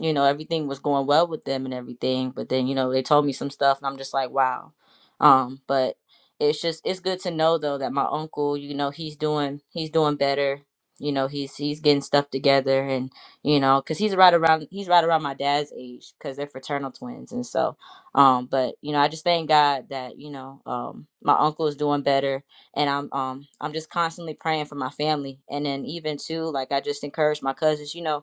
Speaker 2: you know everything was going well with them and everything but then you know they told me some stuff and i'm just like wow um but it's just it's good to know though that my uncle you know he's doing he's doing better you know he's he's getting stuff together and you know because he's right around he's right around my dad's age because they're fraternal twins and so um but you know i just thank god that you know um my uncle is doing better and i'm um i'm just constantly praying for my family and then even too like i just encourage my cousins you know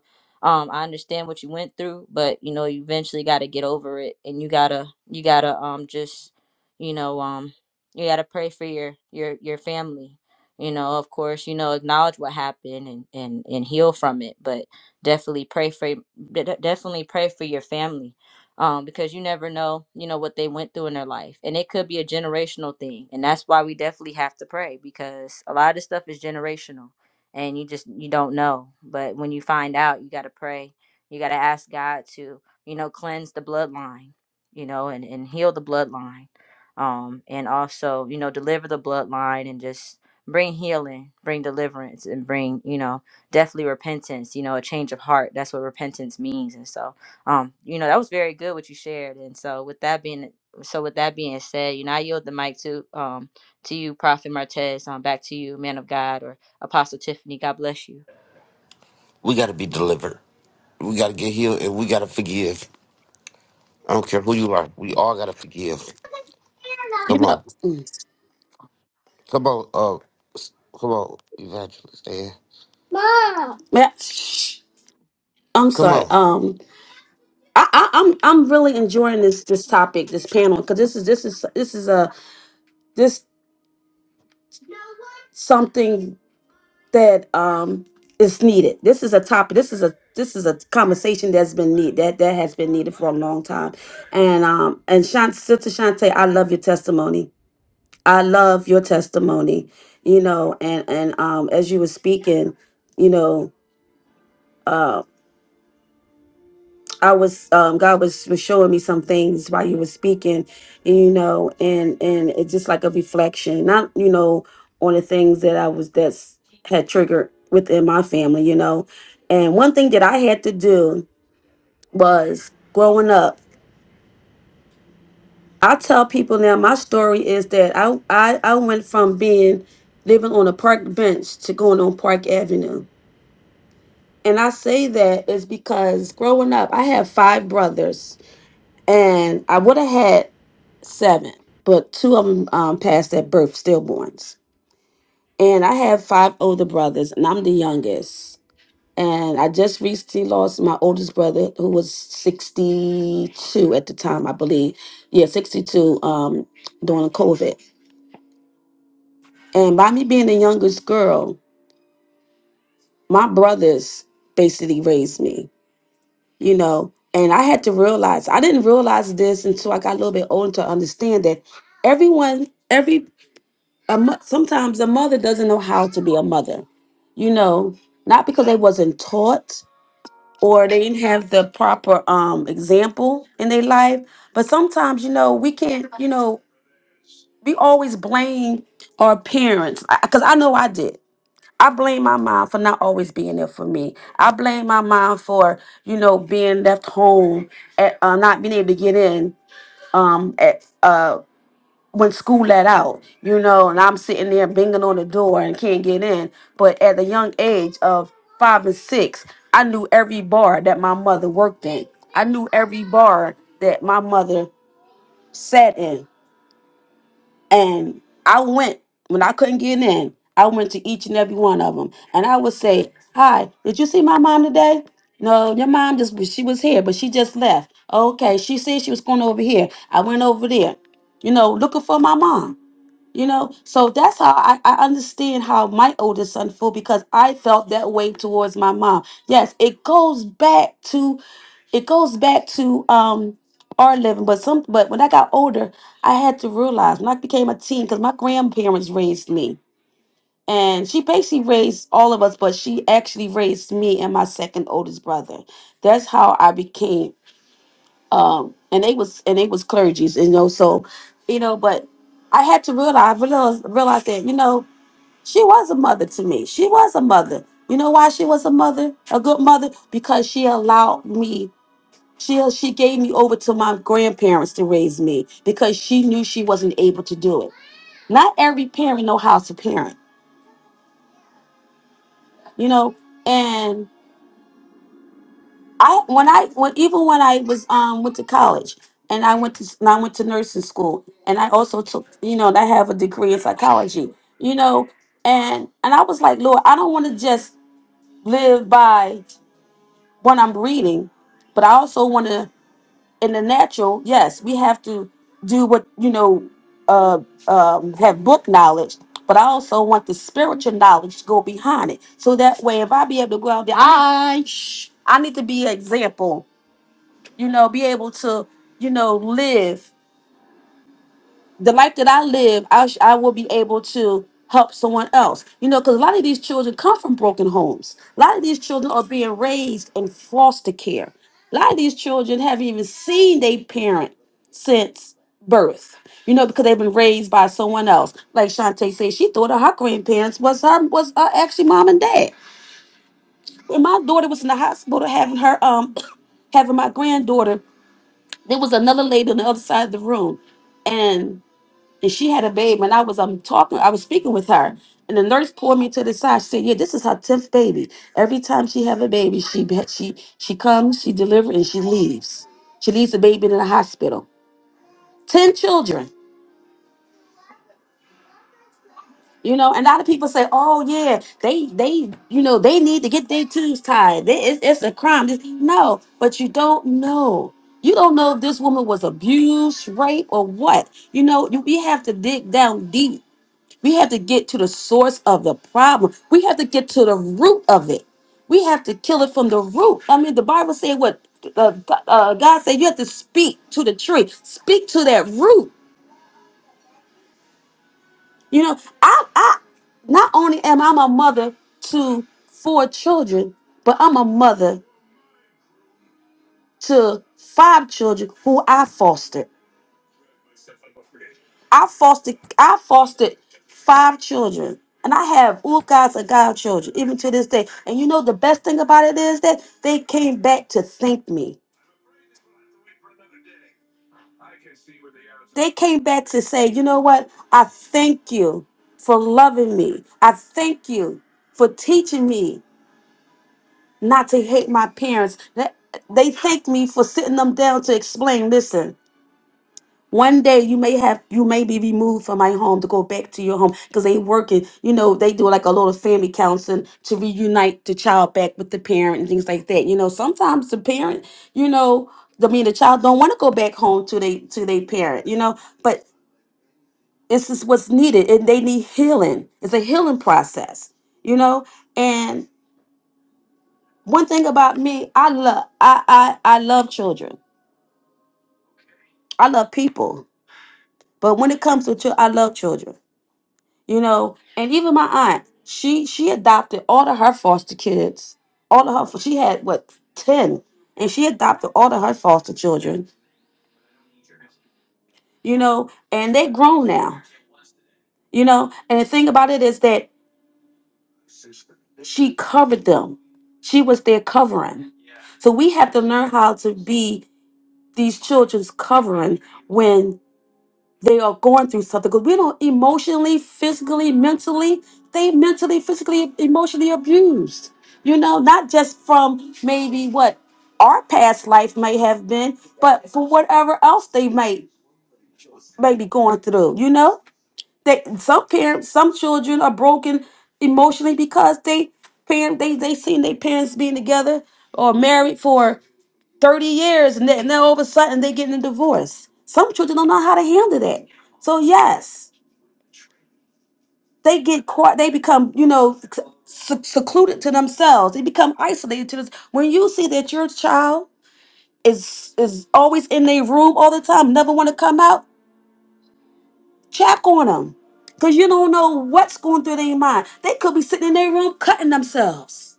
Speaker 2: um i understand what you went through but you know you eventually got to get over it and you gotta you gotta um just you know um you gotta pray for your your your family you know of course you know acknowledge what happened and and and heal from it but definitely pray for de- de- definitely pray for your family um because you never know you know what they went through in their life and it could be a generational thing and that's why we definitely have to pray because a lot of this stuff is generational and you just you don't know but when you find out you got to pray you got to ask god to you know cleanse the bloodline you know and, and heal the bloodline um and also you know deliver the bloodline and just bring healing bring deliverance and bring you know definitely repentance you know a change of heart that's what repentance means and so um you know that was very good what you shared and so with that being so with that being said you know i yield the mic to um to you prophet martez um back to you man of god or Apostle Tiffany, God bless you.
Speaker 1: We got to be delivered. We got to get healed and we got to forgive. I don't care who you are. We all got to forgive.
Speaker 4: You
Speaker 1: Come
Speaker 4: know,
Speaker 1: on.
Speaker 4: mm,
Speaker 1: Come on. Uh, s- come on, evangelist. Man.
Speaker 4: yeah, shh. I'm
Speaker 1: Come
Speaker 4: sorry.
Speaker 1: on.
Speaker 4: Um, I, I, I'm I'm really enjoying this this topic, this panel, because this is this is this is a this something that um is needed. This is a topic. This is a this is a conversation that's been need that that has been needed for a long time. And um and Shant, sister Shante, I love your testimony. I love your testimony. You know, and and um as you were speaking, you know. uh, I was um God was, was showing me some things while you were speaking, and you know, and and it's just like a reflection, not you know, on the things that I was that's had triggered within my family, you know. And one thing that I had to do was growing up. I tell people now my story is that I I, I went from being living on a park bench to going on Park Avenue. And I say that is because growing up, I have five brothers and I would have had seven, but two of them um, passed at birth, stillborns. And I have five older brothers, and I'm the youngest. And I just recently lost my oldest brother, who was 62 at the time, I believe. Yeah, 62 um, during COVID. And by me being the youngest girl, my brothers basically raised me, you know. And I had to realize, I didn't realize this until I got a little bit older to understand that everyone, every a mo- sometimes a mother doesn't know how to be a mother you know not because they wasn't taught or they didn't have the proper um example in their life but sometimes you know we can't you know we always blame our parents because i know i did i blame my mom for not always being there for me i blame my mom for you know being left home at, uh, not being able to get in um at uh, when school let out, you know, and I'm sitting there banging on the door and can't get in. But at the young age of five and six, I knew every bar that my mother worked in. I knew every bar that my mother sat in. And I went, when I couldn't get in, I went to each and every one of them. And I would say, Hi, did you see my mom today? No, your mom just, she was here, but she just left. Okay, she said she was going over here. I went over there, you know, looking for my mom you know, so that's how I, I understand how my oldest son feel because I felt that way towards my mom. Yes, it goes back to it goes back to um our living, but some but when I got older, I had to realize when I became a teen because my grandparents raised me. And she basically raised all of us, but she actually raised me and my second oldest brother. That's how I became um and they was and they was clergies you know so you know but i had to realize realize, realize that you know she was a mother to me she was a mother you know why she was a mother a good mother because she allowed me she she gave me over to my grandparents to raise me because she knew she wasn't able to do it not every parent know how to parent you know and. I when I when even when I was um went to college and I went to and I went to nursing school and I also took you know and I have a degree in psychology you know and and I was like Lord I don't want to just live by what I'm reading but I also want to in the natural yes we have to do what you know uh um have book knowledge but I also want the spiritual knowledge to go behind it so that way if I be able to go out there I I need to be an example you know, be able to, you know, live the life that I live. I, sh- I will be able to help someone else, you know, because a lot of these children come from broken homes. A lot of these children are being raised in foster care. A lot of these children haven't even seen their parent since birth, you know, because they've been raised by someone else. Like Shantae said, she thought that her grandparents was her was uh, actually mom and dad. When my daughter was in the hospital having her um <clears throat> having my granddaughter there was another lady on the other side of the room and and she had a baby and i was um talking i was speaking with her and the nurse pulled me to the side she said yeah this is her 10th baby every time she have a baby she be- she she comes she delivers and she leaves she leaves the baby in the hospital 10 children You know, and a lot of people say, "Oh yeah, they they you know they need to get their tubes tied. They, it's, it's a crime." This- No, but you don't know. You don't know if this woman was abused, rape, or what. You know, you, we have to dig down deep. We have to get to the source of the problem. We have to get to the root of it. We have to kill it from the root. I mean, the Bible said what uh, uh, God said. You have to speak to the tree. Speak to that root You know, I, I not only am I a mother to four children, but I'm a mother to five children who I fostered. I fostered I fostered five children. And I have all guys and godchildren, even to this day. And you know the best thing about it is that they came back to thank me. They came back to say, you know what? I thank you for loving me. I thank you for teaching me not to hate my parents. That- They thank me for sitting them down to explain. Listen, one day you may have you may be removed from my home to go back to your home because they working. You know they do like a little family counseling to reunite the child back with the parent and things like that. You know sometimes the parent, you know, I mean the child don't want to go back home to they to their parent. You know, but this is what's needed and they need healing. It's a healing process. You know, and one thing about me, I love I I I love children. I love people. But when it comes to children, I love children. You know, and even my aunt, she she adopted all of her foster kids. All of her she had what 10 and she adopted all of her foster children, you know, and they're grown now. You know, and the thing about it is that she covered them. She was their covering. So we have to learn how to be these children's covering when. they are going through something because we don't emotionally, physically, mentally, they mentally, physically, emotionally abused. You know, not just from maybe what our past life may have been, but for whatever else they might may be going through. You know, they some parents, some children are broken emotionally because they parent they they seen their parents being together or married for 30 years and then and then all of a sudden they getting a divorce. Some children don't know how to handle that. So yes they get quiet they become you know sec- secluded to themselves they become isolated to this when you see that your child is is always in their room all the time never want to come out check on them because you don't know what's going through their mind they could be sitting in their room cutting themselves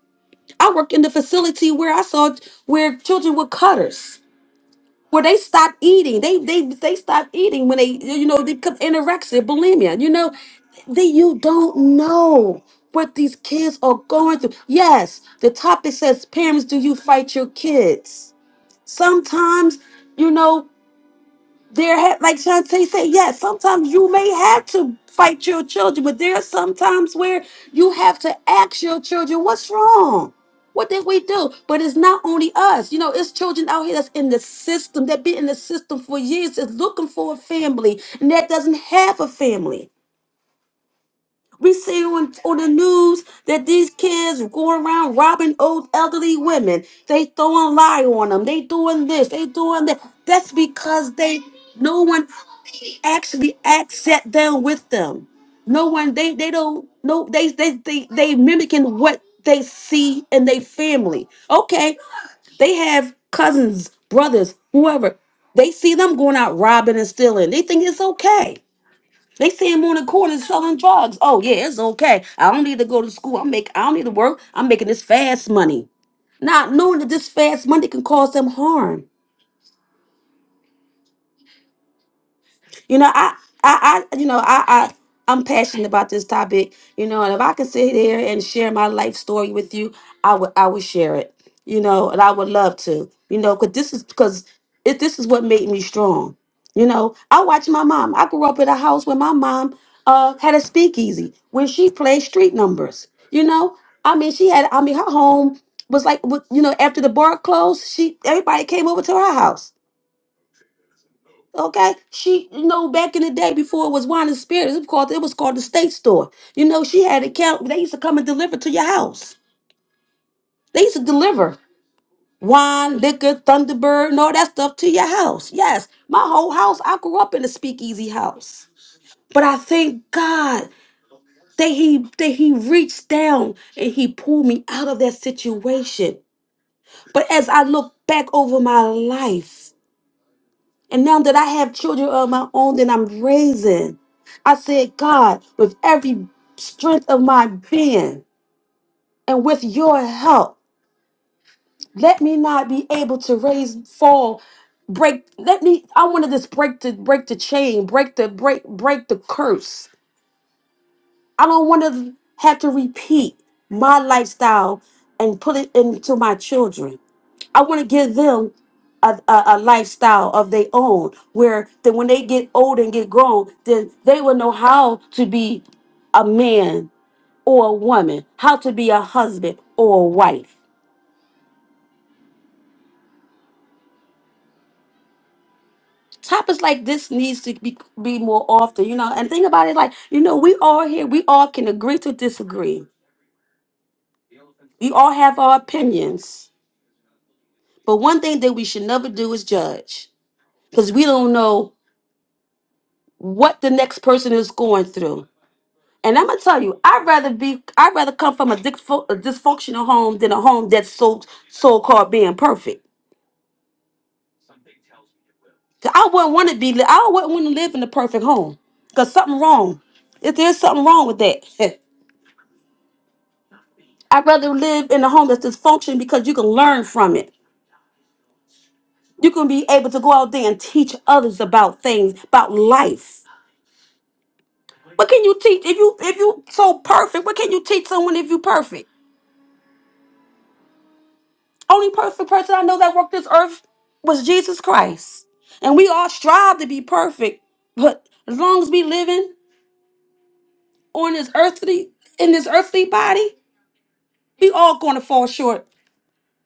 Speaker 4: i worked in the facility where i saw where children were cutters where they stopped eating they they they stopped eating when they you know they become anorexia bulimia you know that you don't know what these kids are going through. Yes, the topic says, Parents, do you fight your kids? Sometimes, you know, there ha- like Shantae said, yes, sometimes you may have to fight your children, but there are some times where you have to ask your children, what's wrong? What did we do? But it's not only us. You know, it's children out here that's in the system, that been in the system for years, is looking for a family, and that doesn't have a family. We see on, on the news that these kids going around robbing old elderly women. They throwing lie on them. They doing this. They doing that. That's because they no one actually act sat down with them. No one they they don't no they they they they mimicking what they see in their family. Okay, they have cousins, brothers, whoever. They see them going out robbing and stealing. They think it's okay. They see him on the corner selling drugs. Oh yeah, it's okay. I don't need to go to school. I'm make I don't need to work. I'm making this fast money. Not knowing that this fast money can cause them harm. You know, I, I, I you know, I, I, I'm passionate about this topic. You know, and if I could sit here and share my life story with you, I would, I would share it. You know, and I would love to. You know, because this is because it, this is what made me strong. You know, I watched my mom. I grew up in a house where my mom uh, had a speakeasy where she played street numbers. You know, I mean, she had. I mean, her home was like, with- you know, after the bar closed, she everybody came over to her house Okay, she you know back in the day before it was wine and spirits, it was called it was called the state store. You know she had a count. They used to come and deliver to your house. They used to deliver wine, liquor, Thunderbird, and all that stuff to your house. Yes, my whole house. I grew up in a speakeasy house, but I thank God that he that he reached down and he pulled me out of that situation. But as I look back over my life. And now that I have children of my own that I'm raising, I said, God, with every strength of my being and with your help, let me not be able to raise, fall, break. Let me, I want to just break the break the chain, break the break, break the curse. I don't want to have to repeat my lifestyle and put it into my children. I want to give them a, a, a lifestyle of their own, where that when they get old and get grown, then they will know how to be a man or a woman, how to be a husband or a wife. Topics like this needs to be, be more often, you know. And think about it, like you know, we all here, we all can agree to disagree. We all have our opinions, but one thing that we should never do is judge, because we don't know what the next person is going through And I'm gonna tell you, I'd rather be, I'd rather come from a, disfo- a dysfunctional home than a home that's so so-called being perfect. 'Cause I wouldn't want to be, li- I wouldn't want to live in a perfect home, cause something wrong. If there's something wrong with that, <laughs> I'd rather live in a home that's dysfunctional because you can learn from it. You can be able to go out there and teach others about things, about life. What can you teach if you if you so perfect? What can you teach someone if you perfect? Only perfect person I know that walked this earth was Jesus Christ. And we all strive to be perfect, but as long as we living on this earthly in this earthly body, we all going to fall short.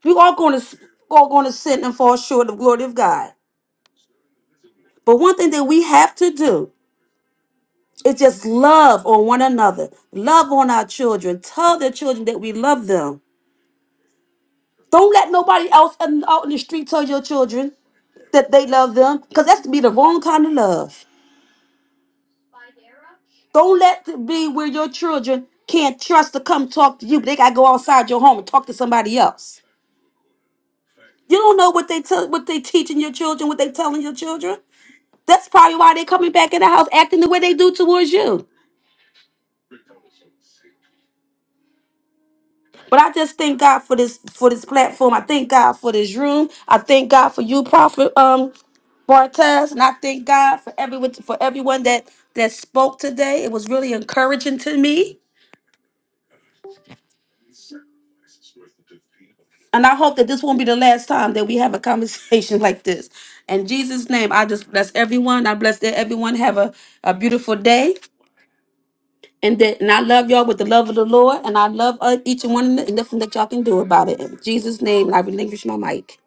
Speaker 4: We all going to all going to sin and fall short of glory of God. But one thing that we have to do is just love on one another, love on our children, tell their children that we love them. Don't let nobody else in- out in the street tell your children that they love them, because that's to be the wrong kind of love. Don't let it be where your children can't trust to come talk to you, but they gotta go outside your home and talk to somebody else. You don't know what they tell, what they teaching your children, what they telling your children. That's probably why they're coming back in the house acting the way they do towards you. But I just thank God for this for this platform. I thank God for this room. I thank God for you, Prophet um Bartez, and I thank God for everyone for everyone that that spoke today. It was really encouraging to me. And I hope that this won't be the last time that we have a conversation <laughs> like this. In Jesus' name, I just bless everyone. I bless that everyone have a, a beautiful day. And that and I love y'all with the love of the Lord. And I love uh, each and one and nothing that y'all can do about it. In Jesus' name, and I relinquish my mic.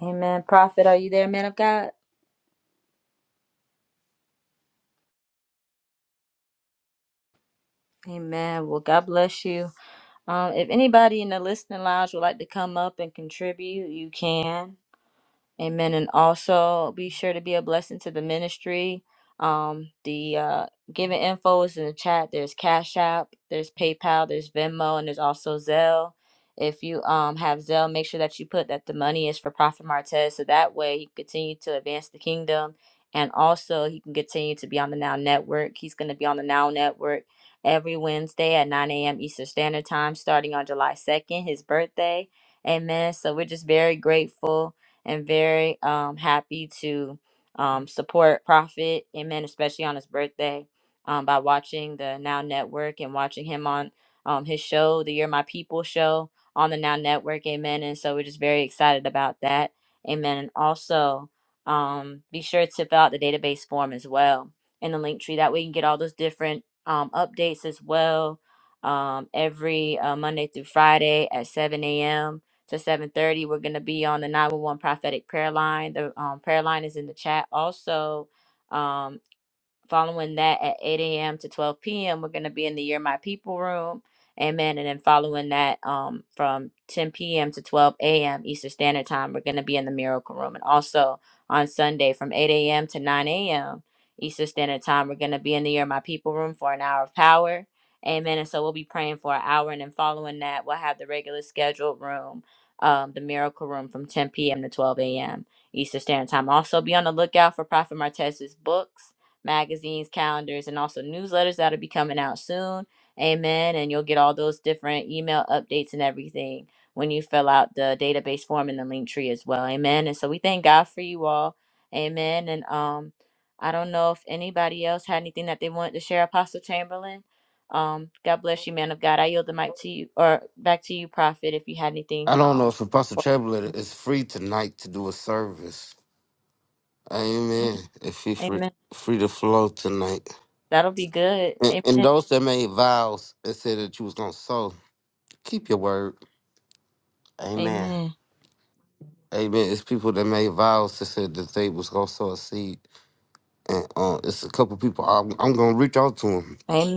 Speaker 2: Amen. Prophet, are you there, man of God? Amen. Well, God bless you. Um, if anybody in the listening lounge would like to come up and contribute, you can. Amen. And also be sure to be a blessing to the ministry. Um, the uh, giving info is in the chat. There's Cash App, there's PayPal, there's Venmo, and there's also Zelle. If you um have Zelle, make sure that you put that the money is for Prophet Martez, so that way he can continue to advance the kingdom, and also he can continue to be on the Now Network. He's going to be on the Now Network every Wednesday at 9 a.m. Eastern Standard Time, starting on July 2nd, his birthday. Amen. So we're just very grateful and very um, happy to um, support Prophet, amen, especially on his birthday um, by watching the Now Network and watching him on um, his show, the You're My People show on the Now Network, amen. And so we're just very excited about that, amen. And also, um, be sure to fill out the database form as well in the link tree. That way, you can get all those different um, updates as well um, every uh, Monday through Friday at 7 a.m to 7.30 we're going to be on the 911 prophetic prayer line the um, prayer line is in the chat also um, Following that at 8 a.m. to 12 p.m., we're going to be in the Year My People room. Amen. And then following that um, from 10 p.m. to 12 a.m. Eastern Standard Time, we're going to be in the Miracle Room. And also on Sunday from 8 a.m. to 9 a.m. Eastern Standard Time, we're going to be in the Year My People room for an hour of power. Amen. And so we'll be praying for an hour. And then following that, we'll have the regular scheduled room, um, the Miracle Room from 10 p.m. to 12 a.m. Eastern Standard Time. Also, be on the lookout for Prophet Martez's books magazines, calendars, and also newsletters that'll be coming out soon. Amen. And you'll get all those different email updates and everything when you fill out the database form in the link tree as well. Amen. And so we thank God for you all. Amen. And um, I don't know if anybody else had anything that they wanted to share, Apostle Chamberlain. Um, God bless you, man of God. I yield the mic to you or back to you, Prophet, if you had anything.
Speaker 1: I don't know
Speaker 2: Um,
Speaker 1: if Apostle
Speaker 2: or-
Speaker 1: Chamberlain is free tonight to do a service. Amen. If he's free,
Speaker 2: amen.
Speaker 1: free to flow tonight.
Speaker 2: That'll be good.
Speaker 1: And, and
Speaker 2: Amen.
Speaker 1: those that made vows and said that you was gonna sow, keep your word. Amen.
Speaker 2: Amen.
Speaker 1: Amen. It's people that made vows that said that they was gonna sow a seed, and uh, it's a couple people. I'm, I'm gonna reach out to them.
Speaker 2: Amen.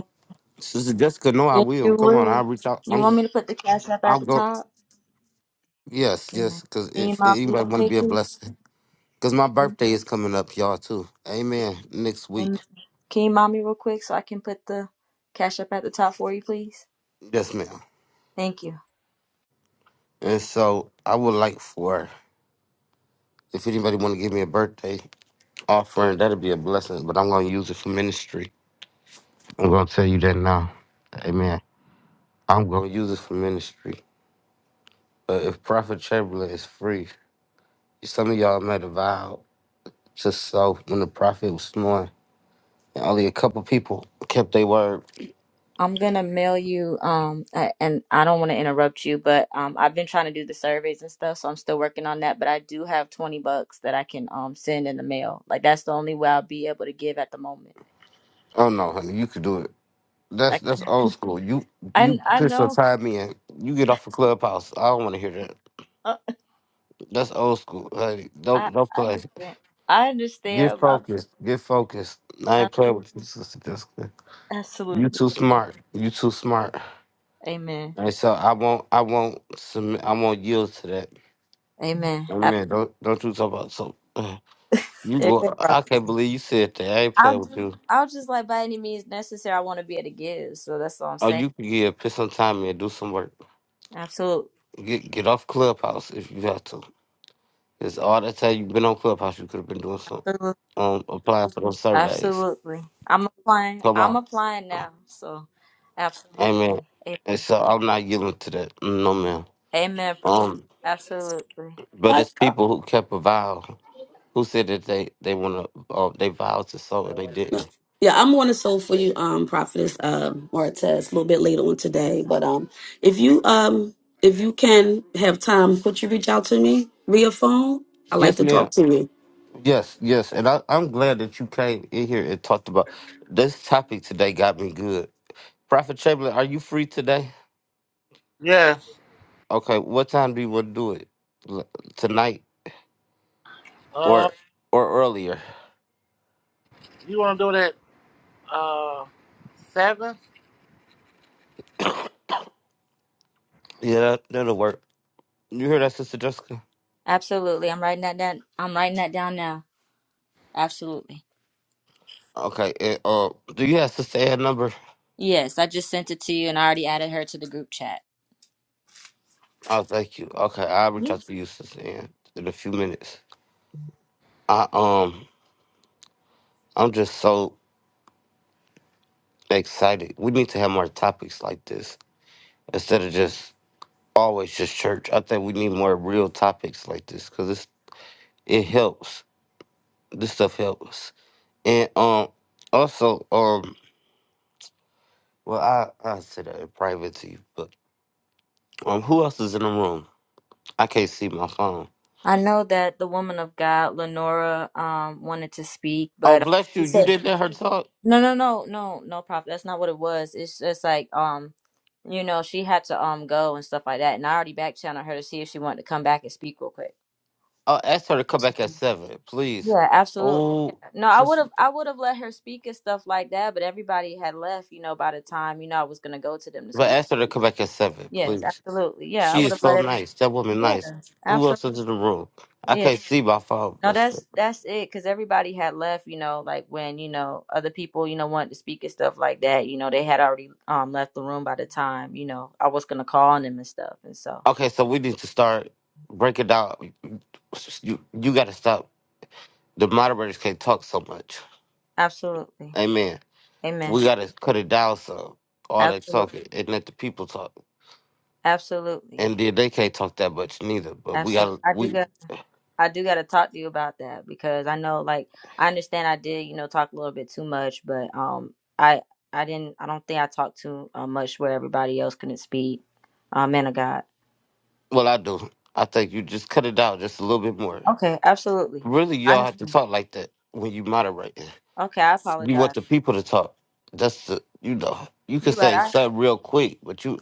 Speaker 1: Sister Jessica, no, I
Speaker 2: Yes,
Speaker 1: will.
Speaker 2: you
Speaker 1: Come on,
Speaker 2: will.
Speaker 1: I'll reach out.
Speaker 2: You
Speaker 1: I'm,
Speaker 2: want me to put the cash app
Speaker 1: I'll
Speaker 2: at the
Speaker 1: go.
Speaker 2: top?
Speaker 1: Yes, yes.
Speaker 2: Amen.
Speaker 1: Because
Speaker 2: Can you
Speaker 1: if
Speaker 2: mom me
Speaker 1: anybody
Speaker 2: real
Speaker 1: want to
Speaker 2: quick,
Speaker 1: be a
Speaker 2: please?
Speaker 1: blessing, because my birthday is coming up, y'all too. Amen. Next week.
Speaker 2: Amen. Can you mom me real quick so I can put the cash app at the top for you, please?
Speaker 1: Yes, ma'am.
Speaker 2: Thank you.
Speaker 1: And so I would like for if anybody want to give me a birthday offering, that'll be a blessing, but I'm going to use it for ministry. I'm going to tell you that now. Amen. I'm going to use it for ministry. But if Prophet Chamberlain is free, some of y'all made a vow to sow when the prophet was snoring. And only a couple people kept their word.
Speaker 2: I'm gonna mail you. Um, I, and I don't want to interrupt you, but um, I've been trying to do the surveys and stuff, so I'm still working on that. But I do have 20 bucks that I can um send in the mail. Like that's the only way I'll be able to give at the moment.
Speaker 1: Oh no, honey, you could do it.
Speaker 2: I
Speaker 1: That's
Speaker 2: can,
Speaker 1: that's old
Speaker 2: <laughs>
Speaker 1: school. You
Speaker 2: I
Speaker 1: you
Speaker 2: I
Speaker 1: put your
Speaker 2: know.
Speaker 1: time in. You get off the clubhouse. I don't want to hear that.
Speaker 2: Uh,
Speaker 1: That's old school, honey.
Speaker 2: I
Speaker 1: Don't don't
Speaker 2: I
Speaker 1: play.
Speaker 2: understand. I
Speaker 1: Get
Speaker 2: understand. About
Speaker 1: focused. Get focused. I ain't playing
Speaker 2: this.
Speaker 1: with you, sister. Jessica. You
Speaker 2: Absolutely.
Speaker 1: too smart. You too smart.
Speaker 2: Amen.
Speaker 1: And so I won't. I won't submit. I won't yield to that.
Speaker 2: Amen.
Speaker 1: Oh
Speaker 2: Ab-
Speaker 1: man, don't don't you talk about so. <sighs> You
Speaker 2: Amen.
Speaker 1: go.
Speaker 2: bro.
Speaker 1: I can't believe you said that. I ain't
Speaker 2: I'll
Speaker 1: playing with
Speaker 2: just,
Speaker 1: you.
Speaker 2: I'll just like by any means necessary. I want to be able to give. So that's all I'm
Speaker 1: Oh,
Speaker 2: saying.
Speaker 1: you can get put some time in, do some work.
Speaker 2: Absolutely.
Speaker 1: Get get off Clubhouse if you have to. It's all that time you've been on Clubhouse. You could have been doing some um applying for those surveys.
Speaker 2: Absolutely. I'm applying.
Speaker 1: Come
Speaker 2: I'm
Speaker 1: on,
Speaker 2: applying now. So
Speaker 1: amen.
Speaker 2: absolutely. A-
Speaker 1: And so I'm not yielding to that. No, man.
Speaker 2: Amen. bro.
Speaker 1: Um,
Speaker 2: Absolutely.
Speaker 1: but
Speaker 4: What's
Speaker 1: it's
Speaker 4: up?
Speaker 1: people who kept a vow. who said that they they want to uh, they vowed to sow and they
Speaker 4: No.
Speaker 1: didn't.
Speaker 4: Yeah, I'm going to soul for you, um, prophetess uh, Martez, a little bit later on today. But um, if you um, if you can have time, could you reach out to me via phone? I like
Speaker 1: Yes,
Speaker 4: to talk
Speaker 1: ma'am.
Speaker 4: to
Speaker 1: Yes, yes, and I, I'm glad that you came in here and talked about this topic today. Got me good. Prophet Chamberlain, are you free today?
Speaker 12: Yeah.
Speaker 1: Okay, what time do you want to do it? L- Tonight
Speaker 12: Uh,
Speaker 1: or or earlier?
Speaker 12: you want to do it at uh, 7?
Speaker 1: Yeah, that, that'll work. You hear that, Sister Jessica?
Speaker 2: Absolutely. I'm writing that down. I'm writing that down now. Absolutely.
Speaker 1: Okay. And, uh, do you have Sister Ann number?
Speaker 2: Yes, I just sent it to you and I already added her to the group chat.
Speaker 1: Oh, thank you. Okay, I'll reach out to you, Sister Ann, in a few minutes. I um, I'm just so excited. We need to have more topics like this instead of just always just church. I think we need more real topics like this because it's it helps. This stuff helps. And um, also um, well I I said that in private to you, but um, who else is in the room? I can't see my phone.
Speaker 2: I know that the woman of God, Lenora, um, wanted to speak,
Speaker 1: Oh,
Speaker 2: but
Speaker 1: bless you.
Speaker 2: she
Speaker 1: You didn't
Speaker 2: said,
Speaker 1: let her talk.
Speaker 2: "No, no, no, no, no, prophet. That's not what it was. It's just like, um, you know, she had to um go and stuff like that. And I already back channeled her to see if she wanted to come back and speak real quick.
Speaker 1: Uh, ask her to come back at seven, please.
Speaker 2: Yeah, absolutely.
Speaker 1: Oh,
Speaker 2: Yeah. No, I would
Speaker 1: just
Speaker 2: have, I would have let her speak and stuff like that. But everybody had left, you know, by the time you know I was gonna go to them to
Speaker 1: but
Speaker 2: speak.
Speaker 1: ask her to come back at seven,
Speaker 2: Yes,
Speaker 1: please.
Speaker 2: absolutely. Yeah, I
Speaker 1: She
Speaker 2: would
Speaker 1: is
Speaker 2: have
Speaker 1: so
Speaker 2: let every.
Speaker 1: nice. That woman
Speaker 2: Yeah,
Speaker 1: nice. Who else
Speaker 2: absolutely.
Speaker 1: is in the room? I
Speaker 2: yeah.
Speaker 1: can't see my phone.
Speaker 2: No,
Speaker 1: but-
Speaker 2: that's that's it. Cause everybody had left, you know, like when you know other people, you know, wanted to speak and stuff like that. You know, they had already um left the room by the time you know I was gonna call on them and stuff. And so,
Speaker 1: Okay, so we need to start breaking down. You you got to stop. The moderators can't talk so much.
Speaker 2: absolutely,
Speaker 1: Amen.
Speaker 2: amen.
Speaker 1: We got to cut it down some. All that
Speaker 2: Absolutely,
Speaker 1: talking and let the people talk.
Speaker 2: absolutely,
Speaker 1: And then they can't talk that much neither. But we got
Speaker 2: absolutely.
Speaker 1: to
Speaker 2: I do
Speaker 1: we.
Speaker 2: got I do got to talk to you about that because I know, like, I understand I did, you know, talk a little bit too much, but um, I I didn't. I don't think I talked too uh, much where everybody else couldn't speak. Uh, man of God.
Speaker 1: Well, I do. I think you just cut it down just a little bit more.
Speaker 2: Okay, absolutely.
Speaker 1: Really, y'all have to
Speaker 2: Honestly.
Speaker 1: talk like that when you moderate.
Speaker 2: Okay, I
Speaker 1: You
Speaker 2: apologize.
Speaker 1: want the people to talk. That's the you know. You can
Speaker 2: You right.
Speaker 1: say
Speaker 2: I
Speaker 1: something real quick, but you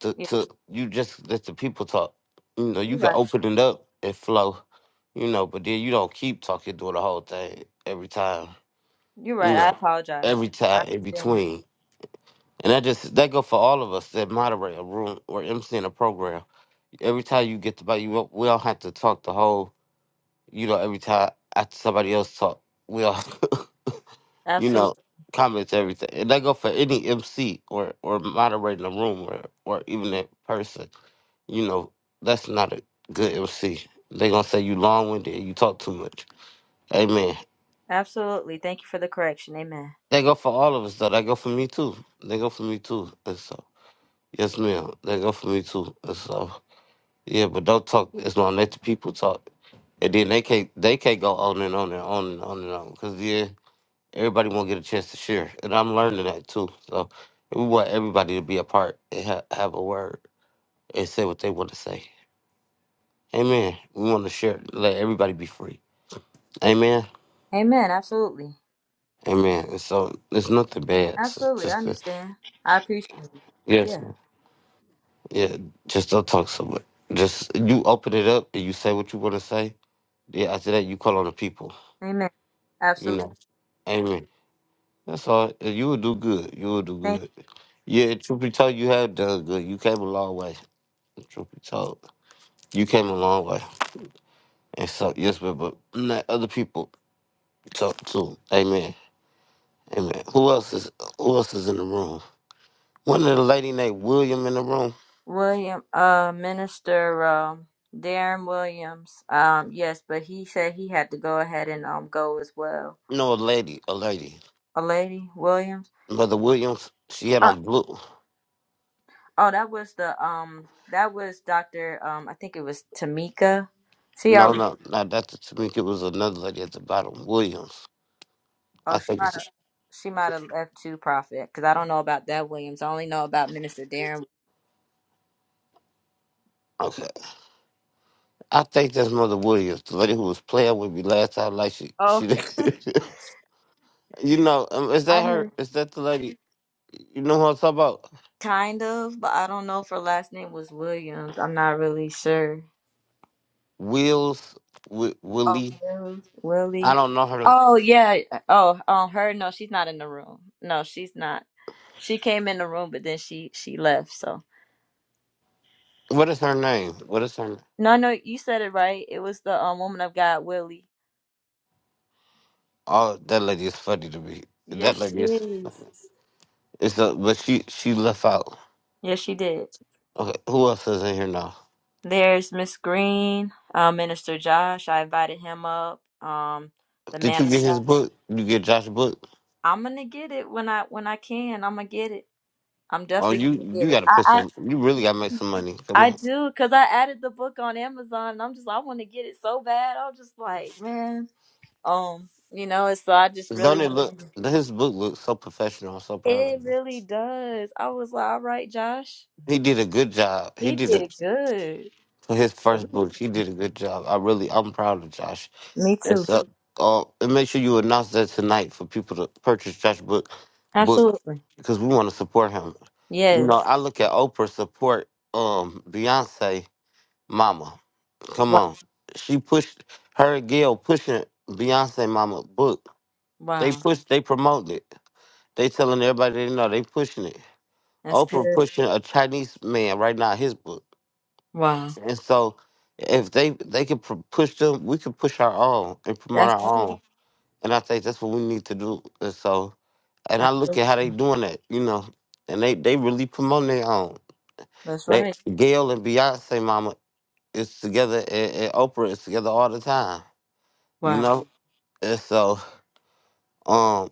Speaker 1: to
Speaker 2: yeah,
Speaker 1: to you just let the people talk. You know, you
Speaker 2: you
Speaker 1: can
Speaker 2: right.
Speaker 1: open it up and flow. You know, but then you don't keep talking doing the whole thing every time.
Speaker 2: You
Speaker 1: You
Speaker 2: right. I
Speaker 1: know,
Speaker 2: apologize.
Speaker 1: every
Speaker 2: I
Speaker 1: time in
Speaker 2: understand.
Speaker 1: between. And that just that go for all of us that moderate a room or MC in a program. Every time you get to buy you, don't- we don't have to talk the whole. You know, every time after somebody else talk, we all <laughs> you know,
Speaker 2: Absolutely.
Speaker 1: comments everything. And that go for any MC or or moderating a room or or even a person. You know, that's not a good MC. They gonna say you long winded and you talk too much. Amen.
Speaker 2: Absolutely. Thank you for the correction. Amen.
Speaker 1: They go for all of us though. They go for me too. They go for me too. And so yes ma'am. They go for me too. And so yeah, but don't talk as long. Let the people talk. And then they can't they can't go on and on and on and on and on. Cause yeah. everybody won't get a chance to share, and I'm learning that too. So we want everybody to be a part and ha- have a word and say what they want to say. Amen. We want to share. Let everybody be free. Amen.
Speaker 2: Amen. Absolutely.
Speaker 1: Amen. And so it's nothing bad. It's
Speaker 2: Absolutely. I
Speaker 1: just good.
Speaker 2: understand. I appreciate it.
Speaker 1: Yes.
Speaker 2: Yeah.
Speaker 1: man. Yeah. Just don't talk so much. Just you open it up and you say what you want to say. Yeah. After that, you call on the people.
Speaker 2: Amen.
Speaker 1: You
Speaker 2: Absolutely.
Speaker 1: know. Amen. That's all. And You will do good. You will do
Speaker 2: Thank you.
Speaker 1: good. Yeah. Truth be told, you have done good. You came a long way. Truth be told. You came a long way. And so yes, but but let other people talk too. Amen. Amen. Who else is who else is in the room? One of the lady named William in the room.
Speaker 2: William, uh, Minister, um, Darren Williams. Um, yes, but he said he had to go ahead and um go as well.
Speaker 1: No, a lady, a lady.
Speaker 2: A lady Williams.
Speaker 1: Brother Williams, she had
Speaker 2: Uh,
Speaker 1: on blue.
Speaker 2: oh, that was the um, that was Doctor. Um, I think it was Tamika. See, I
Speaker 1: No, no, no, that's to me it was another lady at the bottom. Williams.
Speaker 2: Oh,
Speaker 1: I
Speaker 2: she
Speaker 1: think
Speaker 2: might
Speaker 1: it's
Speaker 2: have. She might have left too, Prophet, because I don't know about that Williams. I only know about Minister Darren.
Speaker 1: okay. I think that's Mother Williams, the lady who was playing with me last time like she
Speaker 2: Oh,
Speaker 1: she <laughs> You know, um, is
Speaker 2: I
Speaker 1: that her
Speaker 2: know.
Speaker 1: is that the lady you know who I'm talking about?
Speaker 2: Kind of, but I don't know if her last name was Williams. I'm not really sure.
Speaker 1: Wills Wi-
Speaker 2: Oh,
Speaker 1: Willie
Speaker 2: Wills,
Speaker 1: I
Speaker 2: Willie.
Speaker 1: don't know her.
Speaker 2: Oh yeah. Oh, on her. No, she's not in the room. No, she's not. She came in the room, but then she she left. So
Speaker 1: What is her name? What is her? n-
Speaker 2: no, no, you said it right. It was the um woman of God, Willie.
Speaker 1: Oh, that lady is funny to me. That
Speaker 2: Yes, she
Speaker 1: lady is.
Speaker 2: is.
Speaker 1: It's a, but she she left out.
Speaker 2: Yes, she did.
Speaker 1: Okay, who else is in here now?
Speaker 2: There's Miss Green, uh, Minister Josh. I invited him up. Um, the
Speaker 1: Did
Speaker 2: man
Speaker 1: you
Speaker 2: of
Speaker 1: get his
Speaker 2: God.
Speaker 1: book? You get Josh's book?
Speaker 2: I'm gonna get it when I when I can. I'm gonna get it. I'm
Speaker 1: Oh,
Speaker 2: definitely
Speaker 1: you
Speaker 2: gonna
Speaker 1: you
Speaker 2: get it.
Speaker 1: gotta put
Speaker 2: I
Speaker 1: some. You really gotta make
Speaker 2: I,
Speaker 1: some money. Come
Speaker 2: I
Speaker 1: on,
Speaker 2: do because I added the book on Amazon. And I'm just I want to get it so bad. I'm just like man. Um, you know. and So I just really
Speaker 1: don't it
Speaker 2: want to.
Speaker 1: look?
Speaker 2: do
Speaker 1: His book looks so professional. I'm so
Speaker 2: It
Speaker 1: proud of
Speaker 2: It
Speaker 1: him.
Speaker 2: really does. I was like, all right, Josh.
Speaker 1: He did a good job. He
Speaker 2: He
Speaker 1: did a
Speaker 2: did good.
Speaker 1: for his
Speaker 2: It
Speaker 1: first
Speaker 2: really.
Speaker 1: book. He did a good job. I really, I'm proud of Josh.
Speaker 2: did. Me
Speaker 1: And
Speaker 2: too.
Speaker 1: so, uh, and make sure you announce that tonight for people to purchase Josh book, book,
Speaker 2: Absolutely.
Speaker 1: because we want to support him. You know,
Speaker 2: Yes.
Speaker 1: I look at Oprah support um Beyonce mama. Come
Speaker 2: Wow.
Speaker 1: on, she pushed her and Gail pushing Beyonce mama book. They
Speaker 2: Wow.
Speaker 1: push, they promote it. They telling everybody they know they pushing it.
Speaker 2: That's good.
Speaker 1: Oprah pushing a Chinese man right now his book,
Speaker 2: Wow.
Speaker 1: and so if they they can pr- push them, we can push our own and promote
Speaker 2: That's
Speaker 1: our
Speaker 2: right.
Speaker 1: own. And I think that's what we need to do. And so, and I look at
Speaker 2: Absolutely.
Speaker 1: how they doing that, you know, and they they really promoting their own.
Speaker 2: That's
Speaker 1: They
Speaker 2: right.
Speaker 1: Gail and Beyonce mama is together, and, and Oprah is together all the time, you
Speaker 2: Wow.
Speaker 1: know. And so, um,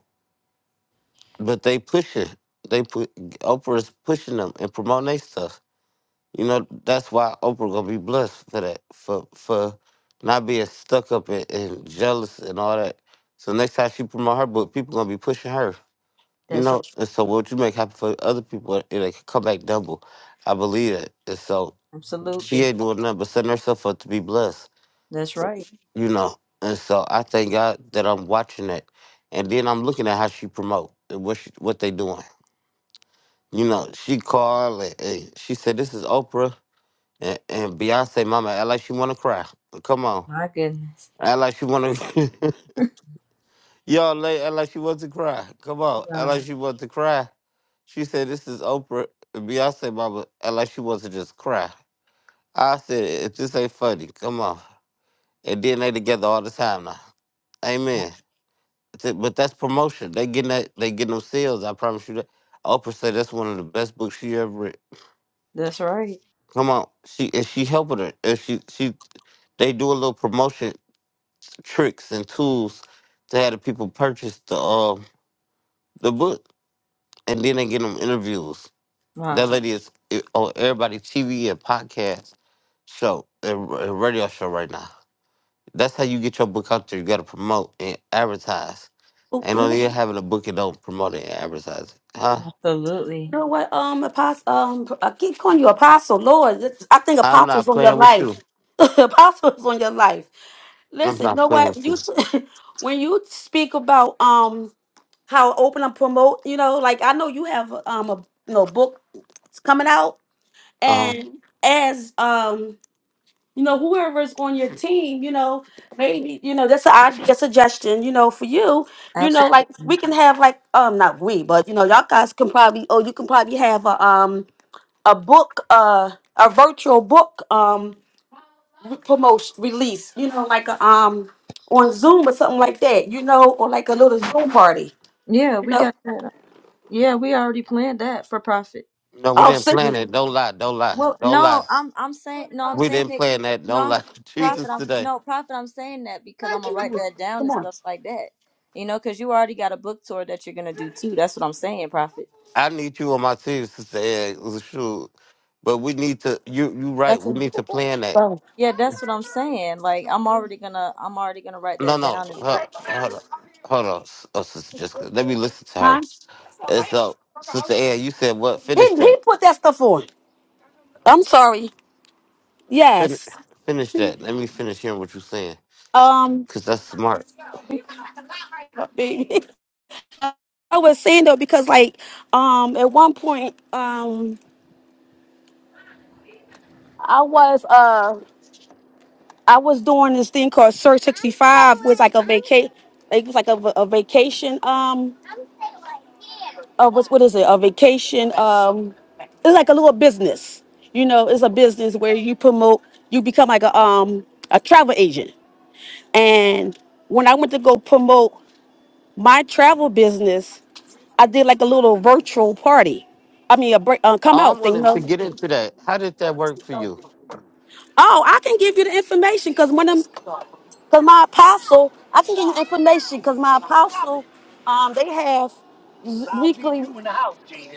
Speaker 1: but they pushing, they put Oprah is pushing them and promoting their stuff. You know, that's why Oprah gonna be blessed for that, for for not being stuck up and, and jealous and all that. So next time she promote her book, people gonna be pushing her You
Speaker 2: That's right.
Speaker 1: know, and so what you make happen for other people, it'll come back double. I believe it. And so she
Speaker 2: Absolutely.
Speaker 1: ain't doing nothing but setting herself up to be blessed,
Speaker 2: That's right.
Speaker 1: you know. And so I thank God that I'm watching that. And then I'm looking at how she promote and what she, what they doing. You know, she called and, and she said, this is Oprah and, and Beyonce mama. I like she want to cry. Come on.
Speaker 2: My goodness.
Speaker 1: I like she want to. <laughs> Y'all late act like she wants to cry. Come on, act
Speaker 2: Wow.
Speaker 1: like she wants to cry. She said this is Oprah and Beyonce mama act like she wants to just cry. I said if this ain't funny, come on. And then they together all the time now. Amen. Th- But that's promotion. They getting that they getting them sales, I promise you that. Oprah said that's one of the best books she ever read.
Speaker 2: That's right.
Speaker 1: Come on. She and she helping her. And she she they do a little promotion tricks and tools to have the people purchase the um the book and then they get them interviews.
Speaker 2: Wow.
Speaker 1: That lady is i- on everybody's TV and podcast show and r- and radio show right now. That's how you get your book out there. You gotta promote and advertise. Ain't no
Speaker 4: you.
Speaker 1: need having a book and don't promote it and advertise it. Huh?
Speaker 2: Absolutely.
Speaker 4: You know what, um, apostle, um, I keep calling you apostle, Lord. It's- I think
Speaker 1: I'm
Speaker 4: apostles
Speaker 1: not
Speaker 4: on your
Speaker 1: playing with you.
Speaker 4: life. <laughs> apostles on your life.
Speaker 1: I'm
Speaker 4: Listen, you
Speaker 1: not
Speaker 4: know
Speaker 1: playing
Speaker 4: what?
Speaker 1: with
Speaker 4: You
Speaker 1: you.
Speaker 4: s- <laughs> when you speak about um how open and promote, you know, like I know you have um a you know book that's coming out,
Speaker 1: Uh huh.
Speaker 4: and as um you know whoever's on your team, you know maybe you know that's a, I- a suggestion, you know, for you, you know, like
Speaker 2: Absolutely.
Speaker 4: we can have like um not we, but you know y'all guys can probably oh you can probably have a um a book uh a virtual book um promotion release you know like a um on zoom or something like that you know or like a little zoom party
Speaker 2: Yeah,
Speaker 4: you
Speaker 2: we
Speaker 4: know
Speaker 2: got that. Yeah, we already planned that for profit.
Speaker 1: No, we
Speaker 4: oh
Speaker 1: didn't
Speaker 4: sit
Speaker 1: plan it. Don't lie. Don't lie.
Speaker 2: Well,
Speaker 1: Don't
Speaker 2: no,
Speaker 1: lie.
Speaker 2: I'm I'm saying no, I'm
Speaker 1: We
Speaker 2: saying
Speaker 1: didn't
Speaker 2: it.
Speaker 1: plan that.
Speaker 2: No,
Speaker 1: Don't
Speaker 2: I'm
Speaker 1: lie. <laughs>
Speaker 2: profit.
Speaker 1: Jesus
Speaker 2: I'm
Speaker 1: today.
Speaker 2: no profit. I'm saying that because I'm gonna write that down
Speaker 4: come
Speaker 2: and
Speaker 4: on
Speaker 2: stuff like that. You know, because you already got a book tour that you're gonna do too. That's what I'm saying, profit.
Speaker 1: I need you on my team, sister. Ed. Shoot. But we need to you you right. We
Speaker 2: That's
Speaker 1: need to plan that.
Speaker 4: so
Speaker 2: Yeah, that's what I'm saying. Like I'm already gonna I'm already gonna write
Speaker 1: No,
Speaker 2: that
Speaker 1: no,
Speaker 2: down and
Speaker 1: hold, hold on, hold on, oh, Sister Jessica. Let me listen to her.
Speaker 4: huh
Speaker 2: okay.
Speaker 1: And so, Sister Ann, you said what?
Speaker 4: he,
Speaker 1: Finish that.
Speaker 4: he put that stuff on i'm sorry
Speaker 1: Finish,
Speaker 4: yes
Speaker 1: finish that. Let me finish hearing what you're saying,
Speaker 4: um
Speaker 1: cause that's smart.
Speaker 4: baby <laughs> i was saying though because like um at one point um i was uh. I was doing this thing called Search 65 was like a vacation it was like a, a vacation um uh, what's what is it a vacation um it's like a little business you know it's a business where you promote you become like a um a travel agent and when I went to go promote my travel business I did like a little virtual party I mean a break, uh, come
Speaker 1: Oh, I'm
Speaker 4: out thing you
Speaker 1: wanting to
Speaker 4: know?
Speaker 1: get into that. How did that work for you?
Speaker 4: Oh, I can give you the information because one of because my apostle, I can give you information because my apostle, um, they have z- weekly,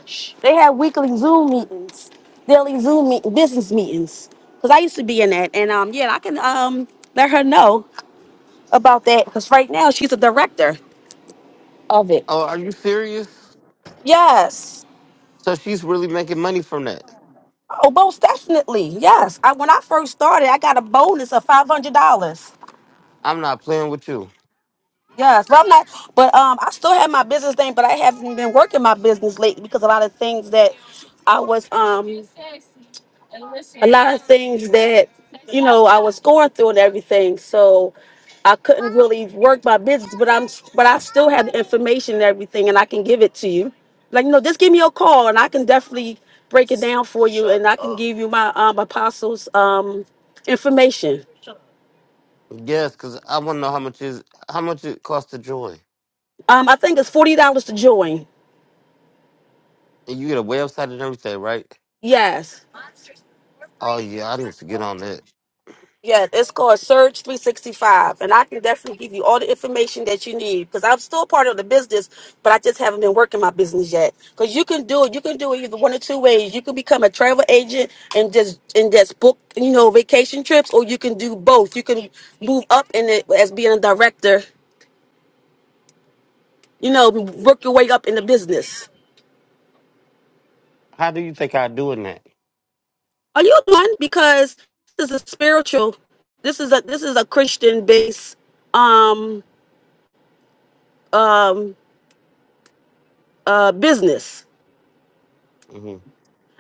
Speaker 4: Shh. they have weekly Zoom meetings, daily Zoom meet, business meetings. Because I used to be in that, and um, yeah, I can um let her know about that because right now she's a director of it.
Speaker 1: Oh, are you serious?
Speaker 4: Yes.
Speaker 1: So she's really making money from that.
Speaker 4: Oh, most definitely. Yes. I, when I first started, I got a bonus of five hundred dollars.
Speaker 1: I'm not playing with you.
Speaker 4: Yes, but I'm not. But um, I still have my business thing, but I haven't been working my business lately because a lot of things that I was um, a lot of things that you know I was going through and everything, so I couldn't really work my business. But I'm, but I still have the information and everything, and I can give it to you. Like you know, just give me a call, and I can definitely break it down for you, and I can give you my um apostles um information.
Speaker 1: Yes, cause I want to know how much is how much it costs to join,
Speaker 4: Um, I think it's forty dollars to join.
Speaker 1: and you get a website and everything, right?
Speaker 4: Yes.
Speaker 1: Oh yeah, I need to get on that.
Speaker 4: Yeah, it's called Surge 365, and I can definitely give you all the information that you need because I'm still part of the business, but I just haven't been working my business yet. Because you can do it, you can do it either one or two ways. You can become a travel agent and just and just book, you know, vacation trips, or you can do both. You can move up in it as being a director, you know, work your way up in the business.
Speaker 1: How do you think I do in that?
Speaker 4: Are you one? Because this is a spiritual. This is a this is a Christian based um um uh business.
Speaker 1: Mm-hmm.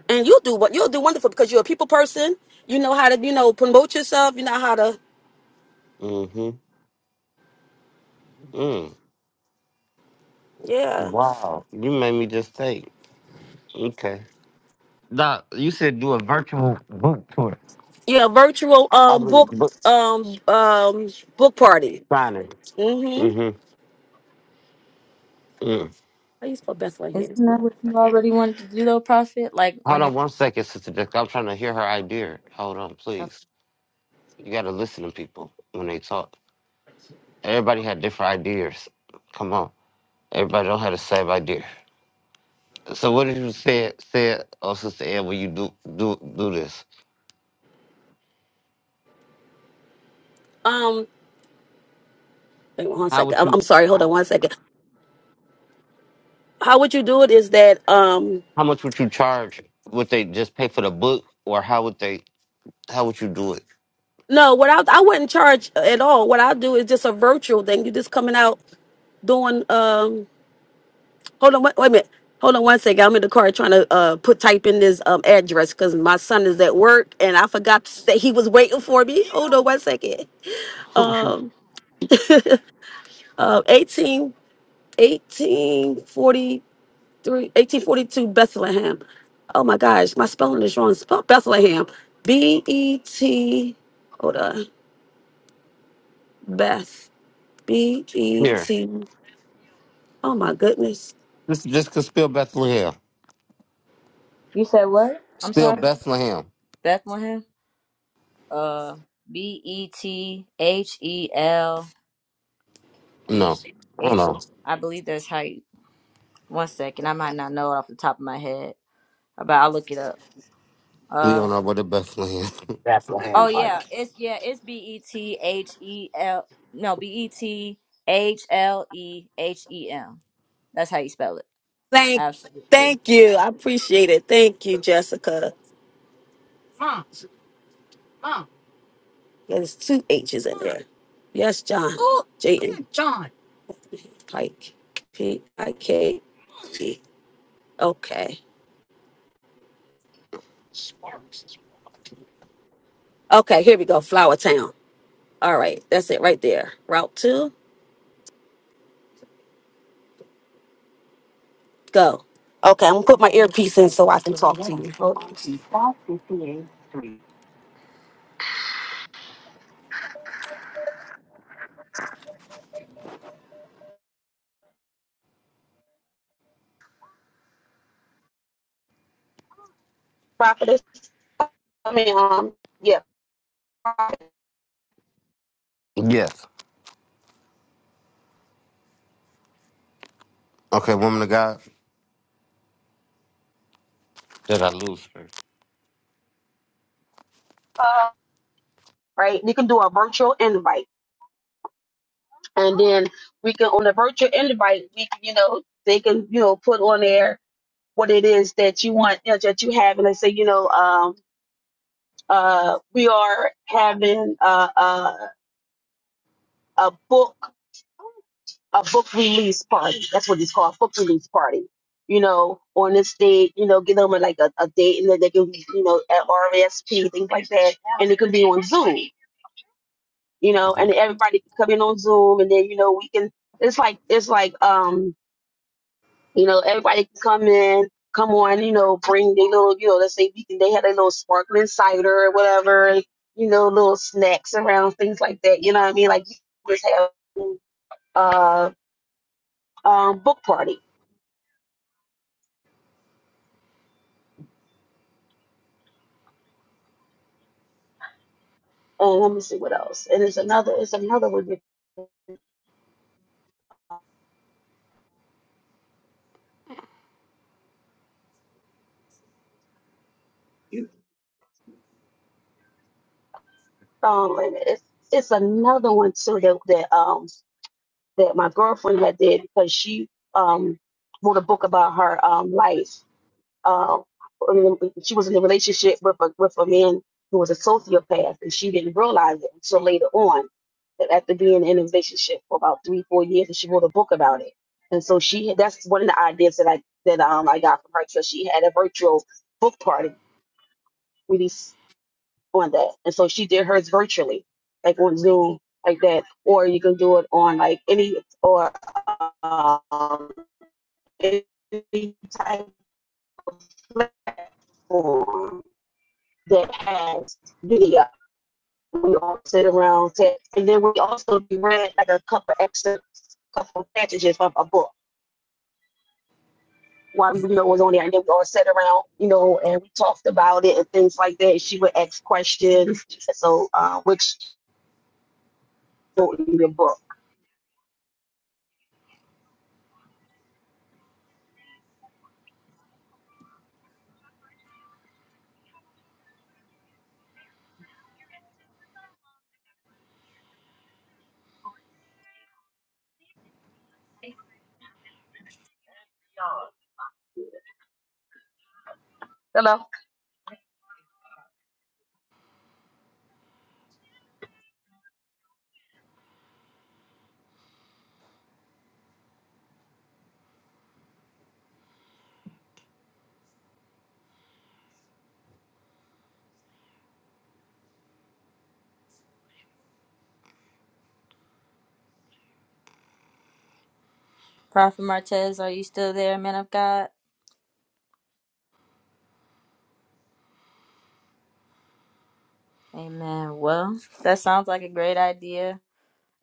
Speaker 4: and you'll do what you'll do wonderful because you're a people person. You know how to you know promote yourself. You know how to
Speaker 1: Mm-hmm. Mm.
Speaker 4: yeah
Speaker 1: Wow, you made me just think. Okay. Doc, you said do a virtual book tour.
Speaker 4: yeah virtual
Speaker 1: I've
Speaker 4: um
Speaker 1: been
Speaker 4: book
Speaker 1: book
Speaker 4: um um book party.
Speaker 1: signing.
Speaker 4: Mm-hmm.
Speaker 1: Mm-hmm. Mm.
Speaker 4: How you spell best right here?
Speaker 2: Isn't that what you already wanted to do though, Prophet? Like
Speaker 1: Hold
Speaker 2: on your
Speaker 1: on one second, Sister Jessica. I'm trying to hear her idea. Hold on, please. You got to listen to people when they talk. Everybody had different ideas. Come on. Everybody don't have the same idea. So what did you say, said, oh, Sister Ed, when you do, do, do this?
Speaker 4: Um, wait one
Speaker 1: How
Speaker 4: second.
Speaker 1: would
Speaker 4: I'm, I'm
Speaker 1: you,
Speaker 4: sorry. Hold
Speaker 1: h-
Speaker 4: on one second. How would you do it? Is that um
Speaker 1: how much would you charge? Would they just pay for the book or how would they, how would you do it?
Speaker 4: no? What I I wouldn't charge at all. What I do is just a virtual thing. You're just coming out doing um Hold on, wait, wait a minute. Hold on one second. I'm in the car trying to uh, put type in this um, address because my son is at work and I forgot to say he was waiting for me. Hold on one second.
Speaker 1: <laughs>
Speaker 4: Uh, eighteen, eighteen forty three, eighteen forty two, Bethlehem. Oh my gosh, my spelling is wrong. Spell Bethlehem. B E T. Hold on. Beth. B E
Speaker 1: Here,
Speaker 4: T. Oh my goodness.
Speaker 1: just just could spill Bethlehem.
Speaker 2: You said what? I'm
Speaker 1: Spell
Speaker 2: sorry.
Speaker 1: Bethlehem.
Speaker 2: Bethlehem? Uh B E T H E L E
Speaker 1: No,
Speaker 2: H
Speaker 1: hold on.
Speaker 2: I believe that's how you one second, I might not know it off the top of my head. But I'll look it up.
Speaker 1: We
Speaker 2: Um
Speaker 1: don't know what a Bethlehem.
Speaker 2: oh yeah, it's yeah, it's B E T H E L no B E T H L E H E M. That's how you spell it.
Speaker 4: Thank,
Speaker 2: Absolutely.
Speaker 4: thank you. I appreciate it. Thank you, Jessica. Yeah, There's two H's in there. Yes, John. Jayden. Pike. P I K E. Okay. Okay, here we go. Flower Town. All right. That's it right there. Route two. Go. Okay, I'm gonna put my earpiece in so I can talk to you. Hold on. prophetess. I mean, um, yeah,
Speaker 1: <laughs> yes. Okay, woman of God. Did I lose her?
Speaker 4: right. You can do a virtual invite, and then we can on the virtual invite, we can, you know, they can, you know, put on there what it is that you want, you know, that you have, and they say, you know, um. uh, we are having a, a, a book a book release party. That's what it's called, book release party. You know, on this date, you know, give them a, like a, a date, and then they can, you know, at RSP things like that, and it could be on Zoom. You know,
Speaker 1: Mhm.
Speaker 4: and everybody could come in on Zoom, and then you know we can. It's like it's like um You know, everybody can come in, come on, you know, bring their little, you know, let's say we can, they had their little sparkling cider or whatever, you know, little snacks around, things like that. You know what I mean? Like, you just have uh, um, book party. And let me see what else. And it's another, it's another one. that-
Speaker 13: You-
Speaker 4: Um, wait It's, it's another one too that, that um that my girlfriend had did because she um wrote a book about her um life. Um, she was in a relationship with a with a man who was a sociopath, and she didn't realize it until later on. that After being in a relationship for about three four years, and she wrote a book about it. And so she that's one of the ideas that I that um I got from her. So she had a virtual book party where these on that. And so she did hers virtually, like on Zoom, like that. Or you can do it on like any or um, any type of platform that has video. We all sit around, and then we also read like a couple excerpts, a couple passages from a book while we, you know, was on there, and then we all sat around, you know, and we talked about it and things like that. She would ask questions, so uh, which don't need a book. Hello.
Speaker 2: Prophet Martez, are you still there, man of God? Amen. Well, that sounds like a great idea.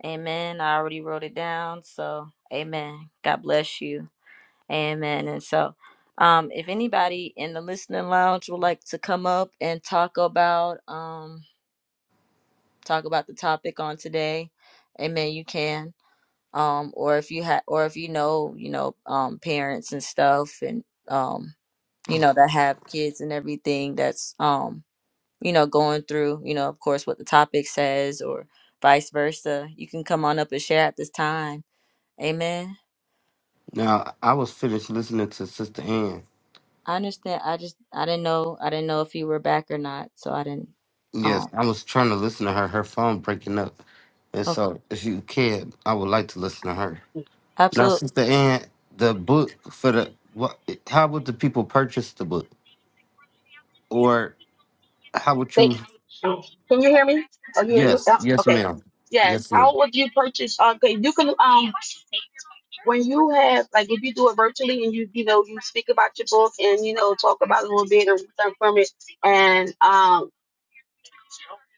Speaker 2: Amen. I already wrote it down. So, amen. God bless you. Amen. And so, um, if anybody in the listening lounge would like to come up and talk about um talk about the topic on today, amen, you can. Um, or if you have or if you know, you know, um parents and stuff and um, you know, that have kids and everything that's um you know, going through, you know, of course, what the topic says or vice versa. You can come on up and share at this time. Amen.
Speaker 1: Now I was finished listening to Sister Ann.
Speaker 2: I understand. I just, I didn't know, I didn't know if you were back or not. So I didn't,
Speaker 1: Yes,
Speaker 2: um,
Speaker 1: I was trying to listen to her. Her phone breaking up, and
Speaker 2: okay.
Speaker 1: so if you can, I would like to listen to her. Now,
Speaker 2: Absolutely.
Speaker 1: Sister Ann, the book for the what? How would the people purchase the book, or how would
Speaker 4: they
Speaker 1: you?
Speaker 4: Can you hear me? Are you able?
Speaker 1: Yes,
Speaker 4: yeah,
Speaker 1: yes,
Speaker 4: Okay.
Speaker 1: ma'am.
Speaker 4: Yes.
Speaker 1: Yes, ma'am.
Speaker 4: How would you purchase? uh, Okay, you can um when you have like if you do it virtually and you you know you speak about your book and you know talk about it a little bit or something from it and um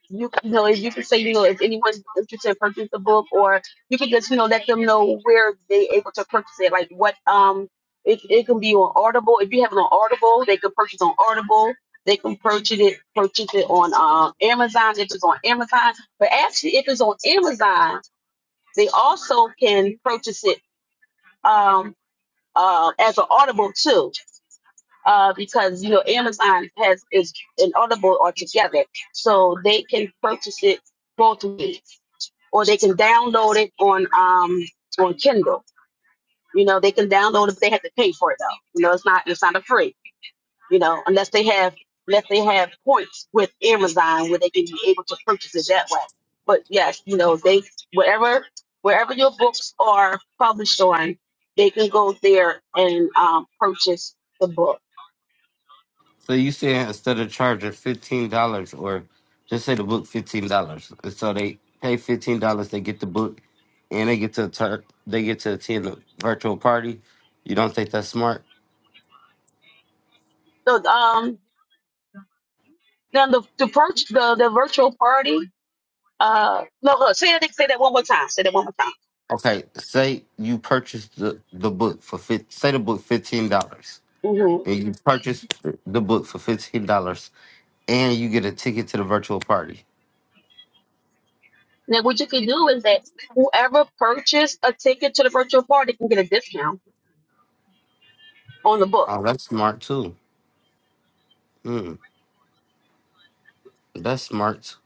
Speaker 4: you can, you know, you can say, you know, if anyone's interested in purchasing the book, or you can just, you know, let them know where they able to purchase it. Like what, um, it, it can be on Audible. If you have it on Audible, they can purchase on Audible. They can purchase it, purchase it on um, Amazon. If it's on Amazon, but actually, if it's on Amazon, they also can purchase it um, uh, as an Audible too uh, because you know Amazon has is an Audible altogether, so they can purchase it both ways, or they can download it on um on Kindle. You know, they can download it. but They have to pay for it though. You know, it's not it's not a free. You know, unless they have unless they have points with Amazon where they can be able to purchase it that way. But yes, you know they wherever wherever your books are published on, they can go there and um, purchase the book.
Speaker 1: So you said instead of charging fifteen dollars, or just say the book fifteen dollars, so they pay fifteen dollars, they get the book, and they get to tur- they get to attend the virtual party. You don't think that's smart?
Speaker 4: So um, Then the the virtual the, the virtual party. Uh, no, look, say that say that one more time. Say that one more time.
Speaker 1: Okay, say you purchased the, the book for fi- say the book fifteen dollars,
Speaker 4: hmm
Speaker 1: and you purchase the book for fifteen dollars, and you get a ticket to the virtual party.
Speaker 4: Now what you can do is that whoever purchased a ticket to the virtual party can get a discount on the book.
Speaker 1: Oh, that's smart too. Mm, that's smart.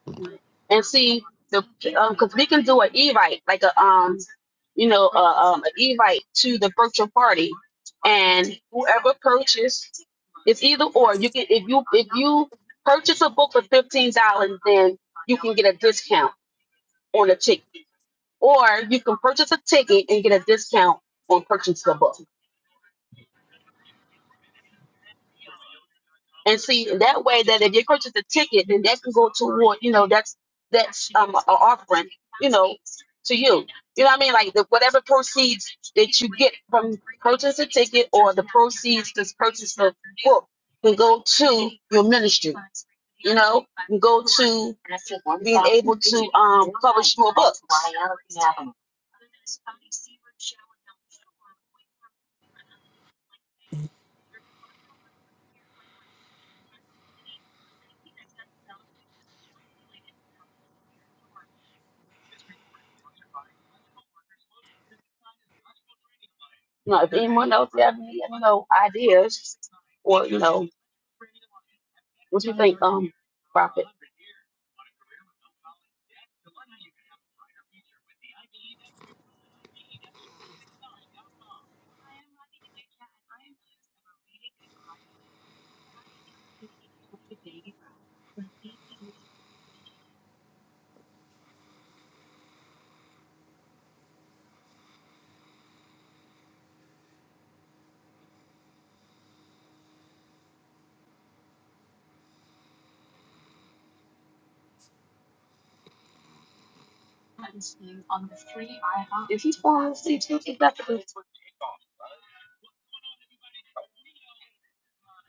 Speaker 4: And see the because we can do an e-write like a um you know uh, um an e-write to the virtual party, and whoever purchased it's either or. You can if you if you purchase a book for fifteen dollars, then you can get a discount on a ticket. or you can purchase a ticket and get a discount on purchasing the book. And see that way that if you purchase a ticket, then that can go toward you know that's that's um an offer to you. You know what I mean? Like the, whatever proceeds that you get from book, to your ministry. To, Um, you know, if anyone else have any you know ideas or you know, um profit.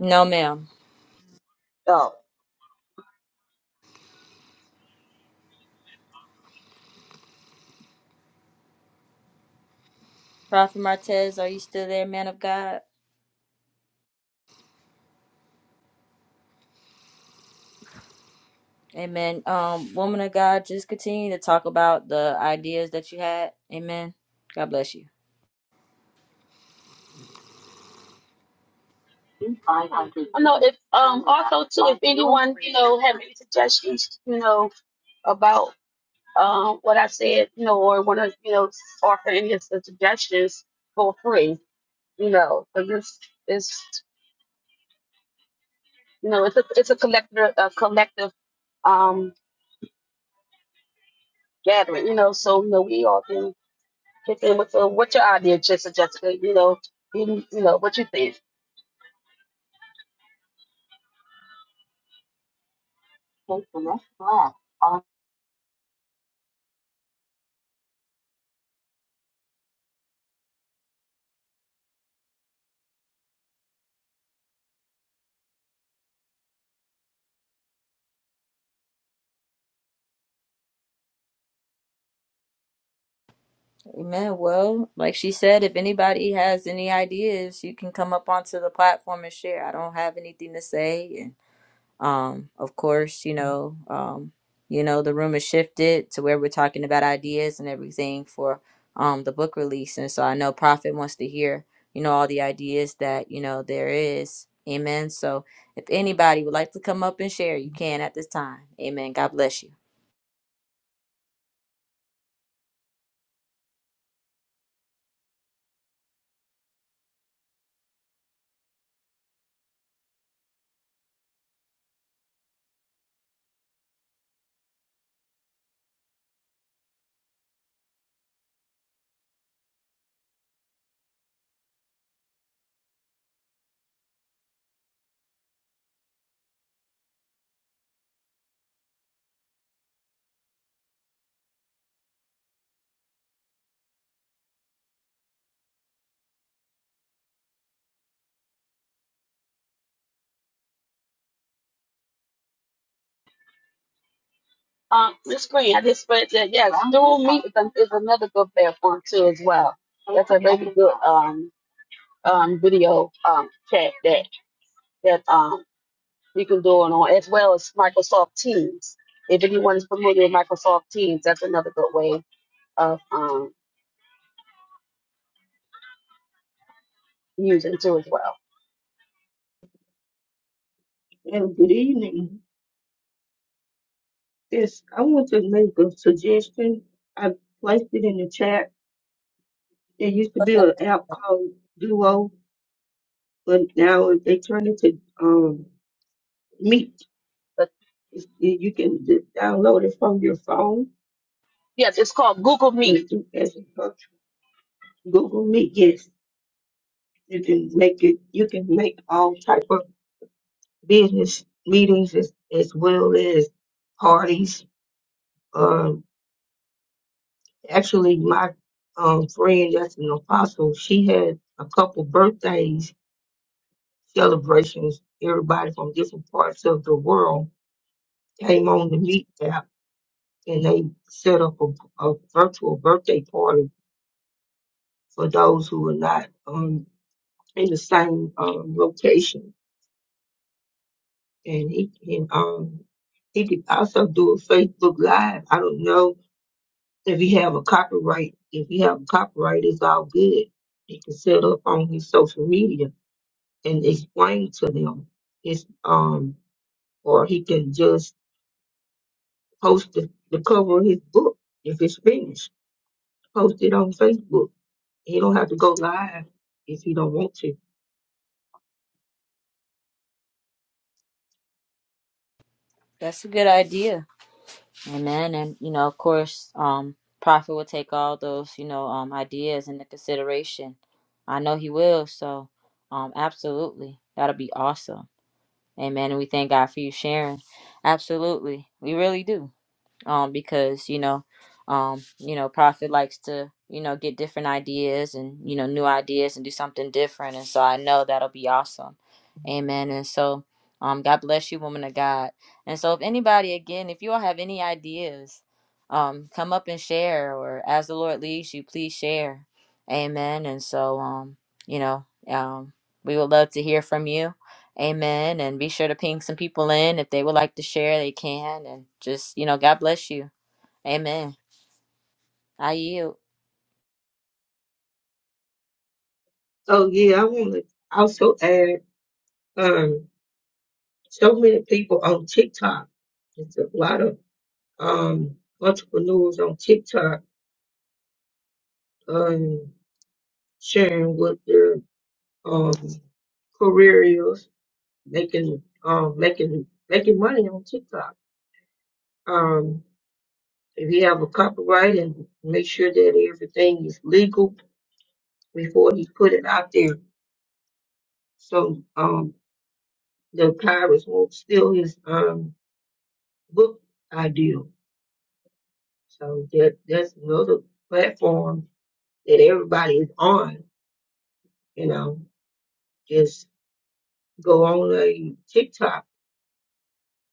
Speaker 2: No, ma'am.
Speaker 4: So
Speaker 2: Prophet Martez, are you still there, man of God? Amen. Um, woman of God, just continue to talk about the ideas that you had. Amen. God bless you.
Speaker 4: I know if um also too you know, have any suggestions you know about um, what I said, you know, or want to, you know, offer any of the suggestions for free, you know, because this is, you know, it's a it's a collective a collective um gathering, you know, so you know we all can kick in with uh, what's your idea, Jessica, Jessica, you know, you, you know what you think. Okay, so that's fine. Um,
Speaker 2: Amen. Well, like she said, if anybody has any ideas, you can come up onto the platform and share. I don't have anything to say, and um, of course, you know, um, you know, the room is shifted to where we're talking about ideas and everything for um the book release, and so I know Prophet wants to hear, you know, all the ideas that you know there is. Amen. So if anybody would like to come up and share, you can at this time. Amen. God bless you.
Speaker 4: um, Miss Green, I just read that. Yes, dual meat is, an- is another good platform too, as well. That's a really good um um video um chat that that um You can do it on as well as Microsoft Teams. If anyone is familiar with Microsoft Teams, that's another good way of um, using too as well.
Speaker 13: And good evening. This I want to make a suggestion. I placed it in the chat. There used to be an app called Duo, but now they turned it to um Meet.
Speaker 4: But
Speaker 13: It's- You can d- download it from your phone
Speaker 4: yes, it's called Google
Speaker 13: and
Speaker 4: Meet.
Speaker 13: do as a search. Google Meet. Yes, you can make it. You can make all type of business meetings as, as well as parties. uh, Actually, my um, friend that's an apostle, she had a couple birthdays celebrations. Everybody from different parts of the world came on the meet app and they set up a, a virtual birthday party for those who are not um, in the same um, location. And he can um, he could also do a Facebook Live. I don't know if he have a copyright. If he have a copyright, it's all good. He can set up on his social media and explain to them his um or he can just post the, the cover of his book if it's finished post it on facebook he don't have to go live if he don't want to
Speaker 2: That's a good idea. Amen. And you know, of course, um, Prophet will take all those, you know, um ideas into consideration. I know he will, so um absolutely. That'll be awesome. Amen. And we thank God for you sharing. Absolutely. We really do um, because you know, um, you know, Prophet likes to you know get different ideas and you know new ideas and do something different, and so I know that'll be awesome, Amen. And so, um, God bless you, woman of God. And so, if anybody again, if you all have any ideas, um, come up and share, or as the Lord leads you, please share, Amen. And so, um, you know, um, we would love to hear from you Amen. And be sure to ping some people in if they would like to share, they can. And just, you know, God bless you. Amen. I yield.
Speaker 13: so yeah i want to also add um so many people on tiktok it's a lot of um entrepreneurs on tiktok um sharing what their um career is making um making making money on tiktok um If he have a copyright and make sure that everything is legal before he put it out there. So um the pirates won't steal his um book idea. So that that's another platform that everybody is on, you know. Just go on a TikTok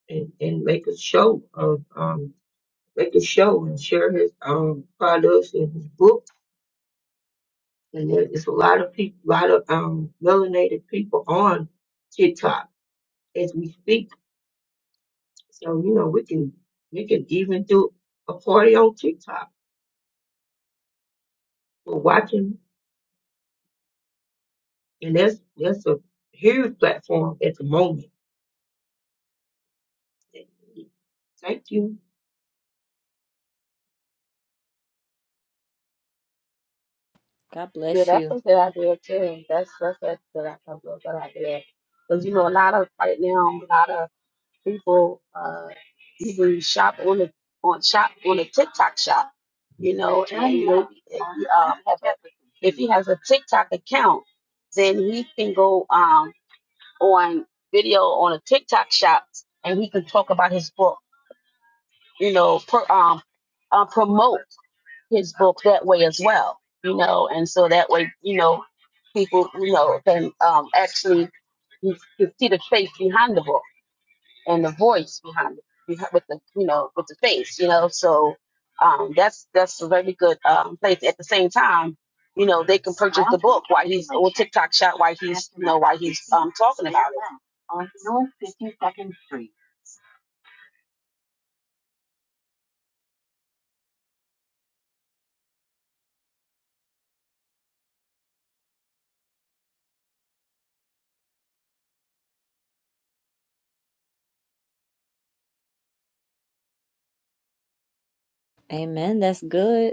Speaker 13: and, and make a show of um make a show and share his um products and his book. And there's a lot of people, a lot of um melanated people on TikTok as we speak. So, you know, we can we can even do a party on TikTok. for watching and that's that's a huge platform at the moment. Thank you.
Speaker 2: God
Speaker 4: Yeah,
Speaker 2: bless
Speaker 4: that's
Speaker 2: you.
Speaker 4: a good idea too. That's that's a good idea. That's a good idea. Because you know, a lot of right now, a lot of people uh, even shop on the on shop on a TikTok shop. You know, and you know, if um, have a, if he has a TikTok account, then he can go. Um, on video on a TikTok shops, and he could talk about his book. You know, per, um, uh, promote his book that way as well. You know, and so that way, you know, people, you know, can um, actually you, you see the face behind the book and the voice behind it behi- with the you know with the face. You know, so um, that's that's a very good um, place. At the same time, you know, they can purchase book while TikTok shop while he's
Speaker 2: Amen. That's good.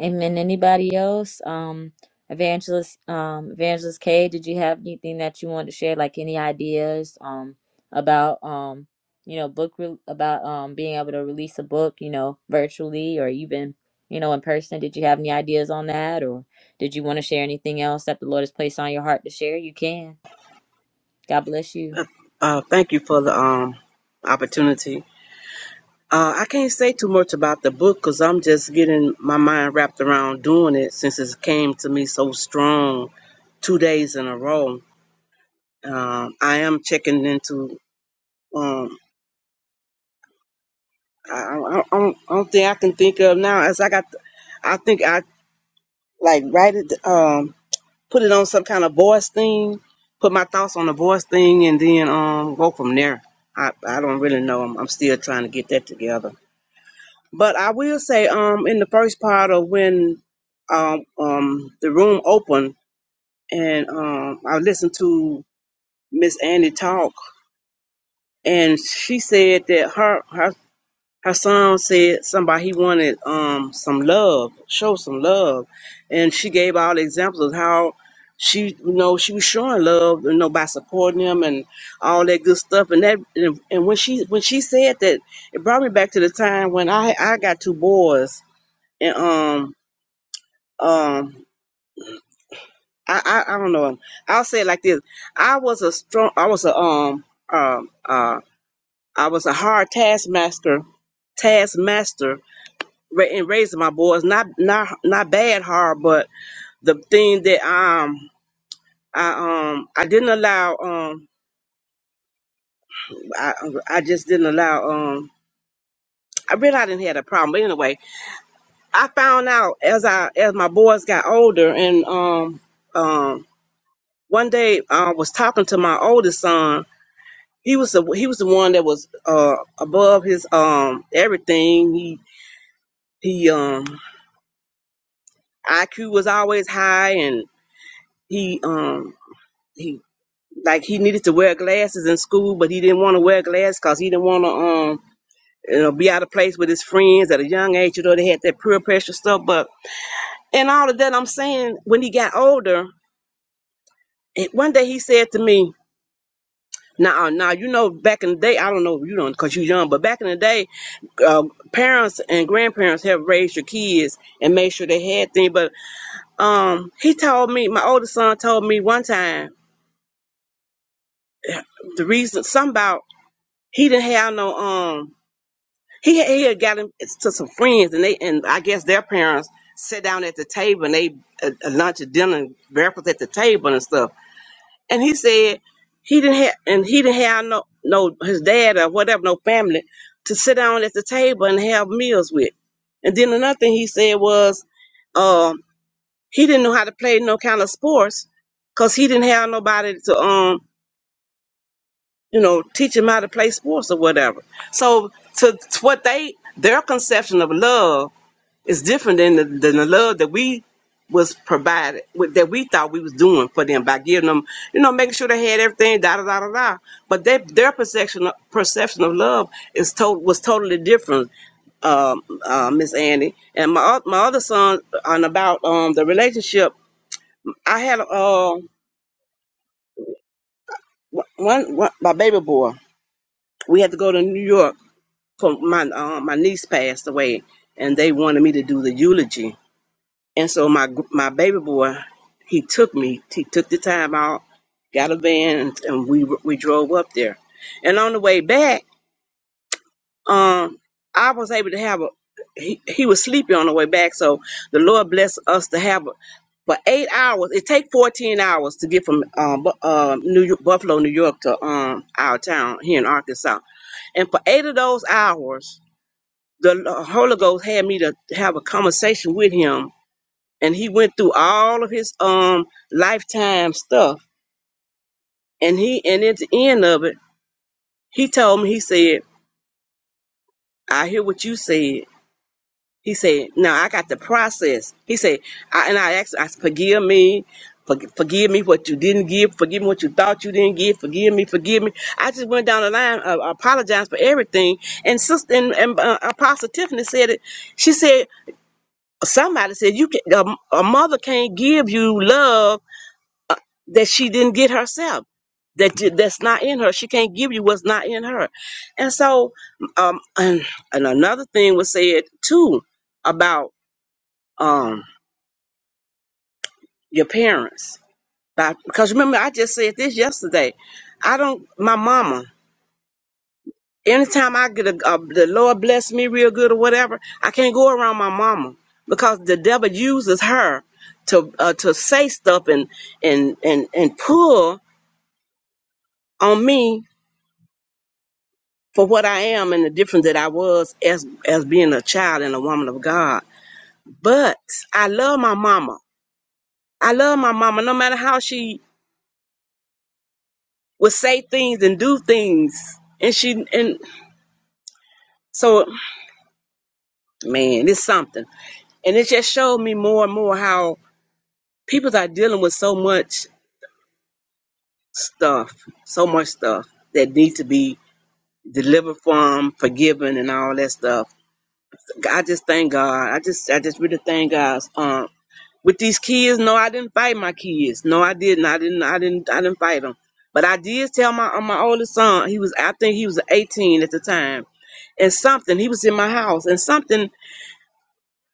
Speaker 2: Amen. Anybody else? Um, Evangelist, um, Evangelist K, did you have anything that you wanted to share? Like any ideas, um, about, um, you know, book re- about, um, being able to release a book, you know, virtually or even, you know, in person? Did you have any ideas on that, or did you want to share anything else that the Lord has placed on your heart to share? You can. God bless you.
Speaker 5: Uh, thank you for the um opportunity. Uh, I can't say too much about the book because I'm just getting my mind wrapped around doing it since it came to me so strong two days in a row. Um, I am checking into. um. I, I, I don't, I don't think I can think of now. As I got, I think I like write it, um, put it on some kind of voice thing, put my thoughts on the voice thing, and then um, go from there. I, I don't really know. I'm, I'm still trying to get that together. But I will say, um, in the first part of when, um, um, the room opened and um, I listened to Miss Annie talk, and she said that her her Hassan said somebody he wanted um some love, show some love, and she gave all the examples of how she you know she was showing love you know by supporting him and all that good stuff and that and, and when she when she said that it brought me back to the time when I I got two boys and um um I I, I don't know I'll say it like this I was a strong I was a um um uh I was a hard taskmaster taskmaster ra- in raising my boys. Not not not bad hard, but the thing that um I um I didn't allow um I I just didn't allow um I really I didn't have a problem. But anyway, I found out as I as my boys got older and um um one day I was talking to my oldest son. He was the he was the one that was uh above his um everything. He he um IQ was always high and he um like he needed to wear glasses in school, but he didn't want to wear glasses because he didn't want to um you know be out of place with his friends at a young age. You know they had that peer pressure stuff. But and all of that, I'm saying when he got older, and one day he said to me. Now, now you know back in the day, I don't know you don't because you're young, but back in the day, uh, parents and grandparents have raised your kids and made sure they had things. But um, he told me, my older son told me one time the reason, some about he didn't have no um He had, he had got him to some friends, and they and I guess their parents sat down at the table and they uh, uh, lunch and dinner and breakfast at the table and stuff. And he said he didn't have and he didn't have no no his dad or whatever no family to sit down at the table and have meals with. And then another thing he said was um, he didn't know how to play no kind of sports because he didn't have nobody to um you know teach him how to play sports or whatever. So to, to what they their conception of love it's different than the, than the love that we was provided with, that we thought we was doing for them by giving them, you know, making sure they had everything, da da da da da. But they, their perception of, perception of love is to, was totally different, um, uh, Miss Annie. And my oth- my other son on about um the relationship. I had uh one, one my baby boy. We had to go to New York for my uh, my niece passed away, and they wanted me to do the eulogy And so my gr- my baby boy, he took me. He took the time out, got a van, and, and we we drove up there. And on the way back, um, I was able to have a. He, he was sleepy on the way back, so the Lord blessed us to have a. For eight hours, it take fourteen hours to get from um, Bu- uh, New York, Buffalo, New York, to um, our town here in Arkansas. And for eight of those hours, the Holy Ghost had me to have a conversation with him and he went through all of his um lifetime stuff and he and at the end of it he told me he said i hear what you said he said now i got the process he said I, and i asked i said, forgive me forg- forgive me what you didn't give forgive me what you thought you didn't give forgive me forgive me i just went down the line uh, apologized for everything and sister and, and uh, apostle tiffany said it she said somebody said you can, a, a mother can't give you love that she didn't get herself that that's not in her she can't give you what's not in her and so um and, and another thing was said too about um your parents about, because remember i just said this yesterday i don't my mama anytime i get a, a the lord bless me real good or whatever i can't go around my mama because the devil uses her to uh, to say stuff and and and and pull on me for what I am and the difference that I was as as being a child and a woman of God. But I love my mama. I love my mama no matter how she would say things and do things. And she and so man, it's something. And it just showed me more and more how people are dealing with so much stuff, so much stuff that need to be delivered from, forgiven and all that stuff. I just thank God. I just I just really thank God. Um, with these kids, no, I didn't fight my kids. No, I didn't. I didn't. I didn't. I didn't fight them. But I did tell my uh, my oldest son. He was I think he was 18 at the time, and something he was in my house, and something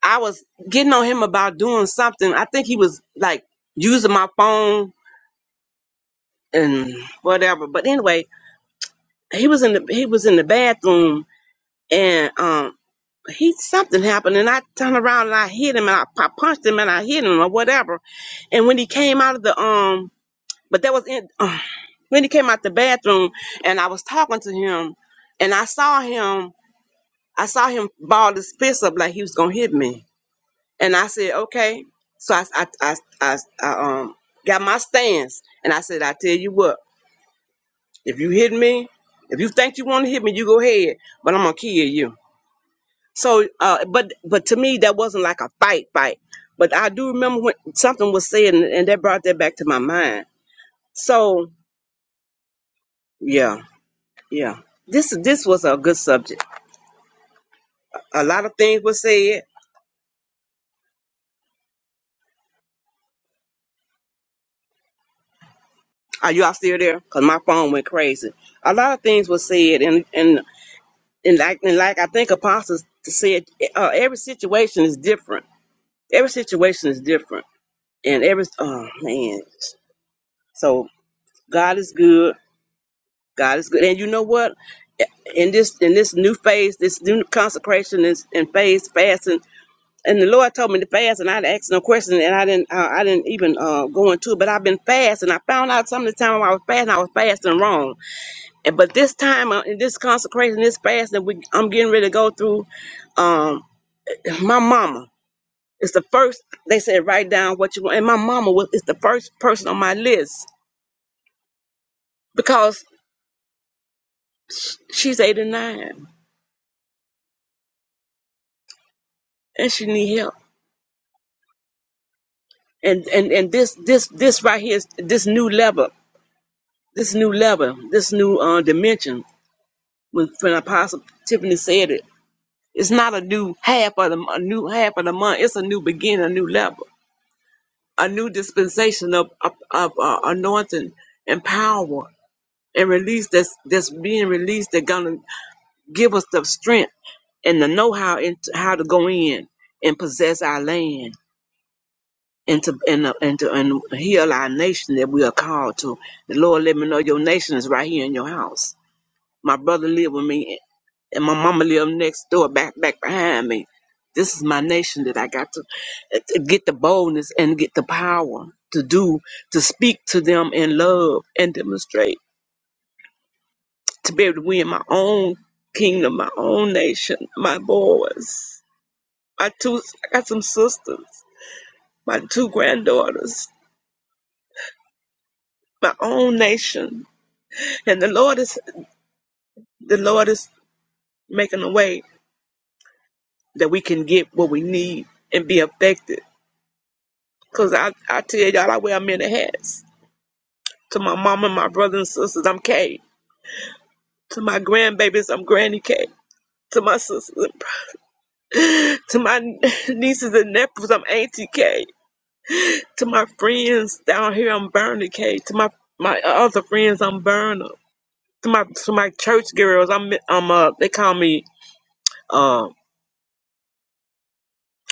Speaker 5: I was getting on him about doing something. I think he was like using my phone and whatever. But anyway, he was in the he was in the bathroom, and um he something happened and I turned around and I hit him and I, I punched him and I hit him or whatever. And when he came out of the um but that was in <sighs> uh, when he came out the bathroom and I was talking to him and I saw him I saw him ball his fist up like he was gonna hit me. And I said, Okay. So I I I, I, I um got my stance and I said, I tell you what, if you hit me, if you think you wanna hit me, you go ahead, but I'm gonna kill you. So, uh, but but to me, that wasn't like a fight, fight. But I do remember when something was said, and, and that brought that back to my mind. So, yeah, yeah. This this was a good subject. A lot of things were said. Are you all still there? Cause my phone went crazy. A lot of things were said, and and and like and like I think apostles said, uh, every situation is different. Every situation is different, and every oh man. So God is good. God is good, and you know what? in this in this new phase, this new consecration is and phase fasting. And the Lord told me to fast, and I didn't ask no question, and I didn't uh, I didn't even uh, go into it. But I've been fasting. I found out some of the time I was fasting, I was fasting wrong. And but this time uh, in this consecration, this fasting, we, I'm getting ready to go through. Um, my mama is the first. They said write down what you want, and my mama was is the first person on my list because she's 89 and she need help. and and and this this this right here is this new level this new level this new uh dimension when when apostle tiffany said it it's not a new half of the a new half of the month it's a new beginning a new level a new dispensation of of, of uh, anointing and power and release that's that's being released that's gonna give us the strength and the know-how and how to go in and possess our land and to and uh, and to and heal our nation that we are called to. The Lord, let me know your nation is right here in your house. My brother lived with me, and my mama lived next door, back back behind me. This is my nation that I got to, to get the boldness and get the power to do to speak to them in love and demonstrate to be able to win my own kingdom, my own nation, my boys, my two. I got some sisters, my two granddaughters, my own nation. And the Lord is the Lord is making a way that we can get what we need and be affected. Cause I, I tell y'all I wear many hats. To my mom and my brothers and sisters, I'm Kay. To my grandbabies, I'm Granny K. To my sisters, <laughs> to my nieces and nephews, I'm Auntie K. To my friends down here, I'm Bernie K. To my my other friends, I'm Berna. To my to my church girls, I'm I'm uh they call me um.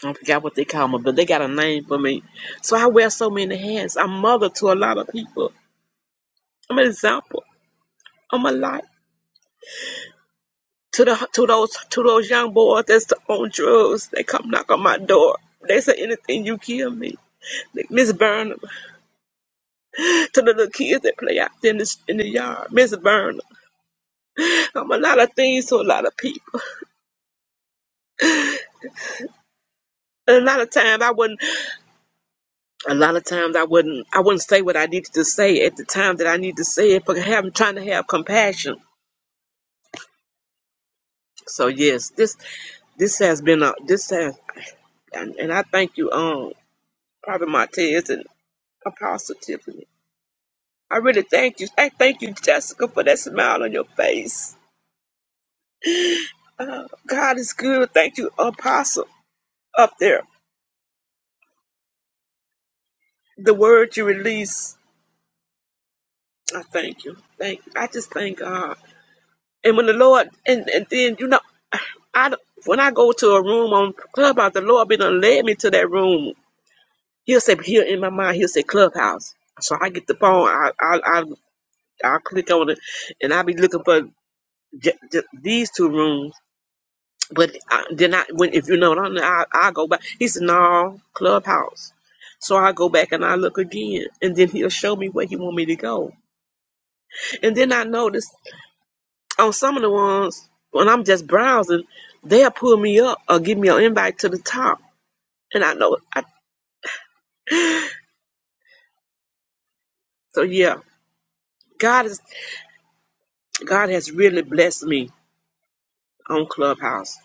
Speaker 5: I forgot what they call me, but they got a name for me. So I wear so many hats. I'm mother to a lot of people. I'm an example. I'm a light to the to those to those young boys that's on drugs. They come knock on my door. They say anything, you kill me. Miss Burnham, to the little kids that play out there in the, in the yard. Miss Burnham, I'm a lot of things to a lot of people. And a lot of times I wouldn't. A lot of times I wouldn't. I wouldn't say what I needed to say at the time that I needed to say it, but having trying to have compassion So yes, this this has been a this has and, and I thank you, um, Prophet Martez and Apostle Tiffany. I really thank you. I thank you, Jessica, for that smile on your face. Uh, God is good. Thank you, Apostle, up there. The word you release, I thank you. Thank you. I just thank God. And when the Lord, and, and then, you know, I don't- when I go to a room on Clubhouse, the Lord be done led me to that room He'll say he'll in my mind he'll say clubhouse. So I get the phone, I I I I'll click on it, and I'll be looking for j- j- these two rooms. But I, then I when if you know what i I I go back. He said no clubhouse. So I go back and I look again, and then he'll show me where he want me to go. And then I notice on some of the ones when I'm just browsing, they'll pull me up or give me an invite to the top, and I know I so yeah. God is God has really blessed me on Clubhouse.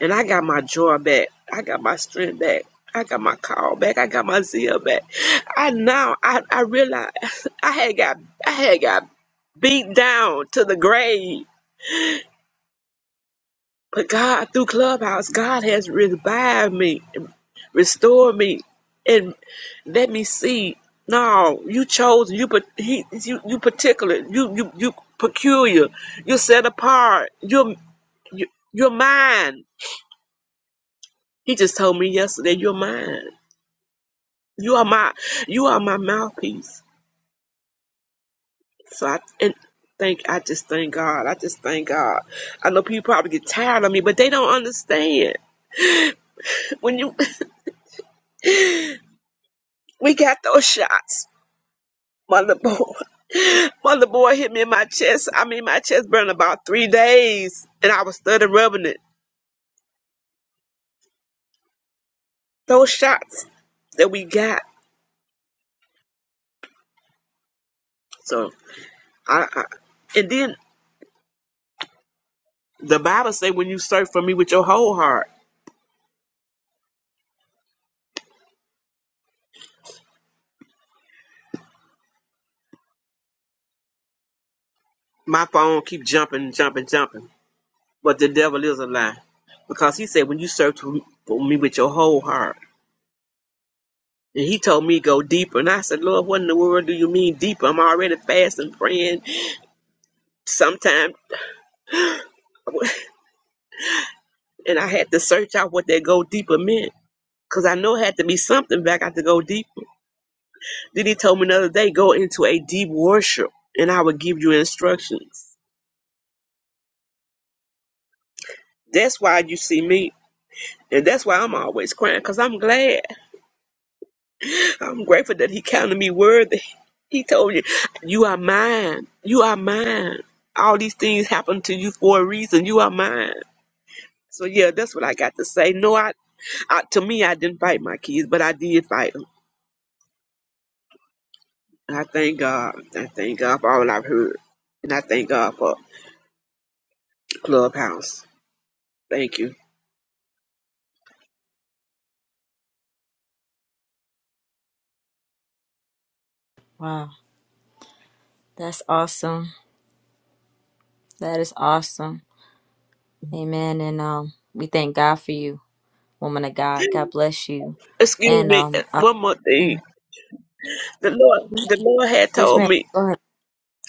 Speaker 5: And I got my joy back. I got my strength back. I got my call back. I got my zeal back. I now I, I realize <laughs> I had got I had got beat down to the grave. But God through Clubhouse, God has revived me, restored me, and let me see. No, you chose you but he you you particular you you you peculiar. You're set apart. You're you, you're mine. He just told me yesterday, "You're mine. You are my. You are my mouthpiece." So I and thank. I just thank God. I just thank God. I know people probably get tired of me, but they don't understand when you. <laughs> We got those shots, mother boy. <laughs> Mother boy hit me in my chest. I mean, my chest burned about three days, and I was studying rubbing it. Those shots that we got. So I, I and then the Bible say when you search for me with your whole heart, my phone keep jumping, jumping, jumping. But the devil is a lie. Because he said, when you search for me with your whole heart. And he told me go deeper. And I said, Lord, what in the world do you mean deeper? I'm already fasting, praying. Sometimes. <laughs> And I had to search out what that go deeper meant. Because I know it had to be something back. I had to go deeper. Then he told me another day, go into a deep worship. And I would give you instructions. That's why you see me. And that's why I'm always crying. Because I'm glad. I'm grateful that he counted me worthy. He told you, you are mine. You are mine. All these things happen to you for a reason. You are mine. So yeah, that's what I got to say. No, I, I to me, I didn't fight my kids, but I did fight them. I thank God. I thank God for all I've heard, and I thank God for Clubhouse. Thank you.
Speaker 2: Wow, that's awesome. That is awesome. Amen. And um, we thank God for you. woman of God. God bless you.
Speaker 5: Excuse
Speaker 2: And
Speaker 5: me. uh,
Speaker 2: um, uh,
Speaker 5: One more thing.
Speaker 2: amen.
Speaker 5: The Lord, the Lord had
Speaker 2: Yes,
Speaker 5: told
Speaker 2: ma'am.
Speaker 5: me
Speaker 2: Go ahead.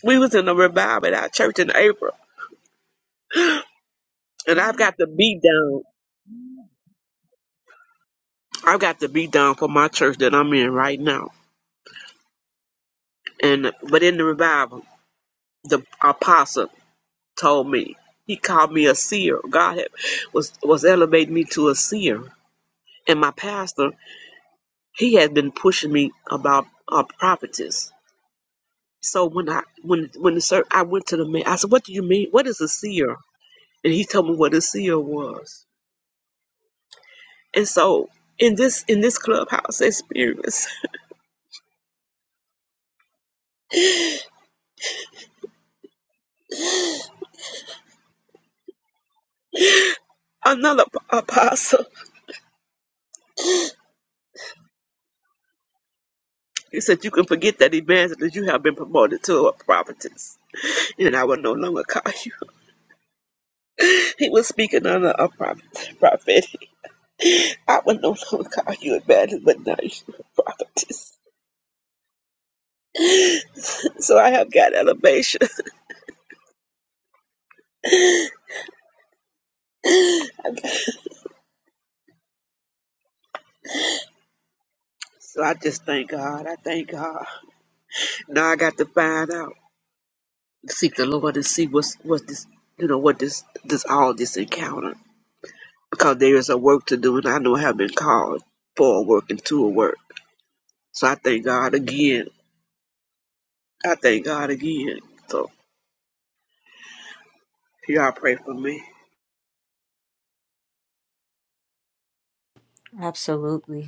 Speaker 5: we was in a revival at our church in April, and I've got the beat down. I got to be down for my church that I'm in right now. And but in the revival, the apostle told me he called me a seer. God had, was was elevating me to a seer. And my pastor, he had been pushing me about a prophetess. So when I when when the sir, I went to the man, I said, "What do you mean? What is a seer?" And he told me what a seer was. And so in this in this clubhouse experience, <laughs> another p- apostle He said, You can forget that evangelist, that you have been promoted to a prophetess, and I will no longer call you. He was speaking under a prophet, prophetic. I will no longer call you evangelist, but now you are a prophetess. So I have got elevation. <laughs> So I just thank God. I thank God. Now I got to find out, seek the Lord, and see what's what this, you know, what this this all this encounter, because there is a work to do, and I know I have been called for a work and to a work. So I thank God again I thank God again. So y'all pray for me.
Speaker 2: Absolutely.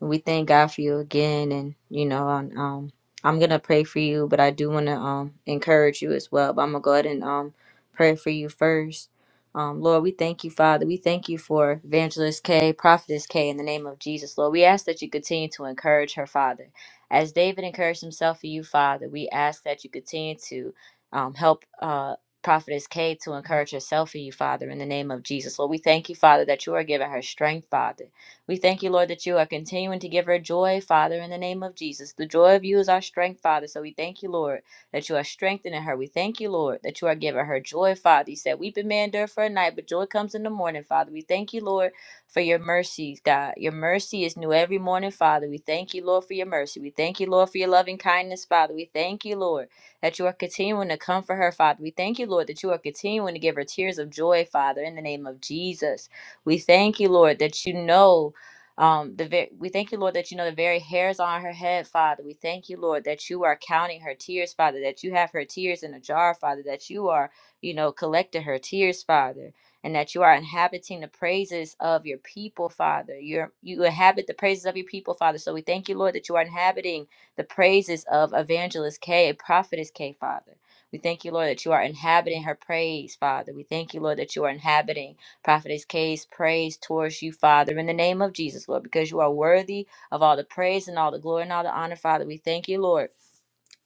Speaker 2: We thank God for you again, and you know, and, um, I'm gonna pray for you, but I do want to um encourage you as well. But I'm gonna go ahead and um pray for you first. Um, Lord, we thank you, Father. We thank you for Evangelist K, Prophetess K, in the name of Jesus, Lord. We ask that you continue to encourage her, Father, as David encouraged himself for you, Father. We ask that you continue to um help uh. Prophetess K to encourage herself for you, Father, in the name of Jesus. Lord, we thank you, Father, that you are giving her strength, Father. We thank you, Lord, that you are continuing to give her joy, Father, in the name of Jesus. The joy of you is our strength, Father. So we thank you, Lord, that you are strengthening her. We thank you, Lord, that you are giving her joy, Father. You said, Weeping may endure for a night, but joy comes in the morning, Father. We thank you, Lord, for your mercies, God. Your mercy is new every morning, Father. We thank you, Lord, for your mercy. We thank you, Lord, for your loving kindness, Father. We thank you, Lord, that you are continuing to comfort her, Father. We thank you, Lord, that you are continuing to give her tears of joy, Father, in the name of Jesus. We thank you, Lord, that you know. Um, the very, we thank you, Lord, that you know the very hairs on her head, Father. We thank you, Lord, that you are counting her tears, Father. That you have her tears in a jar, Father. That you are, you know, collecting her tears, Father, and that you are inhabiting the praises of your people, Father. Your you inhabit the praises of your people, Father. So we thank you, Lord, that you are inhabiting the praises of Evangelist K, Prophetess K, Father. We thank you, Lord, that you are inhabiting her praise, Father. We thank you, Lord, that you are inhabiting. Prophetess Kay's praise towards you, Father, in the name of Jesus, Lord, because you are worthy of all the praise and all the glory and all the honor, Father. We thank you, Lord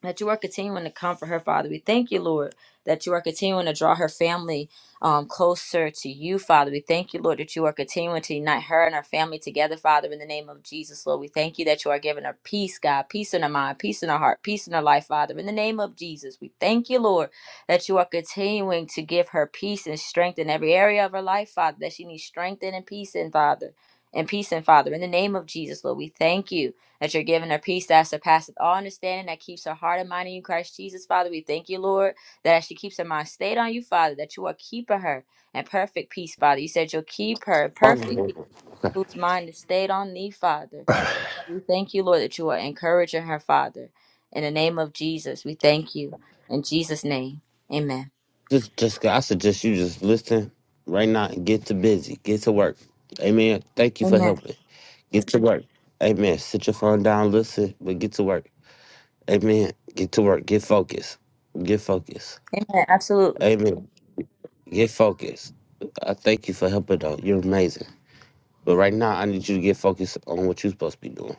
Speaker 2: that you are continuing to comfort her, Father. We thank you, Lord, that you are continuing to draw her family um, closer to you, Father. We thank you, Lord, that you are continuing to unite her and her family together, Father, in the name of Jesus, Lord. We thank you that you are giving her peace, God, peace in her mind, peace in her heart, peace in her life, Father. In the name of Jesus, we thank you, Lord, that you are continuing to give her peace and strength in every area of her life, Father, that she needs strength and peace in, Father. And peace and Father, in the name of Jesus, Lord, we thank you that you're giving her peace that surpasseth all understanding, that keeps her heart and mind in you, Christ Jesus, Father. We thank you, Lord, that as she keeps her mind stayed on you, Father, that you are keeping her in perfect peace, Father. You said you'll keep her in perfect peace, whose mind is stayed on thee, Father. We thank you, Lord, that you are encouraging her, Father. In the name of Jesus, we thank you. In Jesus' name, amen.
Speaker 1: Just, just, I suggest you just listen right now and get to busy, get to work. Amen. Thank you for
Speaker 2: Amen.
Speaker 1: helping. Get to work. Amen. Sit your phone down, listen, but get to work. Amen. Get to work. Get focused. Get focused.
Speaker 2: Amen. Absolutely.
Speaker 1: Amen. Get focused. I thank you for helping though. You're amazing. But right now, I need you to get focused on what you're supposed to be doing.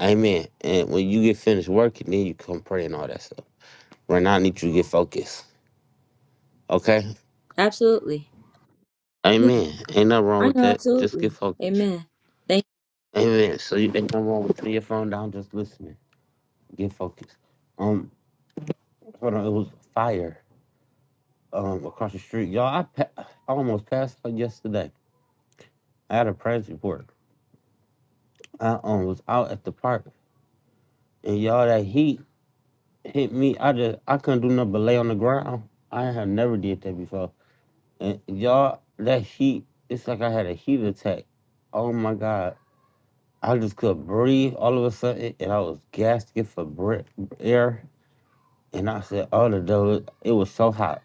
Speaker 1: Amen. And when you get finished working, then you come pray and all that stuff. Right now, I need you to get focused. Okay?
Speaker 2: Absolutely.
Speaker 1: Amen. Ain't nothing wrong
Speaker 2: I
Speaker 1: with
Speaker 2: know,
Speaker 1: that. Just
Speaker 2: absolutely.
Speaker 1: get focused.
Speaker 2: Amen. Thank
Speaker 1: Amen. So you ain't no wrong with putting your phone down, just listening. Get focused. Um, hold on. It was fire. Um, across the street, y'all. I, pa- I almost passed out yesterday. I had a press report. I um was out at the park, and y'all that heat hit me. I just I couldn't do nothing but lay on the ground. I have never did that before. And y'all, that heat. It's like I had a heat attack. Oh my god. I just couldn't breathe all of a sudden, and I was gasping for breath, air. And I said, all of those, it was so hot.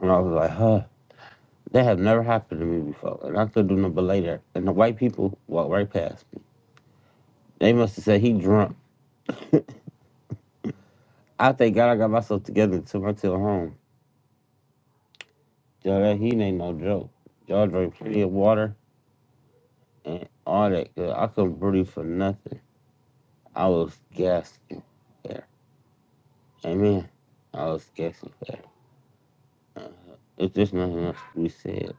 Speaker 1: And I was like, huh, that have never happened to me before. And I couldn't do nothing but lay there. And the white people walked right past me. They must have said he drunk. <laughs> I thank God I got myself together and took my tail home. Yo, that he ain't no joke. Y'all drank plenty of water and all that. 'cause I couldn't breathe for nothing. I was gasping there. Amen. I was gasping there. Uh, if there's nothing else we said,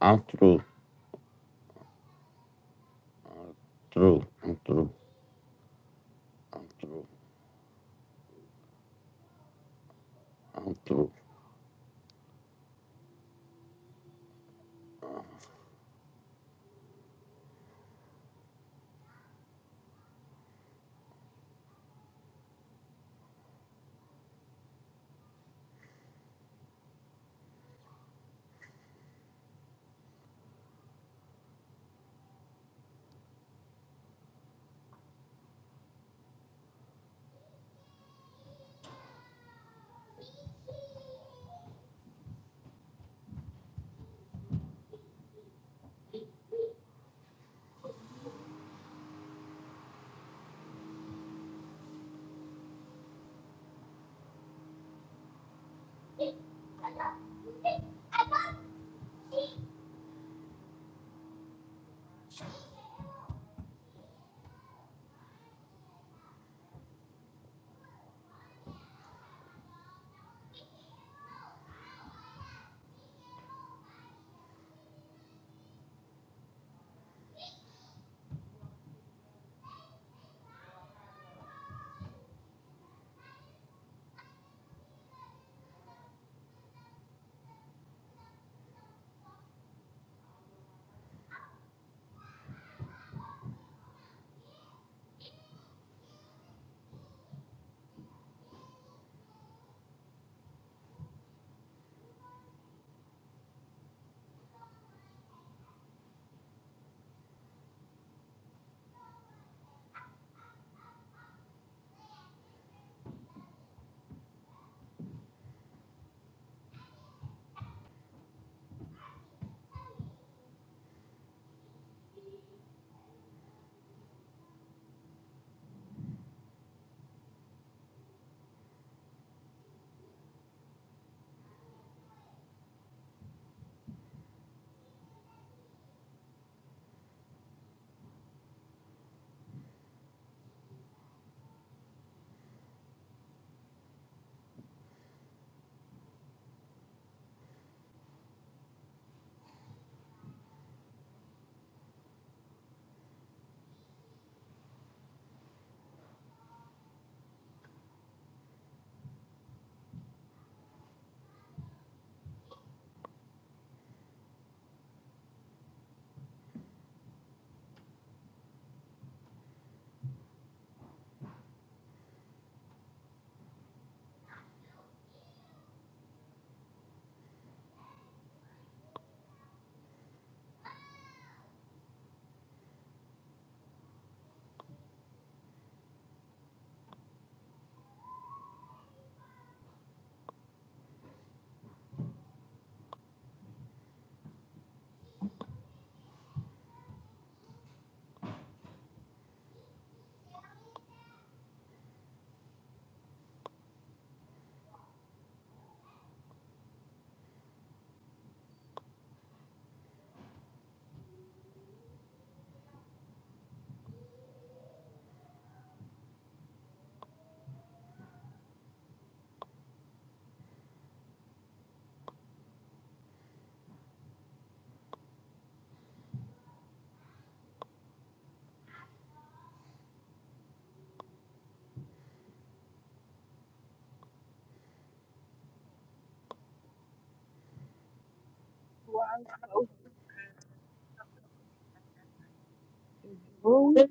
Speaker 1: I'm through. I'm through. I'm through. I'm through. I'm through.
Speaker 13: Well, so room.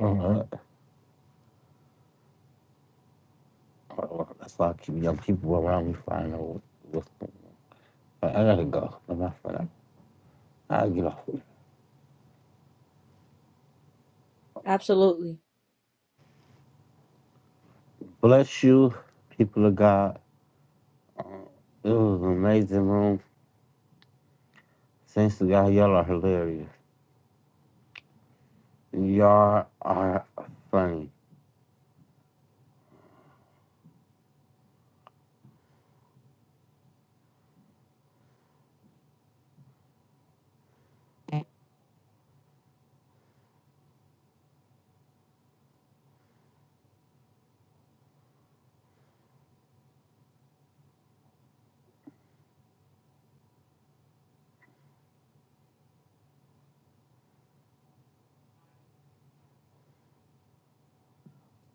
Speaker 1: Uh don't That's why I keep young people around me find out what- what's going on. I gotta go. I'm not for that. I'll get off.
Speaker 2: you. Absolutely.
Speaker 1: Bless you, people of God. Uh, It was an amazing room. Saints to God, y'all are hilarious. Y'all are funny.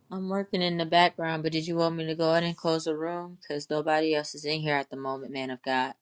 Speaker 2: I'm working in the background, but did you want me to go ahead and close the room? Because nobody else is in here at the moment, man of God.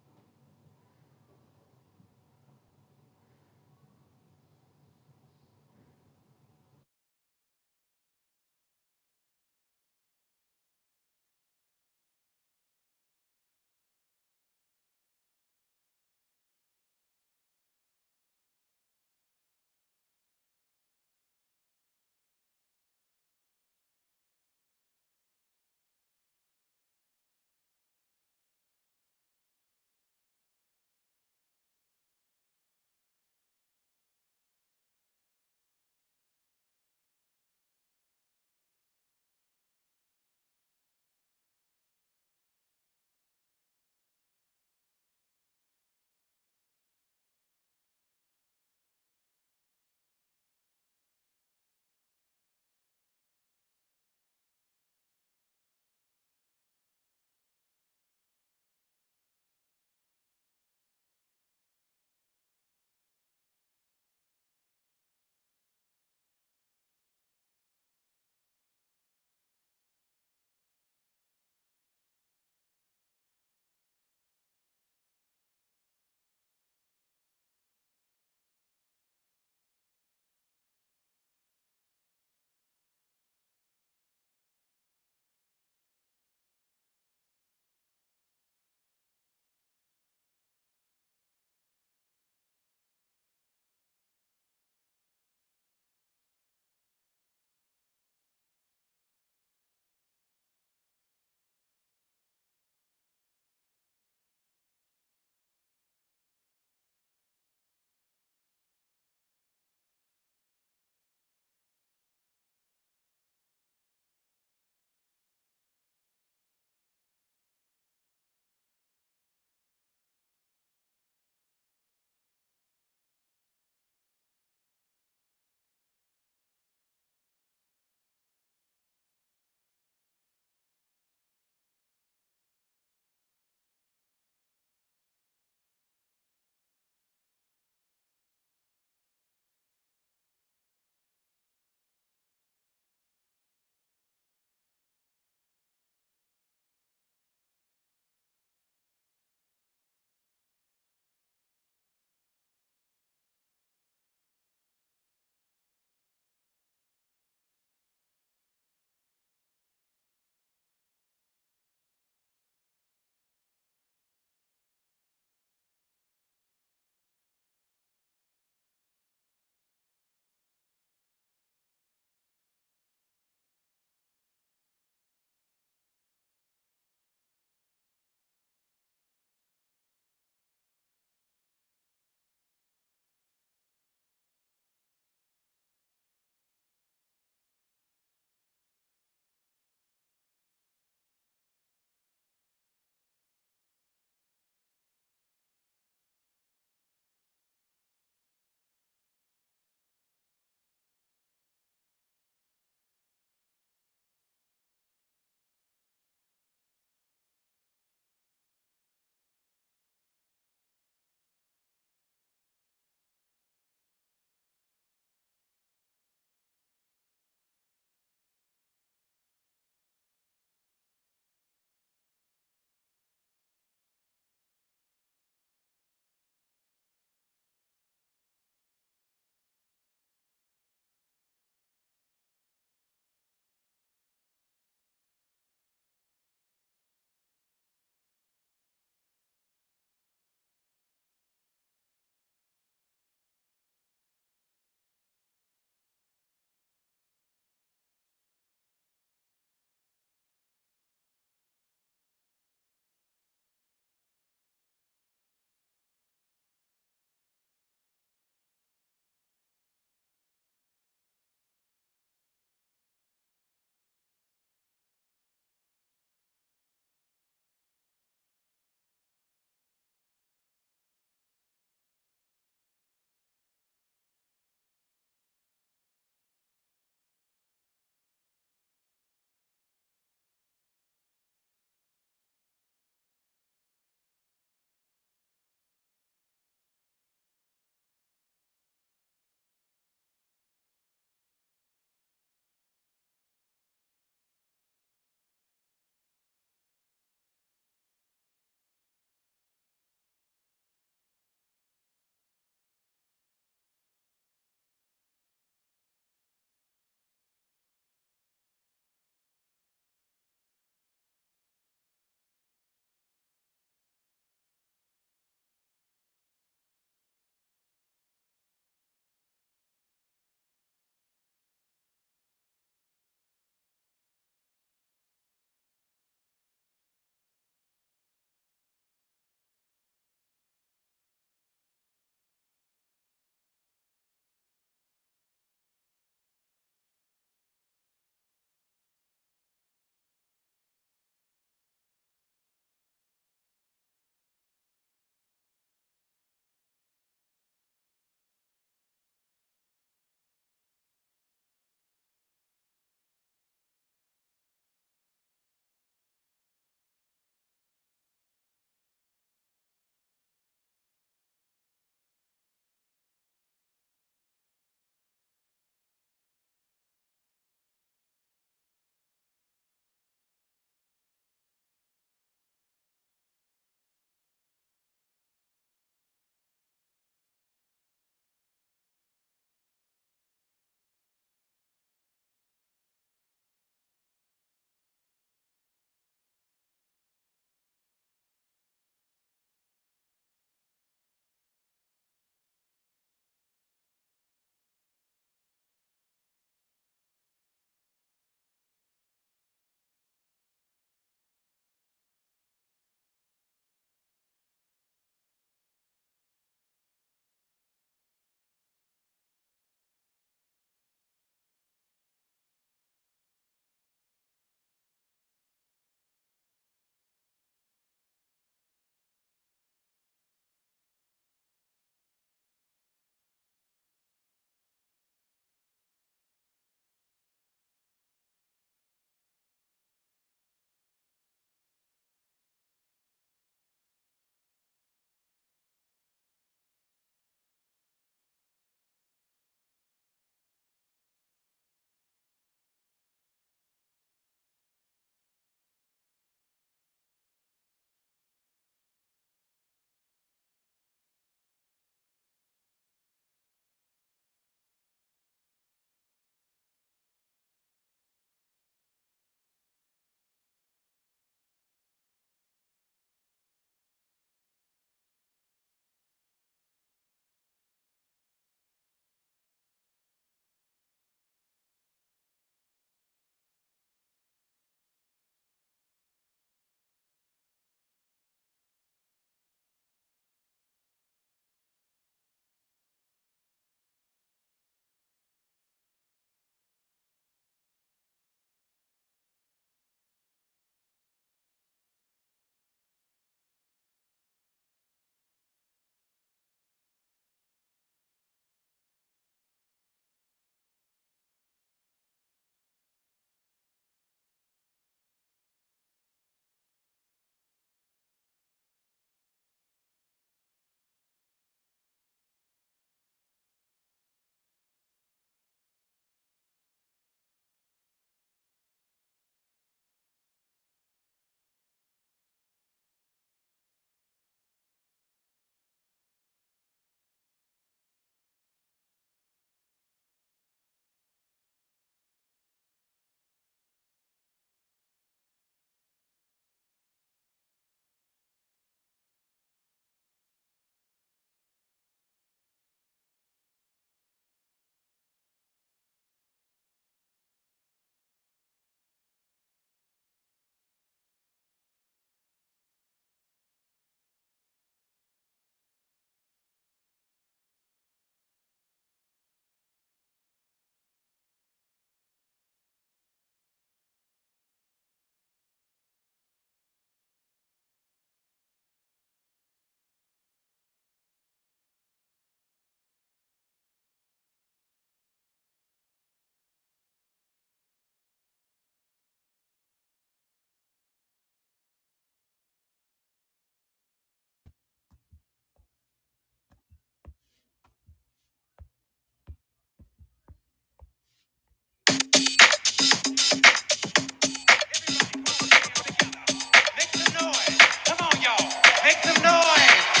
Speaker 2: Make some noise. Come on, y'all. Make some noise.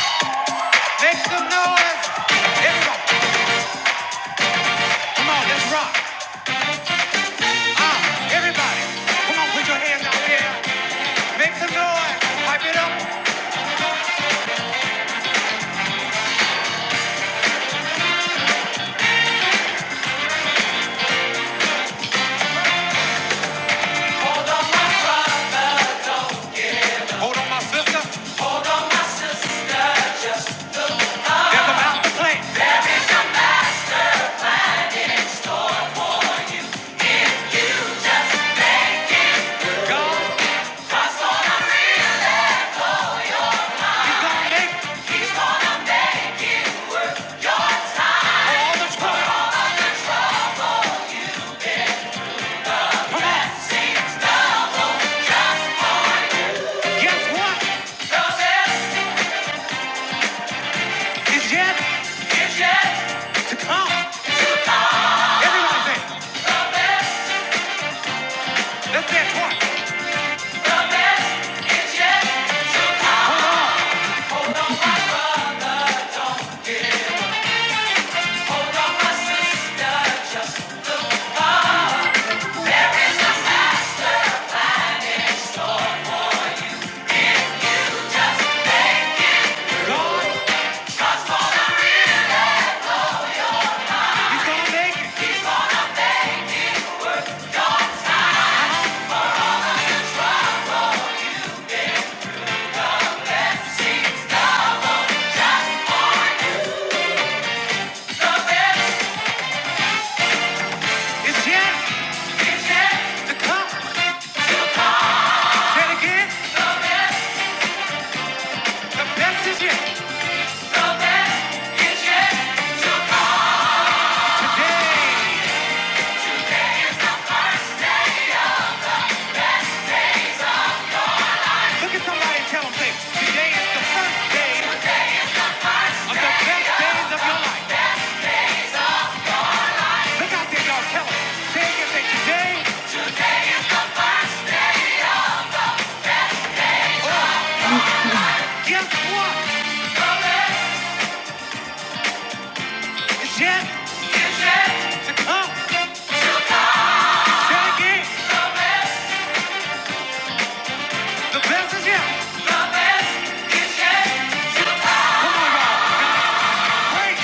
Speaker 2: Make some noise. Everybody. Come on, let's rock. Ah, everybody. Come on, put your hands out there. Make some noise. Pipe it up. Hold on, my sister. There's a mouth to play. God, he's gonna make all the trouble. Guess what? It's yet to come. Everybody say, it. let's say it twice. God, he's gonna make It's yet to come. Say it again. The best is yet today. Look at somebody and tell them, say, today is the first day of the best days of your life. Look out there, y'all. Tell them. Say it again. Say, today, guess what? It's yet to come. Say it again. The best is yet. Come on, y'all. Great.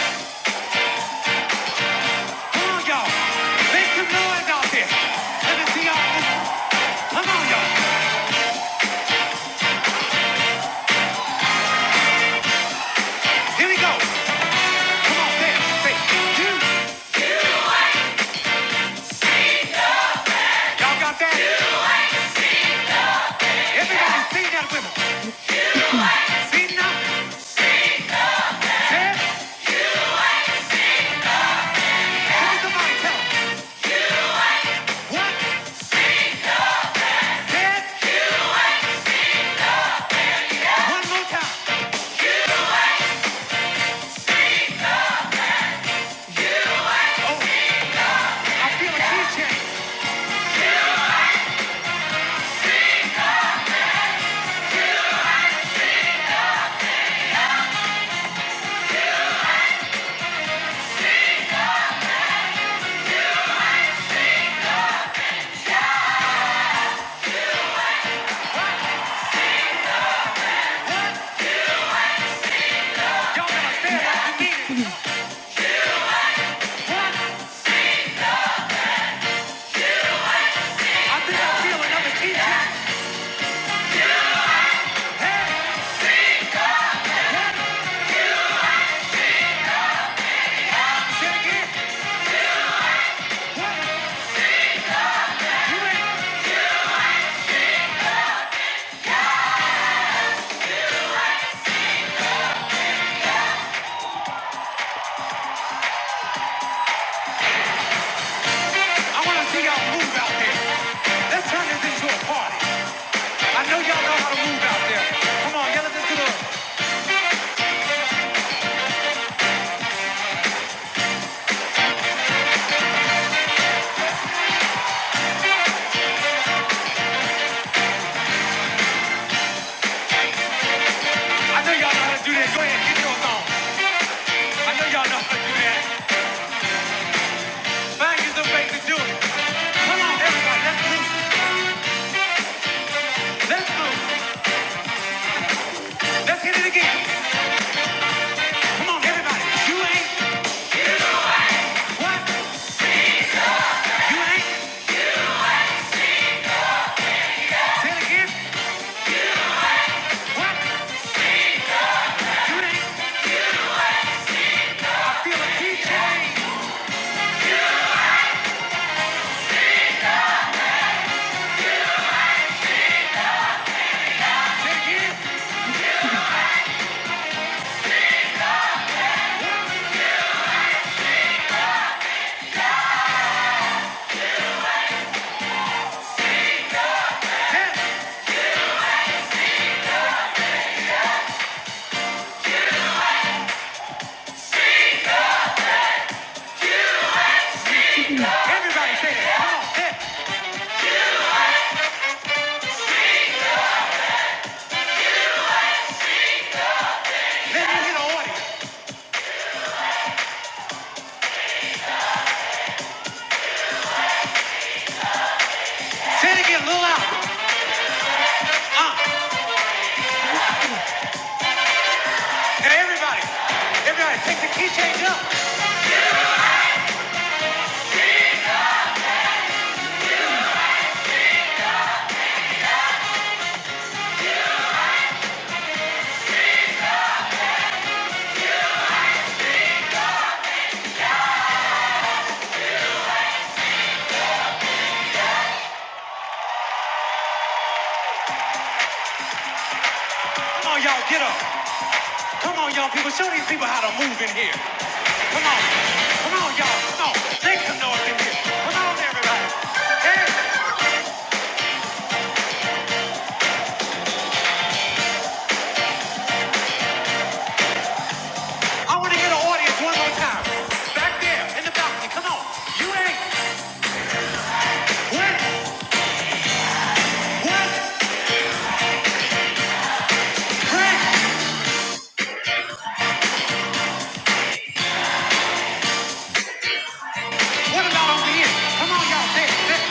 Speaker 2: Come on, y'all. Make some noise out there. Let me see y'all. Come on, y'all. Here we go. Come on, say it. Say, you. Y'all got that? Everybody sing that with us. Zena said, close the mic, tell 'em. more time. Oh, I feel a key change. Y'all gotta say it like you mean it. What? I think I feel another key change. Hey, what? Say it You ready? I wanna see y'all move out there. Let's turn this into a party. I know y'all know how to move out there. Come on, yell this to the. I know y'all know how to do that. Go ahead, get yours on. I know y'all know how to do that. Find you some way to do it. Come on, everybody, let's move. Let's move. Let's hit it again. Come on, everybody. You ain't what? You ain't. Say it again. What? You ain't. I feel a key change. Say it again. Say it. Everybody say it. Come on. Say it. Let me hear the audience. Say it again a little louder. Uh. Now everybody. Everybody take the key change up. Come on, y'all. Get up. Come on, y'all people. Show these people how to move in here. Come on. Come on, y'all. Come on. Make some noise in here. Come on, everybody. Hey. I want to hear the audience one more time. Back there in the balcony, come on. You ain't what, what, what? What about over here? Come on, y'all. There, there.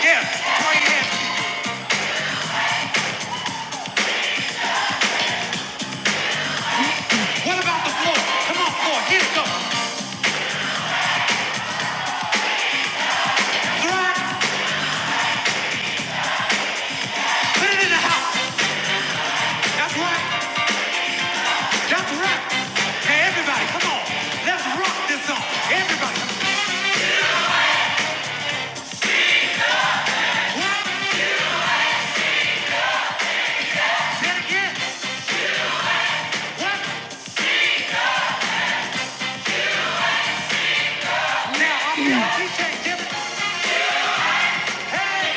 Speaker 2: Yeah, throw your hands. What about the floor? Come on, floor. Here it goes. Throw it. Put it in the house. That's right. That's right. Hey, everybody, come on. Let's rock this song. Everybody. What? Say it again. What? Now, I'm DJ Jimmy. Hey.